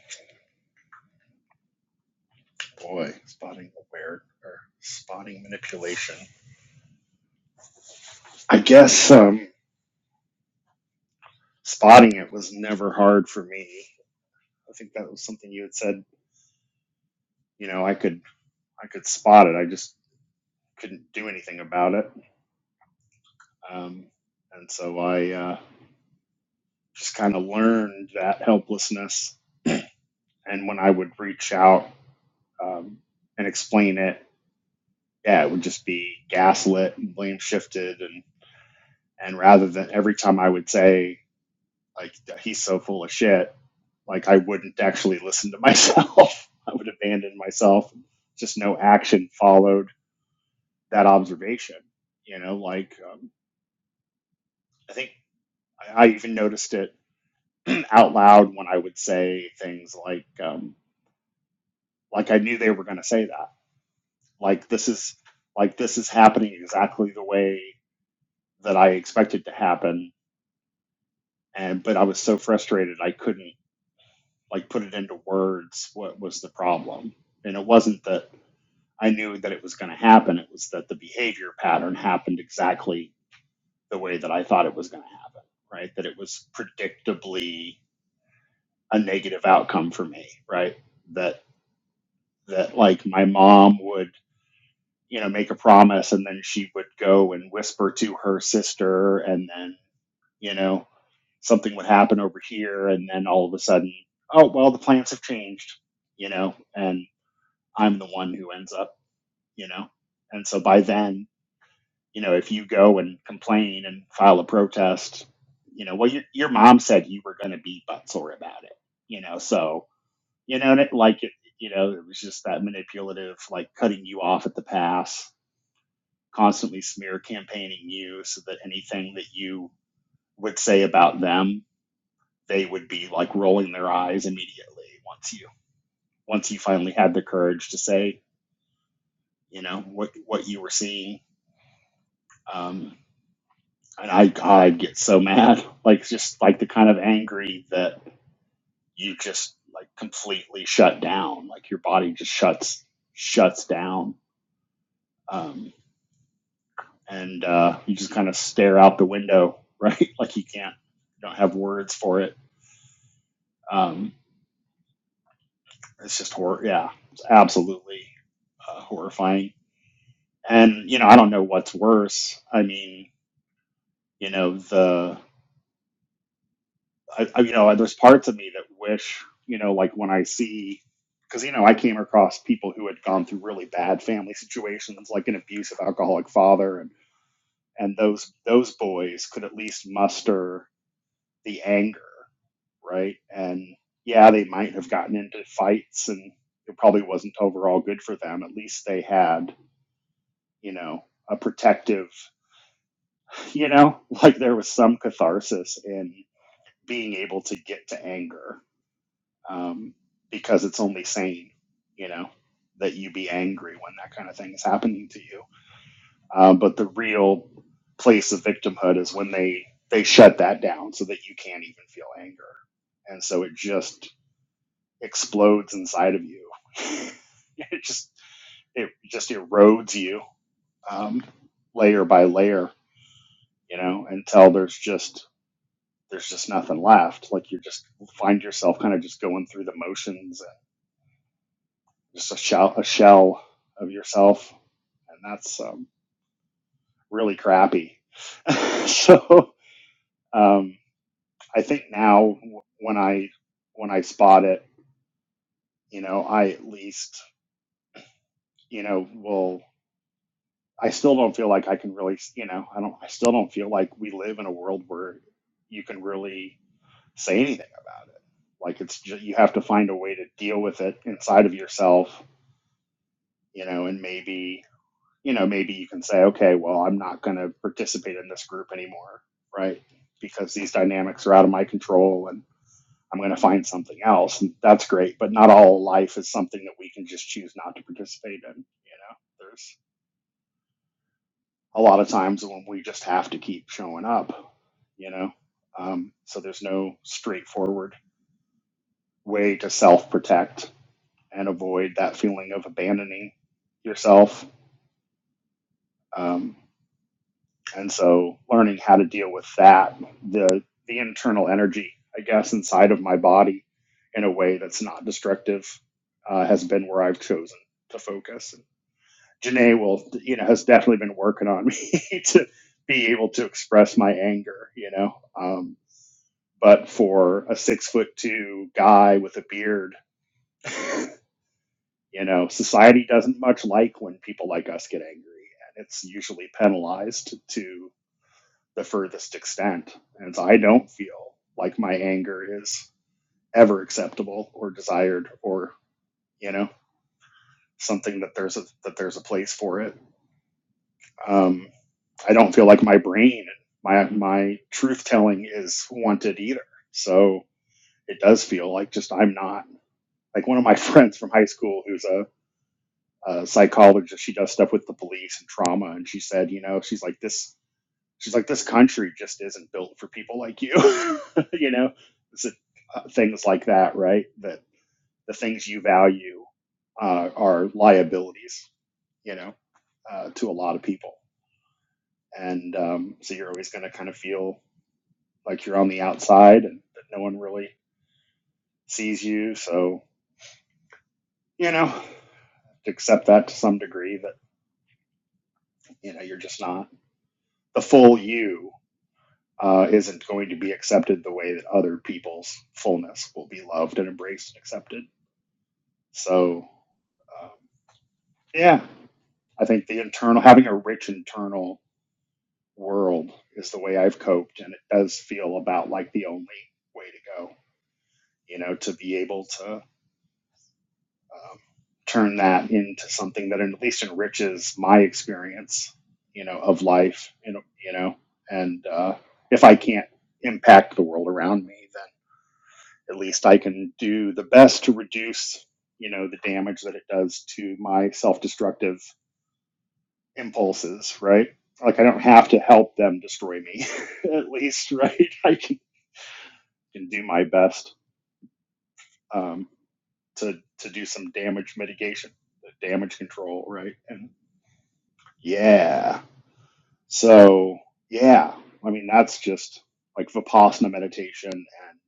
boy, spotting aware or spotting manipulation. I guess um, spotting it was never hard for me. I think that was something you had said. You know, I could. I could spot it. I just couldn't do anything about it. Um, and so I uh, just kind of learned that helplessness. And when I would reach out. Um, and explain it yeah, it would just be gaslit and blame shifted and and rather than every time I would say like he's so full of shit, like I wouldn't actually listen to myself. I would abandon myself. Just no action followed that observation. You know, like um, I think I, I even noticed it out loud when I would say things like um, like I knew they were going to say that. Like this is like this is happening exactly the way that I expected to happen and but I was so frustrated I couldn't like put it into words what was the problem. And it wasn't that I knew that it was going to happen, it was that the behavior pattern happened exactly the way that I thought it was going to happen, right? That it was predictably a negative outcome for me, right? That that like my mom would you know make a promise and then she would go and whisper to her sister and then you know something would happen over here and then all of a sudden oh well the plans have changed you know and i'm the one who ends up you know and so by then you know if you go and complain and file a protest you know well your, your mom said you were going to be butt sore about it you know so you know and it, like it, you know it was just that manipulative like cutting you off at the pass constantly smear campaigning you so that anything that you would say about them they would be like rolling their eyes immediately once you once you finally had the courage to say you know what what you were seeing um and i i'd get so mad like just like the kind of angry that you just like completely shut down like your body just shuts shuts down um and uh you just kind of stare out the window right like you can't you don't have words for it um it's just horror yeah it's absolutely uh, horrifying And you know, I don't know what's worse. I mean, you know, the I, I, you know, there's parts of me that wish, you know, like when I see, because you know, I came across people who had gone through really bad family situations, like an abusive alcoholic father, and and those those boys could at least muster the anger, right? And yeah, they might have gotten into fights, and it probably wasn't overall good for them. At least they had, you know, a protective you know like there was some catharsis in being able to get to anger um, because it's only sane you know that you be angry when that kind of thing is happening to you um, but the real place of victimhood is when they they shut that down so that you can't even feel anger and so it just explodes inside of you it just it just erodes you um, layer by layer you know until there's just there's just nothing left. Like you just find yourself kind of just going through the motions, and just a shell, a shell of yourself, and that's um, really crappy. so um, I think now when I when I spot it, you know, I at least you know will. I still don't feel like I can really, you know, I don't. I still don't feel like we live in a world where you can really say anything about it. Like it's just, you have to find a way to deal with it inside of yourself you know, and maybe, you know, maybe you can say, okay, well, I'm not going to participate in this group anymore, right? Because these dynamics are out of my control and I'm going to find something else. And that's great. But not all life is something that we can just choose not to participate in. You know, there's a lot of times when we just have to keep showing up, you know, um, so there's no straightforward way to self protect and avoid that feeling of abandoning yourself. Um, And so learning how to deal with that, the the internal energy, I guess, inside of my body in a way that's not destructive uh, has been where I've chosen to focus. And Janae will, you know, has definitely been working on me to be able to express my anger, you know. Um, but for a six foot two guy with a beard, you know, society doesn't much like when people like us get angry, and it's usually penalized to. the furthest extent. And so I don't feel like my anger is ever acceptable or desired or, you know, something that there's a that there's a place for it. Um, I don't feel like my brain my my truth telling is wanted either. So it does feel like just I'm not like one of my friends from high school who's a, a psychologist. She does stuff with the police and trauma, and she said, you know, she's like this she's like this country just isn't built for people like you you know it's a, uh, things like that right that the things you value uh, are liabilities you know uh, to a lot of people and um, so you're always going to kind of feel like you're on the outside and that no one really sees you so you know accept that to some degree that you know you're just not the full you uh, isn't going to be accepted the way that other people's fullness will be loved and embraced and accepted. So, um, yeah, I think the internal, having a rich internal world is the way I've coped. And it does feel about like the only way to go, you know, to be able to um, turn that into something that at least enriches my experience, you know, of life, you know, you know and uh, if I can't impact the world around me, then. at least I can do the best to reduce, you know, the damage that it does to my self destructive impulses, right? Like I don't have to help them destroy me, at least, right? I can, can do my best um, to to do some damage mitigation, damage control, right? And yeah, so yeah, I mean that's just like vipassana meditation and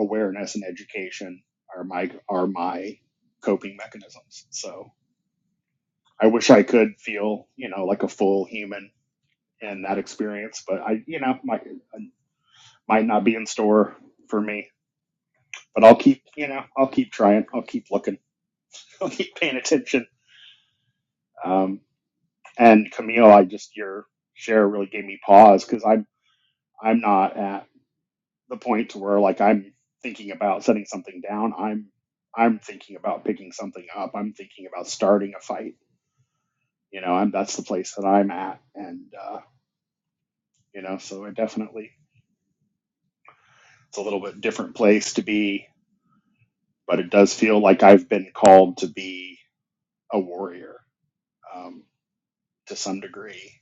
awareness and education are my are my coping mechanisms. So I wish I could feel, you know, like a full human in that experience, but I, you know, might might not be in store for me. But I'll keep, you know, I'll keep trying. I'll keep looking. I'll keep paying attention. Um, and Camille, I just your share really gave me pause because I'm I'm not at the point to where like I'm thinking about setting something down. I'm I'm thinking about picking something up. I'm thinking about starting a fight. You know, I'm that's the place that I'm at, and uh, you know, so I definitely It's a little bit different place to be, but it does feel like I've been called to be a warrior um, to some degree.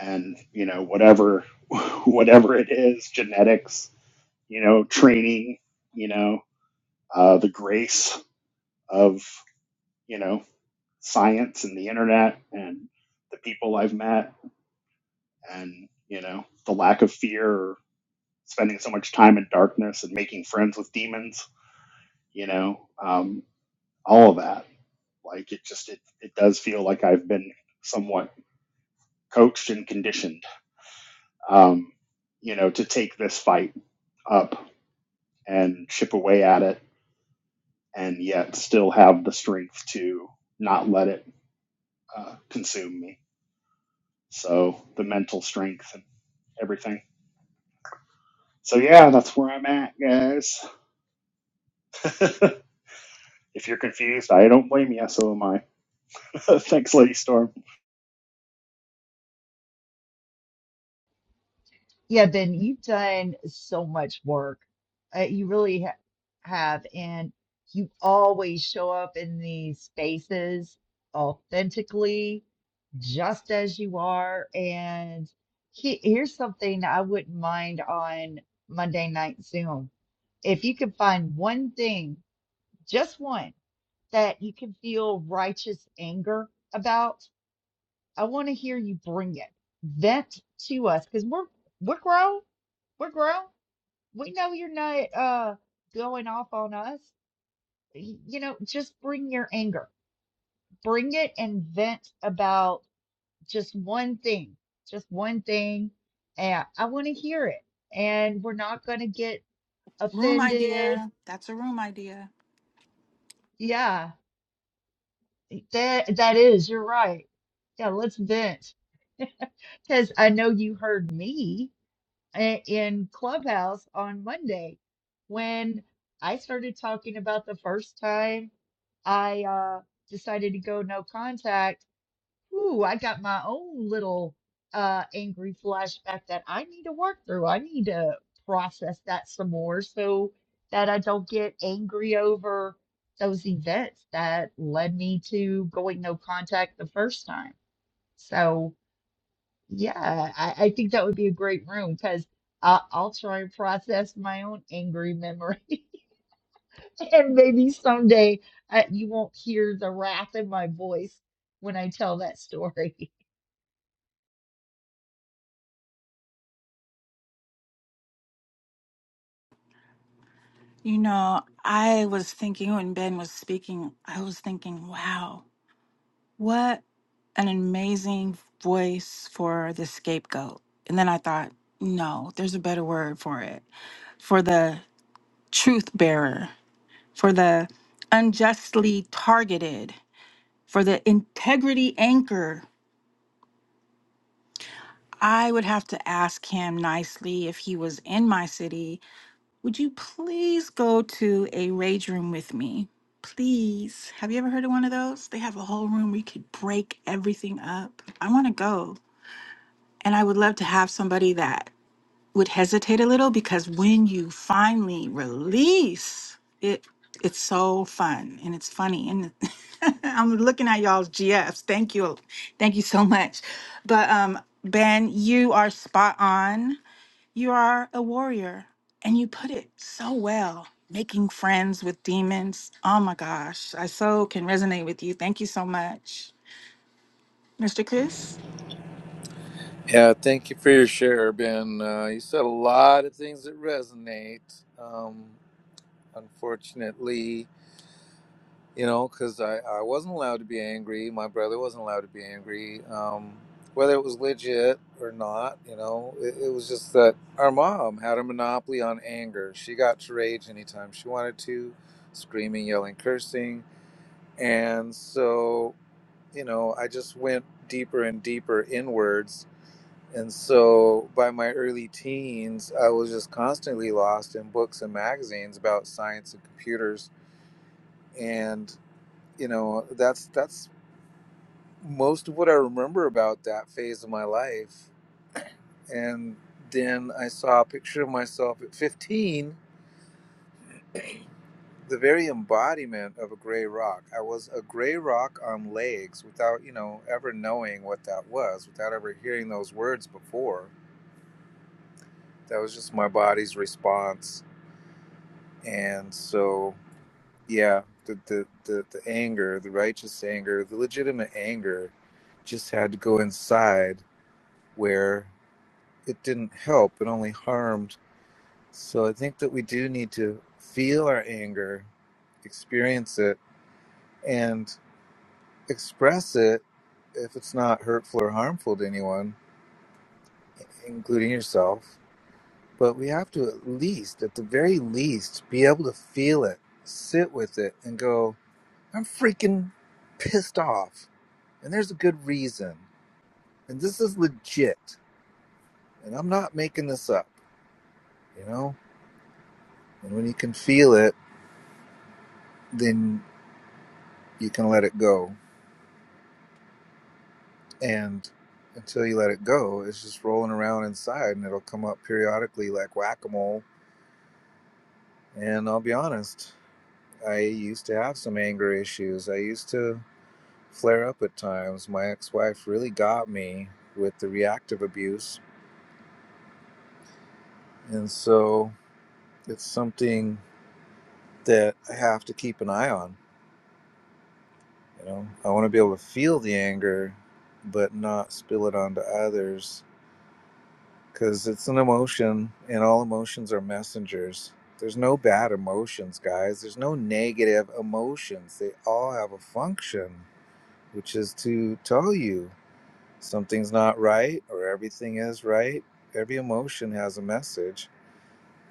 And you know, whatever whatever it is, genetics, you know, training, you know, uh, the grace of you know science and the internet and the people I've met, and you know, the lack of fear or spending so much time in darkness and making friends with demons, you know, um, all of that Like it just it, it does feel like I've been somewhat coached and conditioned, um, you know, to take this fight up and chip away at it, and yet still have the strength to not let it uh, consume me. So the mental strength and everything. So yeah, that's where I'm at, guys. if you're confused, I don't blame you. So am I. Thanks, Lady Storm. Yeah, Ben, you've done so much work. Uh, you really ha- have. And you always show up in these spaces authentically, just as you are. And he- here's something I wouldn't mind on Monday Night Zoom. If you could find one thing just one that you can feel righteous anger about. I want to hear you bring it. Vent to us because we're we're grown. We're grown. We know you're not uh going off on us. Y- You know, just bring your anger. Bring it and vent about just one thing. Just one thing. And I want to hear it. And we're not gonna get Room offended. idea. That's a room idea. Yeah. That that is, you're right. Yeah, let's vent. Because I know you heard me i- in Clubhouse on Monday when I started talking about the first time I uh, decided to go no contact. Ooh, I got my own little uh, angry flashback that I need to work through. I need to process that some more so that I don't get angry over those events that led me to going no contact the first time. So, yeah, I, I think that would be a great room because I'll, I'll try and process my own angry memory. And maybe someday uh, you won't hear the wrath in my voice when I tell that story. You know, I was thinking when Ben was speaking, I was thinking, wow, what an amazing voice for the scapegoat. And then I thought, no, there's a better word for it for the truth bearer, for the unjustly targeted, for the integrity anchor. I would have to ask him nicely if he was in my city Would you please go to a rage room with me? Please. Have you ever heard of one of those? They have a whole room where you could break everything up. I want to go. And I would love to have somebody that would hesitate a little because when you finally release it, it's so fun and it's funny and I'm looking at y'all's GFs. Thank you. Thank you so much. But um Ben, you are spot on you are a warrior, and you put it so well. Making friends with demons. Oh my gosh, I so can resonate with you. Thank you so much, Mr. Chris. Yeah, thank you for your share, Ben. Uh, you said a lot of things that resonate. Um, unfortunately, you know, because I, I wasn't allowed to be angry. My brother wasn't allowed to be angry, um, whether it was legit or not. You know, it, it was just that our mom had a monopoly on anger. She got to rage anytime she wanted to, screaming, yelling, cursing. And so, you know, I just went deeper and deeper inwards. And so by my early teens, I was just constantly lost in books and magazines about science and computers. And you know that's that's most of what I remember about that phase of my life. And then I saw a picture of myself at 15, the very embodiment of a gray rock. I was a gray rock on legs without, you know, ever knowing what that was, without ever hearing those words before. That was just my body's response. And so, yeah, the, the, the, the anger, the righteous anger, the legitimate anger just had to go inside where it didn't help, it only harmed So I think that we do need to feel our anger, experience it, and express it if it's not hurtful or harmful to anyone, including yourself. But we have to at least, at the very least, be able to feel it, sit with it, and go, I'm freaking pissed off. And there's a good reason. And this is legit. And I'm not making this up, you know? And when you can feel it, then you can let it go. and until you let it go, it's just rolling around inside, and it'll come up periodically like whack a mole. And I'll be honest, I used to have some anger issues. I used to flare up at times. My ex wife really got me with the reactive abuse, and so it's something that I have to keep an eye on. You know, I want to be able to feel the anger, but not spill it onto others because it's an emotion and all emotions are messengers there's no bad emotions guys there's no negative emotions they all have a function which is to tell you something's not right or everything is right every emotion has a message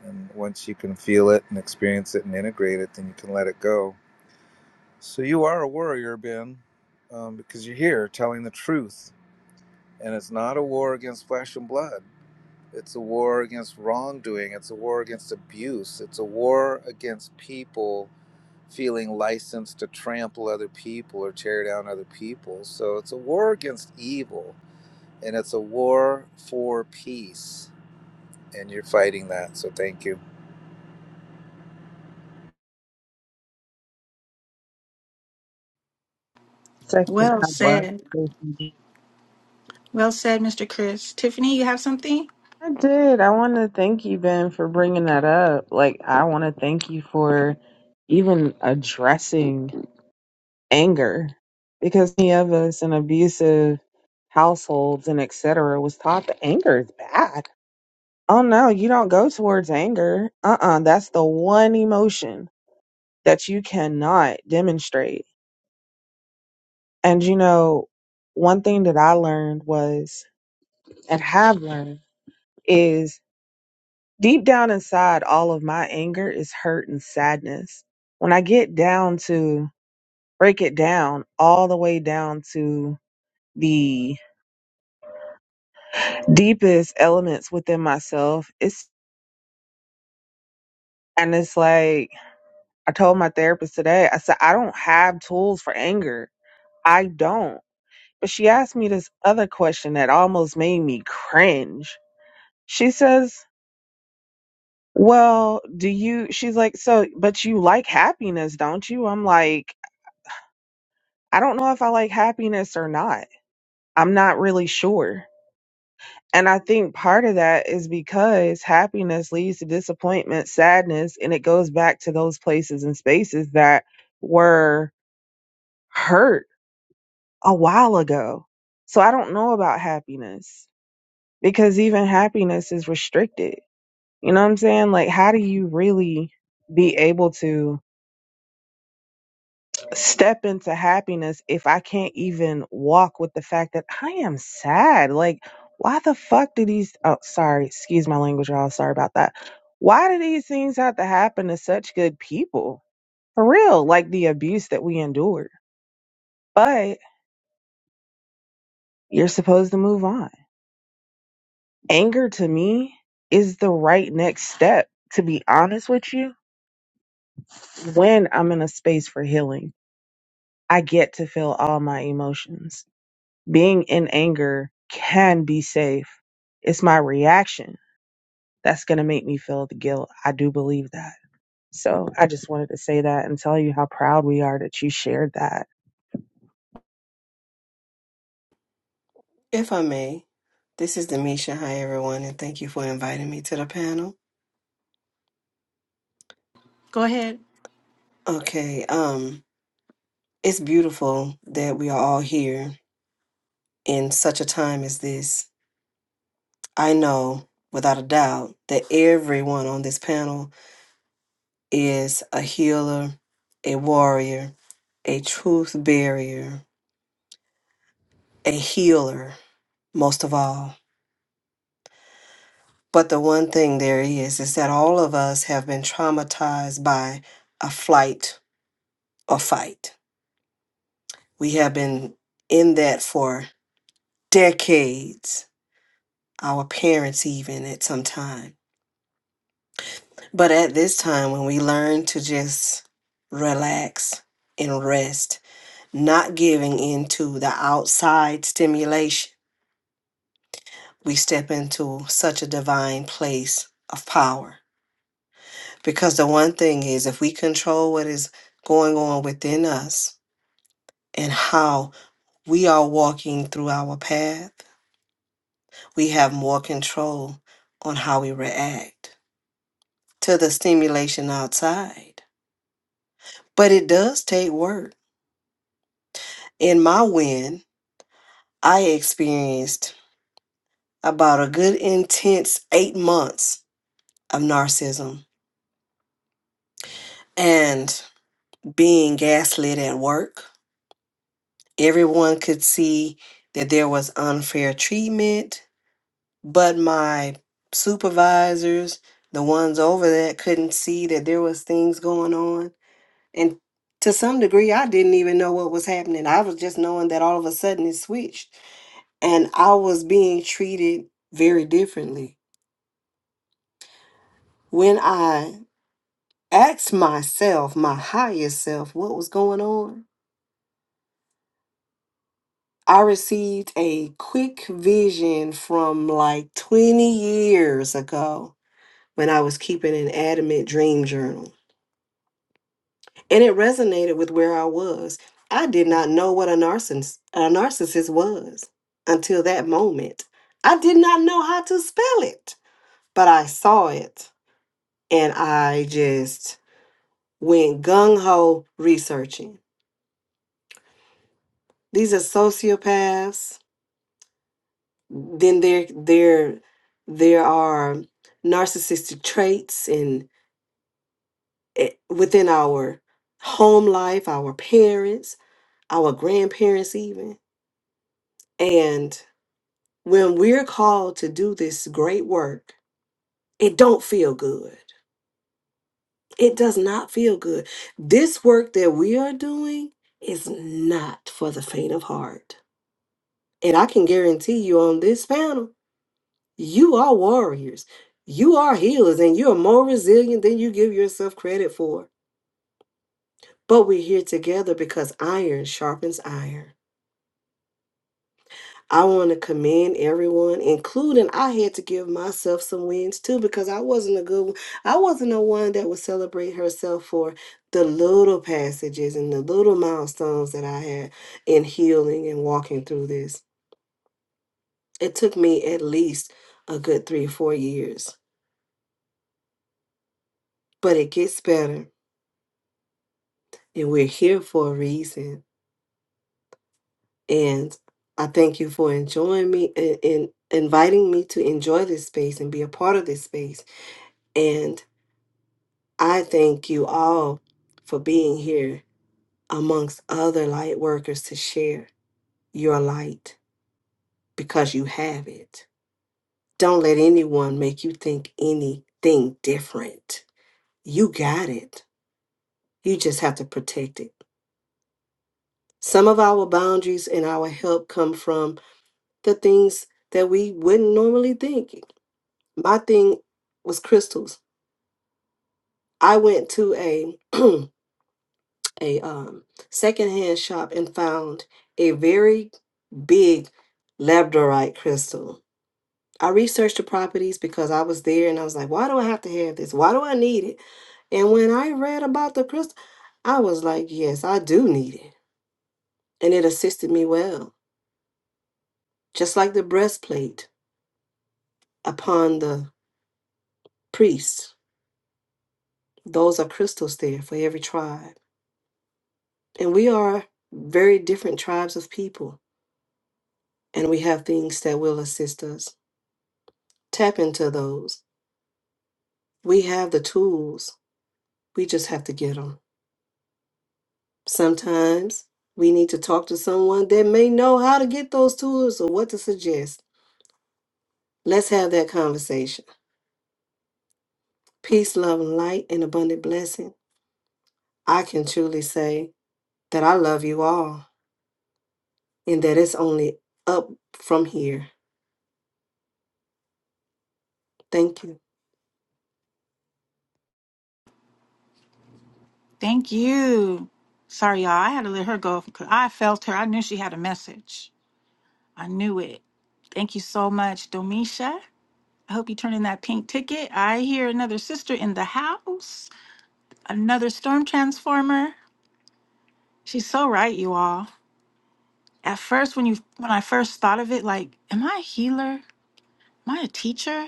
and once you can feel it and experience it and integrate it then you can let it go so you are a warrior ben um, because you're here telling the truth and it's not a war against flesh and blood It's a war against wrongdoing. It's a war against abuse. It's a war against people feeling licensed to trample other people or tear down other people. So it's a war against evil and it's a war for peace. And you're fighting that. So thank you. Second, Well I said. love Well said, Mr. Chris. Tiffany, you have something? I did. I want to thank you, Ben, for bringing that up. Like, I want to thank you for even addressing anger because many of us in abusive households and etc. was taught that anger is bad. Oh no, you don't go towards anger. Uh-uh, that's the one emotion that you cannot demonstrate. And you know, one thing that I learned was and have learned is Deep down inside, all of my anger is hurt and sadness. When I get down to break it down, all the way down to the deepest elements within myself, it's and it's like I told my therapist today, I said, I don't have tools for anger. I don't. But she asked me this other question that almost made me cringe. She says, Well, do you? She's like, So, but you like happiness, don't you? I'm like, I don't know if I like happiness or not. I'm not really sure. And I think part of that is because happiness leads to disappointment, sadness, and it goes back to those places and spaces that were hurt a while ago. So I don't know about happiness because even happiness is restricted. You know what I'm saying? Like, how do you really be able to? step into happiness if I can't even walk with the fact that I am sad? Like, why the fuck do these? Oh, sorry, excuse my language, y'all. Sorry about that. Why do these things have to happen to such good people? For real, like the abuse that we endured. But you're supposed to move on. Anger to me is the right next step, to be honest with you, when I'm in a space for healing. I get to feel all my emotions. being in anger can be safe. It's my reaction that's going to make me feel the guilt. I do believe that. So I just wanted to say that and tell you how proud we are that you shared that. If I may, this is Demisha. Hi, everyone, and thank you for inviting me to the panel. Go ahead. Okay, um, it's beautiful that we are all here in such a time as this. I know without a doubt that everyone on this panel is a healer, a warrior, a truth barrier, a healer, most of all. But the one thing there is is that all of us have been traumatized by a flight or fight We have been in that for decades, our parents even at some time. But at this time, when we learn to just relax and rest, not giving into the outside stimulation, we step into such a divine place of power. Because the one thing is, if we control what is going on within us and how we are walking through our path, we have more control on how we react to the stimulation outside. But it does take work. In my win, I experienced about a good intense eight months of narcissism and being gaslit at work. Everyone could see that there was unfair treatment, but my supervisors, the ones over that, couldn't see that there was things going on And to some degree, I didn't even know what was happening. I was just knowing that all of a sudden it switched and I was being treated very differently. When I asked myself, my higher self, what was going on, I received a quick vision from like 20 years ago when I was keeping an adamant dream journal. And it resonated with where I was. I did not know what a narcissist, a narcissist was until that moment. I did not know how to spell it, but I saw it and I just went gung ho researching. These are sociopaths. Then there, there, there are narcissistic traits in eh, within our home life, our parents, our grandparents, even. and. when we're called to do this great work it don't feel good it does not feel good this work that we are doing is not for the faint of heart and i can guarantee you on this panel you are warriors you are healers and you are more resilient than you give yourself credit for but we're here together because iron sharpens iron I want to commend everyone, including I had to give myself some wins too because I wasn't a good one. I wasn't the one that would celebrate herself for the little passages and the little milestones that I had in healing and walking through this. It took me at least a good three or four years, but it gets better. And we're here for a reason. And I thank you for enjoying me and, and inviting me to enjoy this space and be a part of this space. And I thank you all for being here amongst other light workers to share your light because you have it. Don't let anyone make you think anything different. You got it. You just have to protect it. Some of our boundaries and our help come from the things that we wouldn't normally think. My thing was crystals. I went to a a um, secondhand shop and found a very big labradorite crystal. I researched the properties because I was there and I was like, why do I have to have this? Why do I need it? And when I read about the crystal, I was like, yes, I do need it. And it assisted me well, just like the breastplate upon the priests. Those are crystals there for every tribe. And we are very different tribes of people, and we have things that will assist us. Tap into those. We have the tools, we just have to get them. Sometimes we need to talk to someone that may know how to get those tools or what to suggest. Let's have that conversation. Peace, love, and light, and abundant blessing. I can truly say that I love you all and that it's only up from here. Thank you. Thank you. Sorry, y'all. I had to let her go because I felt her. I knew she had a message. I knew it. Thank you so much, Domisha. I hope you turn in that pink ticket. I hear another sister in the house, another storm transformer. She's so right, you all. At first, when you when I first thought of it, like, am I a healer? Am I a teacher?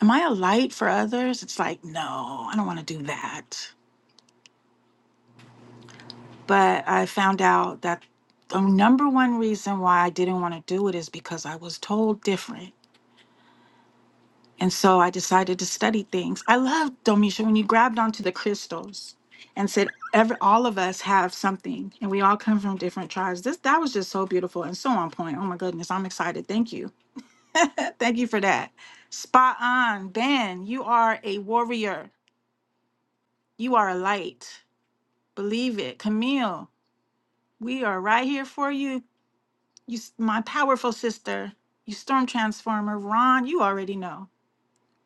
Am I a light for others? It's like, no, I don't want to do that. But I found out that the number one reason why I didn't want to do it is because I was told different. And so I decided to study things. I love Domisha when you grabbed onto the crystals and said every all of us have something and we all come from different tribes. This that was just so beautiful and so on point. Oh my goodness, I'm excited. Thank you Thank you for that. Spot on. Ben, you are a warrior. You are a light. Believe it. Camille, we are right here for you. You s- my powerful sister. You storm transformer. Ron, you already know.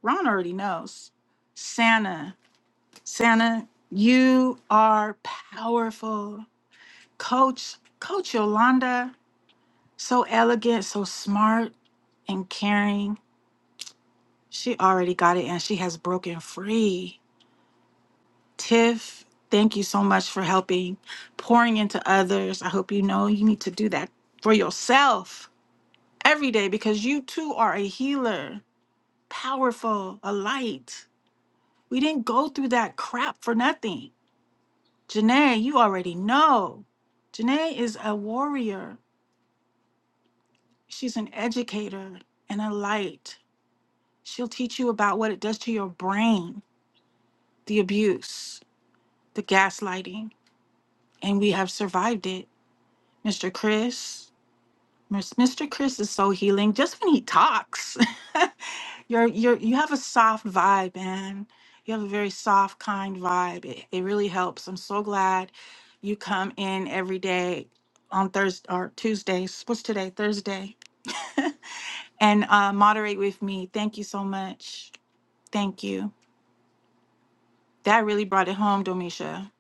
Ron already knows. Santa. Santa, you are powerful. Coach, Coach Yolanda, so elegant, so smart and caring. She already got it and she has broken free. Tiff, thank you so much for helping, pouring into others. I hope you know you need to do that for yourself every day because you too are a healer, powerful, a light. We didn't go through that crap for nothing. Janae, you already know. Janae is a warrior, she's an educator and a light. She'll teach you about what it does to your brain, the abuse, the gaslighting, and we have survived it. Mr. Chris, Miss- Mr. Chris is so healing just when he talks. you're you're you have a soft vibe, man. You have a very soft, kind vibe. It, it really helps. I'm so glad you come in every day on Thursday or Tuesdays. What's today? Thursday. and uh, moderate with me. Thank you so much. Thank you. That really brought it home, Domisha.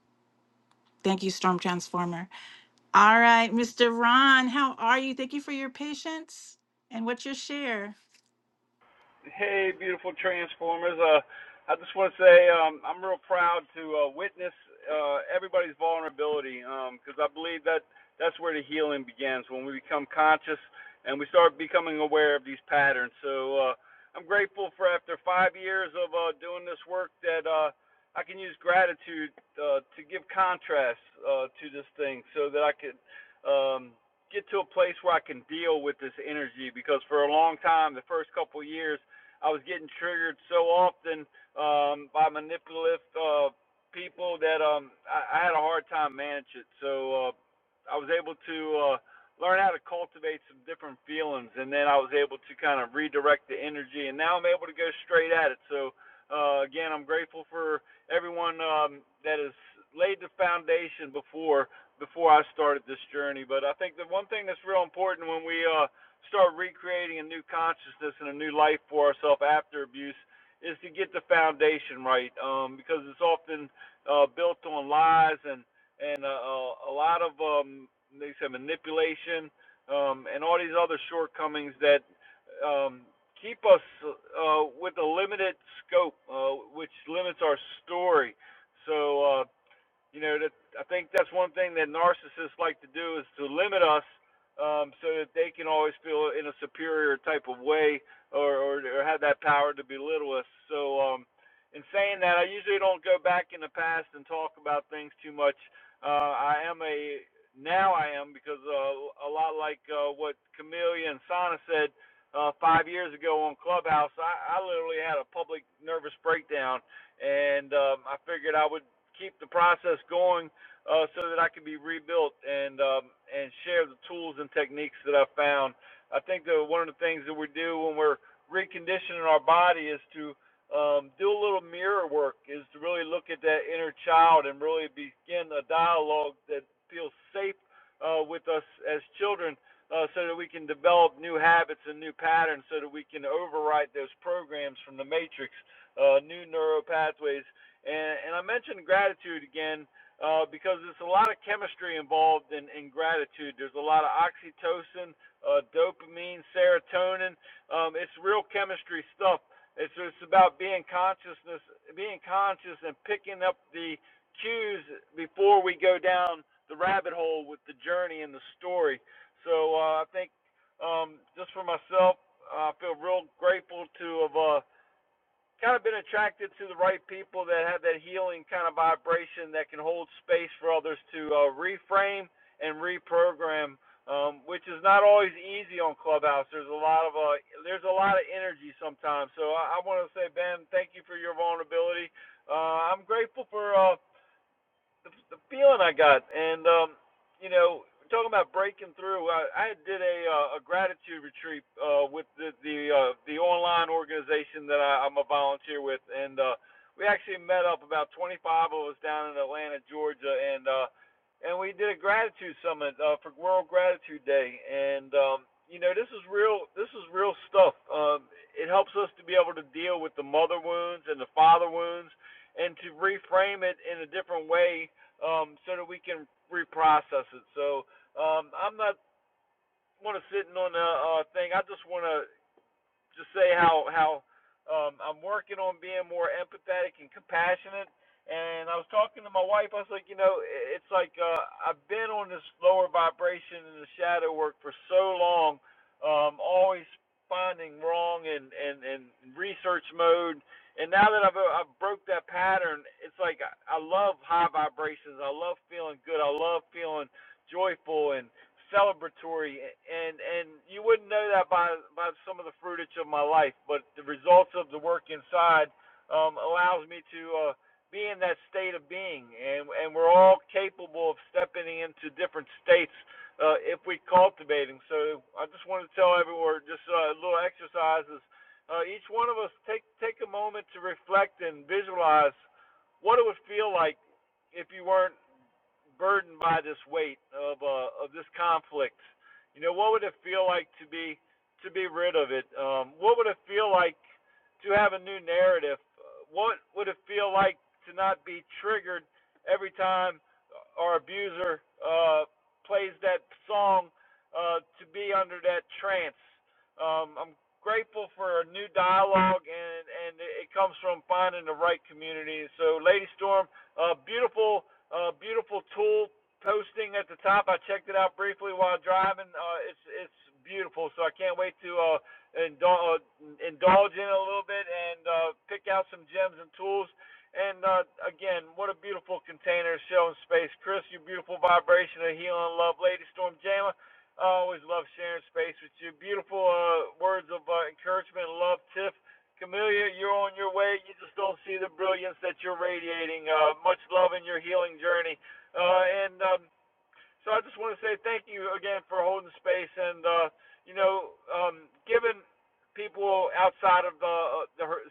Thank you, Storm Transformer. All right, Mr. Ron, how are you? Thank you for your patience. And what's your share? Hey, beautiful Transformers. Uh, I just want to say um, I'm real proud to uh, witness uh, everybody's vulnerability because I believe that that's where the healing begins when we become conscious and we start becoming aware of these patterns. So uh, I'm grateful for after five years of uh, doing this work that uh, I can use gratitude uh, to give contrast uh, to this thing so that I could. Um, get to a place where I can deal with this energy because for a long time, the first couple of years, I was getting triggered so often um, by manipulative uh, people that um, I, I had a hard time managing it. So uh, I was able to uh, learn how to cultivate some different feelings, and then I was able to kind of redirect the energy, and now I'm able to go straight at it. So uh, again, I'm grateful for everyone um, that has laid the foundation before before I started this journey. But I think the one thing that's real important when we uh, start recreating a new consciousness and a new life for ourselves after abuse is to get the foundation right um, because it's often uh, built on lies and and uh, uh, a lot of um, they say manipulation um, and all these other shortcomings that um, keep us uh, with a limited scope, uh, which limits our story. So uh, you know that I think that's one thing that narcissists like to do is to limit us um, so that they can always feel in a superior type of way or, or, or have that power to belittle us. So um, in saying that, I usually don't go back in the past and talk about things too much. Uh, I am a now I am because uh, a lot like uh, what Camelia and Sana said uh, five years ago on Clubhouse, I, I literally had a public nervous breakdown and um, I figured I would keep the process going uh, so that I can be rebuilt and um, and share the tools and techniques that I found. I think that one of the things that we do when we're reconditioning our body is to um, do a little mirror work, is to really look at that inner child and really begin a dialogue that feels safe uh, with us as children. Uh, so that we can develop new habits and new patterns, so that we can overwrite those programs from the matrix, uh, new neural pathways and, and I mentioned gratitude again uh, because there's a lot of chemistry involved in, in gratitude. There's a lot of oxytocin, uh, dopamine, serotonin. Um, it's real chemistry stuff. It's it's about being consciousness, being conscious, and picking up the cues before we go down the rabbit hole with the journey and the story. So uh, I think um, just for myself, I feel real grateful to have uh, kind of been attracted to the right people that have that healing kind of vibration that can hold space for others to uh, reframe and reprogram, um, which is not always easy on Clubhouse. There's a lot of uh, there's a lot of energy sometimes. So I, I want to say, Ben, thank you for your vulnerability. Uh, I'm grateful for uh, the, the feeling I got, and um, you know, talking about breaking through, I, I did a uh, a gratitude retreat uh, with the the uh, the online organization that I, I'm a volunteer with, and uh, we actually met up about 25 of us down in Atlanta, Georgia, and uh, and we did a gratitude summit uh, for World Gratitude Day, and um, you know, this is real this is real stuff. Um, it helps us to be able to deal with the mother wounds and the father wounds and to reframe it in a different way um, so that we can reprocess it. So um, I'm not want to sitting on a uh, thing. I just want to just say how how um, I'm working on being more empathetic and compassionate. And I was talking to my wife. I was like, you know, it's like uh, I've been on this lower vibration in the shadow work for so long, um, always finding wrong and and and research mode. And now that I've I've broke that pattern, it's like I, I love high vibrations. I love feeling good. I love feeling joyful. and celebratory, and and you wouldn't know that by by some of the fruitage of my life, but the results of the work inside um, allows me to uh, be in that state of being, and and we're all capable of stepping into different states uh, if we cultivate them. So I just want to tell everyone, just uh, little exercises. Uh, each one of us take take a moment to reflect and visualize what it would feel like if you weren't burdened by this weight of uh, of this conflict. You know, what would it feel like to be to be rid of it? Um, what would it feel like to have a new narrative? Uh, What would it feel like to not be triggered every time our abuser uh, plays that song? Uh, to be under that trance. Um, I'm grateful for a new dialogue, and and it comes from finding the right community. So, Lady Storm, uh, beautiful uh, beautiful tool posting at the top. I checked it out briefly while driving. Uh, it's it's beautiful, so I can't wait to uh, indul- uh, indulge in it a little bit and uh, pick out some gems and tools. And uh, again, what a beautiful container showing space. Chris, your beautiful vibration of healing love, Lady Storm Jama. I always love sharing space with you. Beautiful uh, words of uh, encouragement and love, Tiff. Camellia, you're on your way. You just don't see the brilliance that you're radiating. Uh, much love in your healing journey. Uh, and um, so I just want to say thank you again for holding space and uh, you know um, giving people outside of the uh, the her-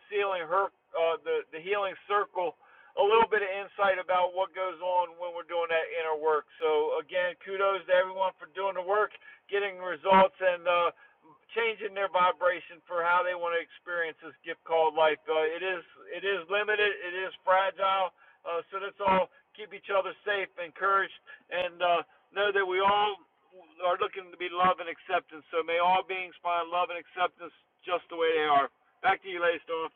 her uh, the the healing circle a little bit of insight about what goes on when we're doing that inner work. So again, kudos to everyone for doing the work, getting results, and uh, changing their vibration for how they want to experience this gift called life. Uh, it is it is limited, it is fragile, uh, so let's all keep each other safe, encouraged, and uh, know that we all are looking to be love and acceptance. So may all beings find love and acceptance just the way they are. Back to you, Lastoff.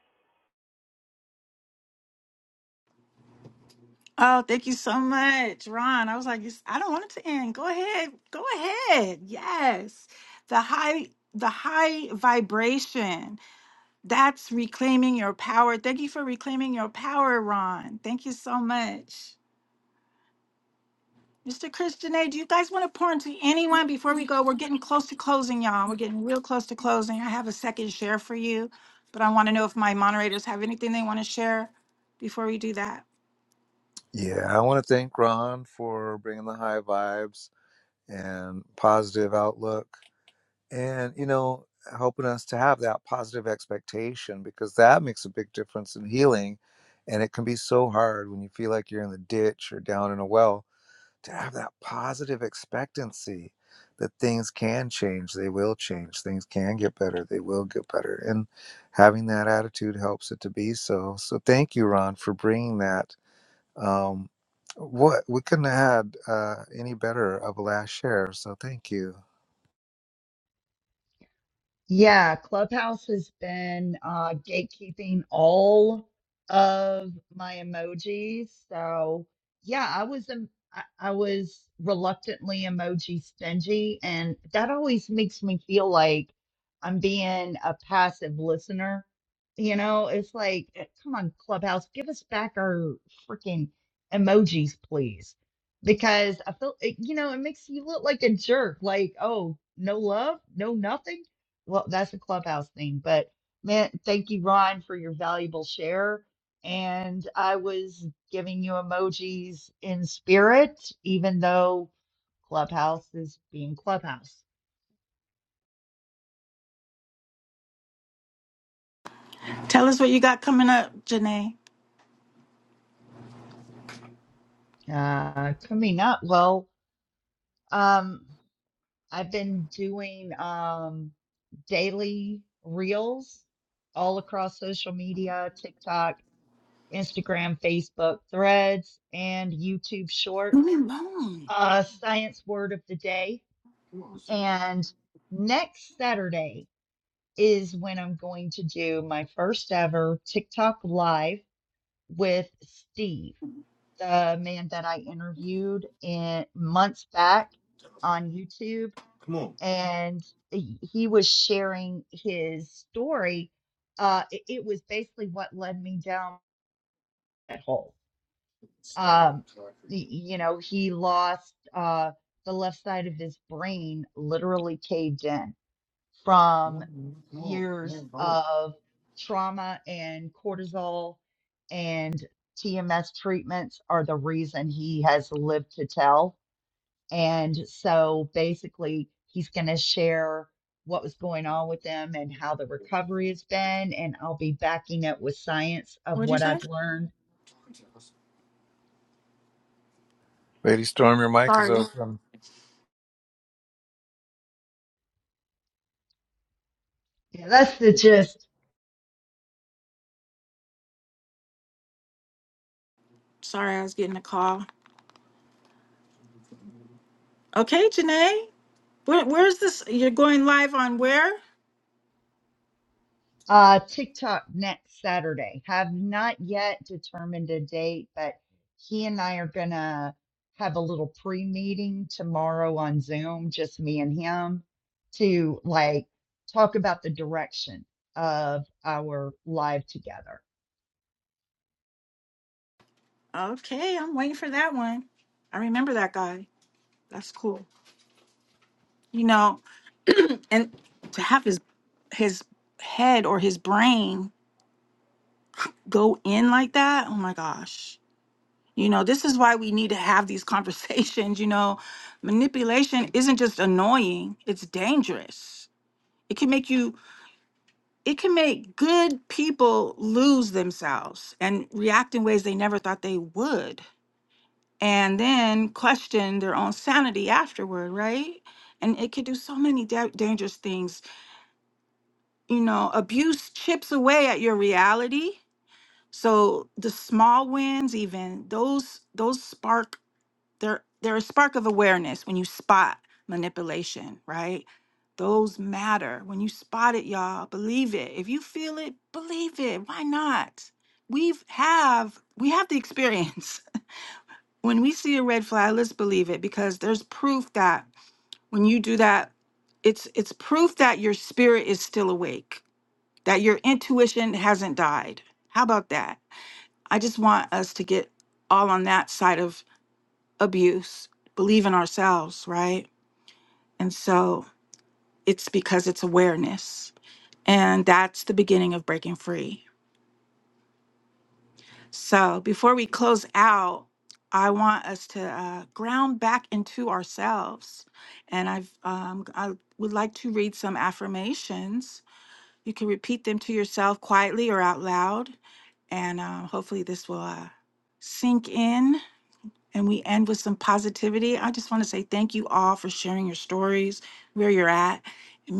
Oh, thank you so much, Ron. I was like, "Yes, I don't want it to end. Go ahead. Go ahead. Yes. The high the high vibration. That's reclaiming your power. Thank you for reclaiming your power, Ron. Thank you so much. Mr. Christian A, do you guys want to pour into anyone before we go? We're getting close to closing, y'all. We're getting real close to closing. I have a second share for you, but I want to know if my moderators have anything they want to share before we do that. Yeah, I want to thank Ron for bringing the high vibes and positive outlook. and you know helping us to have that positive expectation because that makes a big difference in healing and it can be so hard when you feel like you're in the ditch or down in a well to have that positive expectancy that things can change they will change things can get better they will get better and having that attitude helps it to be so so thank you ron for bringing that um what we couldn't have had uh any better of a last share so thank you Yeah, Clubhouse has been uh, gatekeeping all of my emojis. So yeah, I was em- I I was reluctantly emoji stingy, and that always makes me feel like I'm being a passive listener. You know, it's like, eh, come on, Clubhouse, give us back our freaking emojis, please. Because I feel, it- you know, it makes you look like a jerk. Like, oh, no love, no nothing well, that's a clubhouse thing, but man, thank you, Ron, for your valuable share. And I was giving you emojis in spirit, even though Clubhouse is being Clubhouse. Tell us what you got coming up, Janae. Uh, coming up, well, um, I've been doing um, daily reels all across social media, TikTok, Instagram, Facebook, Threads, and YouTube Leave me Shorts. alone. Uh, science word of the day And next Saturday is when I'm going to do my first ever TikTok live with Steve, the man that I interviewed in months back on YouTube. And he he was sharing his story. Uh, it, it was basically what led me down that hole. Um, y- you know, he lost uh, the left side of his brain, literally caved in from years of trauma and cortisol and TMS treatments are the reason he has lived to tell. And so basically, he's going to share what was going on with them and how the recovery has been. And I'll be backing it with science of What'd you what say? I've learned. lady storm your mic is Sorry. open Yeah, that's the gist Sorry, I was getting a call. Okay, Janae. Where, where's this? You're going live on where? Uh, TikTok next Saturday. Have not yet determined a date, but he and I are gonna have a little pre-meeting tomorrow on Zoom, just me and him, to like talk about the direction of our live together. Okay, I'm waiting for that one. I remember that guy. That's cool. You know, and to have his his head or his brain go in like that, oh my gosh. You know, this is why we need to have these conversations. You know, manipulation isn't just annoying, it's dangerous. It can make you it can make good people lose themselves and react in ways they never thought they would and then question their own sanity afterward right and it could do so many da- dangerous things you know abuse chips away at your reality so the small wins even those those spark there, there is a spark of awareness when you spot manipulation, right? Those matter. When you spot it, y'all, believe it. If you feel it, believe it. Why not? We've have we have the experience. when we see a red flag, let's believe it because there's proof that when you do that, it's it's proof that your spirit is still awake, that your intuition hasn't died. How about that? I just want us to get all on that side of abuse, believe in ourselves, right? And so it's because it's awareness. And that's the beginning of breaking free. So before we close out, I want us to uh, ground back into ourselves. And I've, um, I would like to read some affirmations. You can repeat them to yourself quietly or out loud. And um, hopefully, this will uh, sink in and we end with some positivity, I just want to say thank you all for sharing your stories, where you're at.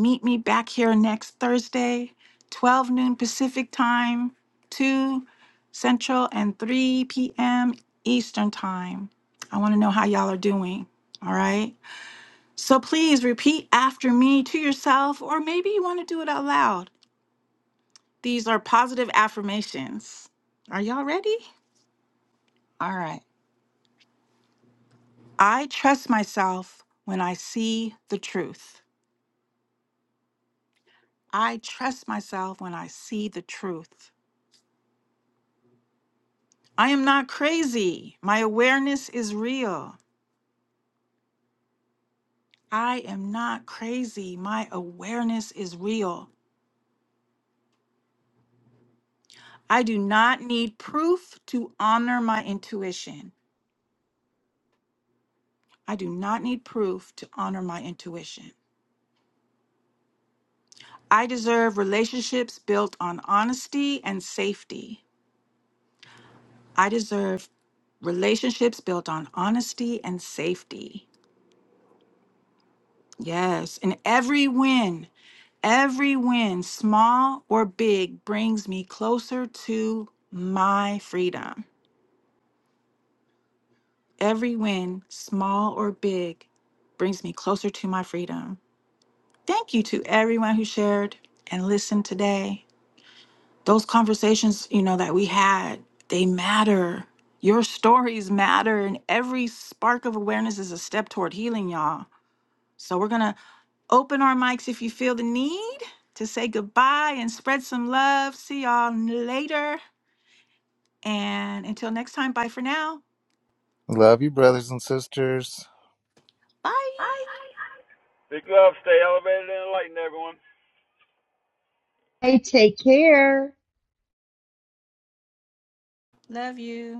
meet me back here next Thursday, 12 noon Pacific time, 2 Central, and 3 p.m. Eastern time. I want to know how y'all are doing. All right. So please repeat after me to yourself, or maybe you want to do it out loud. These are positive affirmations. Are y'all ready? All right. I trust myself when I see the truth. I trust myself when I see the truth. I am not crazy. My awareness is real. I am not crazy. My awareness is real. I do not need proof to honor my intuition. I do not need proof to honor my intuition. I deserve relationships built on honesty and safety. I deserve relationships built on honesty and safety. Yes. And every win, every win, small or big, brings me closer to my freedom. Every win, small or big, brings me closer to my freedom. Thank you to everyone who shared and listened today. Those conversations, you know, that we had, they matter. Your stories matter, and every spark of awareness is a step toward healing, y'all. So we're gonna Open our mics if you feel the need to say goodbye and spread some love. See y'all later. And until next time, bye for now. Love you, brothers and sisters. Bye. Big love. Stay elevated and enlightened, everyone. Hey, take care. Love you.